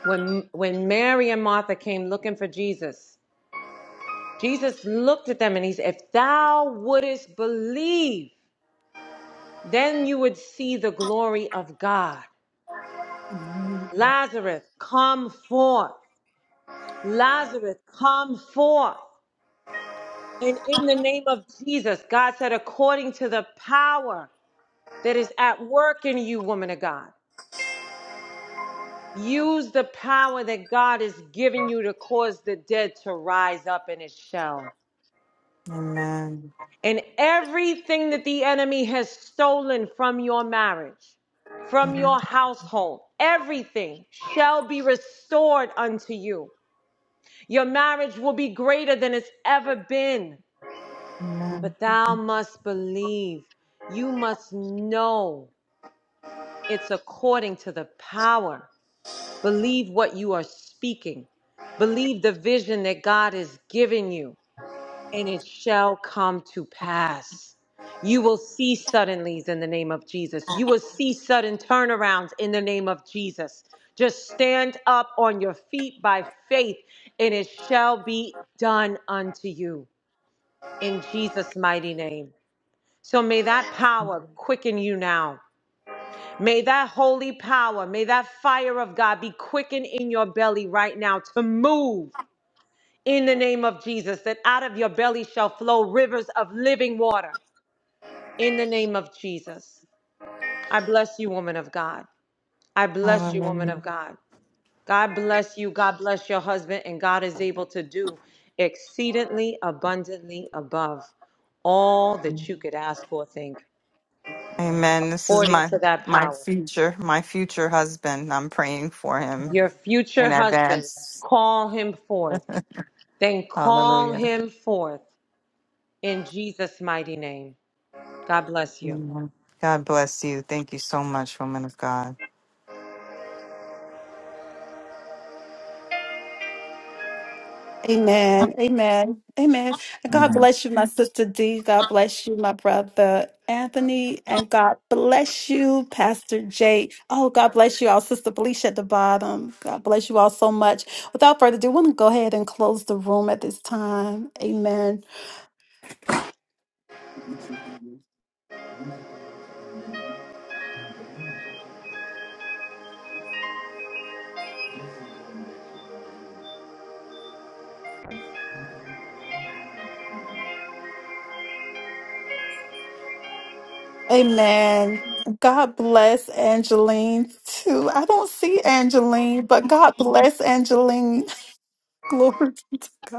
[SPEAKER 8] when, when Mary and Martha came looking for Jesus, Jesus looked at them and he said, If thou wouldest believe, Then you would see the glory of God.
[SPEAKER 3] Amen.
[SPEAKER 8] Lazarus, come forth. Lazarus, come forth. And in the name of Jesus, God said, according to the power that is at work in you, woman of God, use the power that God has given you to cause the dead to rise up in its shell.
[SPEAKER 10] Amen.
[SPEAKER 8] and everything that the enemy has stolen from your marriage, from
[SPEAKER 10] Mhm.
[SPEAKER 8] your household, everything shall be restored unto you. Your marriage will be greater than it's ever been.
[SPEAKER 10] Amen.
[SPEAKER 8] But thou must believe, you must know it's according to the power. Believe what you are speaking, believe the vision that God has given you. and it shall come to pass. You will see suddenlies in the name of Jesus. You will see sudden turnarounds in the name of Jesus. Just stand up on your feet by faith, and it shall be done unto you in Jesus' mighty name. So may that power quicken you now. May that holy power, may that fire of God be quickened in your belly right now to move in the name of Jesus, that out of your belly shall flow rivers of living water in the name of Jesus. I bless you, woman of God. I bless you, woman of
[SPEAKER 10] Hallelujah.
[SPEAKER 8] God. God bless you. God bless your husband. And God is able to do exceedingly abundantly above all that you could ask or think,
[SPEAKER 10] Amen. This is
[SPEAKER 8] according
[SPEAKER 10] my
[SPEAKER 8] to that
[SPEAKER 10] my
[SPEAKER 8] power.
[SPEAKER 10] future, my future husband. I'm praying for him
[SPEAKER 8] Your future
[SPEAKER 10] in
[SPEAKER 8] husband,
[SPEAKER 10] advance.
[SPEAKER 8] call him forth. Then call
[SPEAKER 10] Hallelujah.
[SPEAKER 8] him forth in Jesus' mighty name. God bless you.
[SPEAKER 10] Amen. God bless you. Thank you so much, woman of God.
[SPEAKER 3] Amen. Amen. Amen. And God bless you, my sister D. God bless you, my brother Anthony. And God bless you, Pastor Jake. Oh, God bless you all, Sister Felicia at the bottom. God bless you all so much. Without further ado, I want to go ahead and close the room at this time. Amen. Amen. God bless Angeline too. I don't see Angeline, but God bless Angeline. Glory be to God.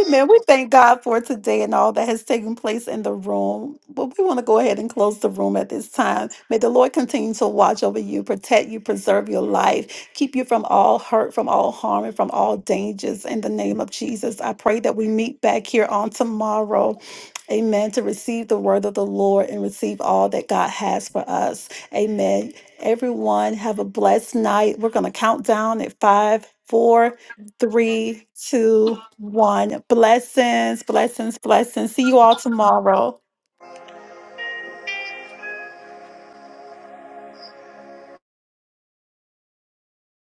[SPEAKER 3] Amen. We thank God for today and all that has taken place in the room. But we want to go ahead and close the room at this time. May the Lord continue to watch over you, protect you, preserve your life, keep you from all hurt, from all harm, and from all dangers. In the name of Jesus, I pray that we meet back here on tomorrow. Amen. To receive the word of the Lord and receive all that God has for us. Amen. Everyone, have a blessed night. We're going to count down at five, four three, two, one. Blessings, blessings, blessings. See you all tomorrow.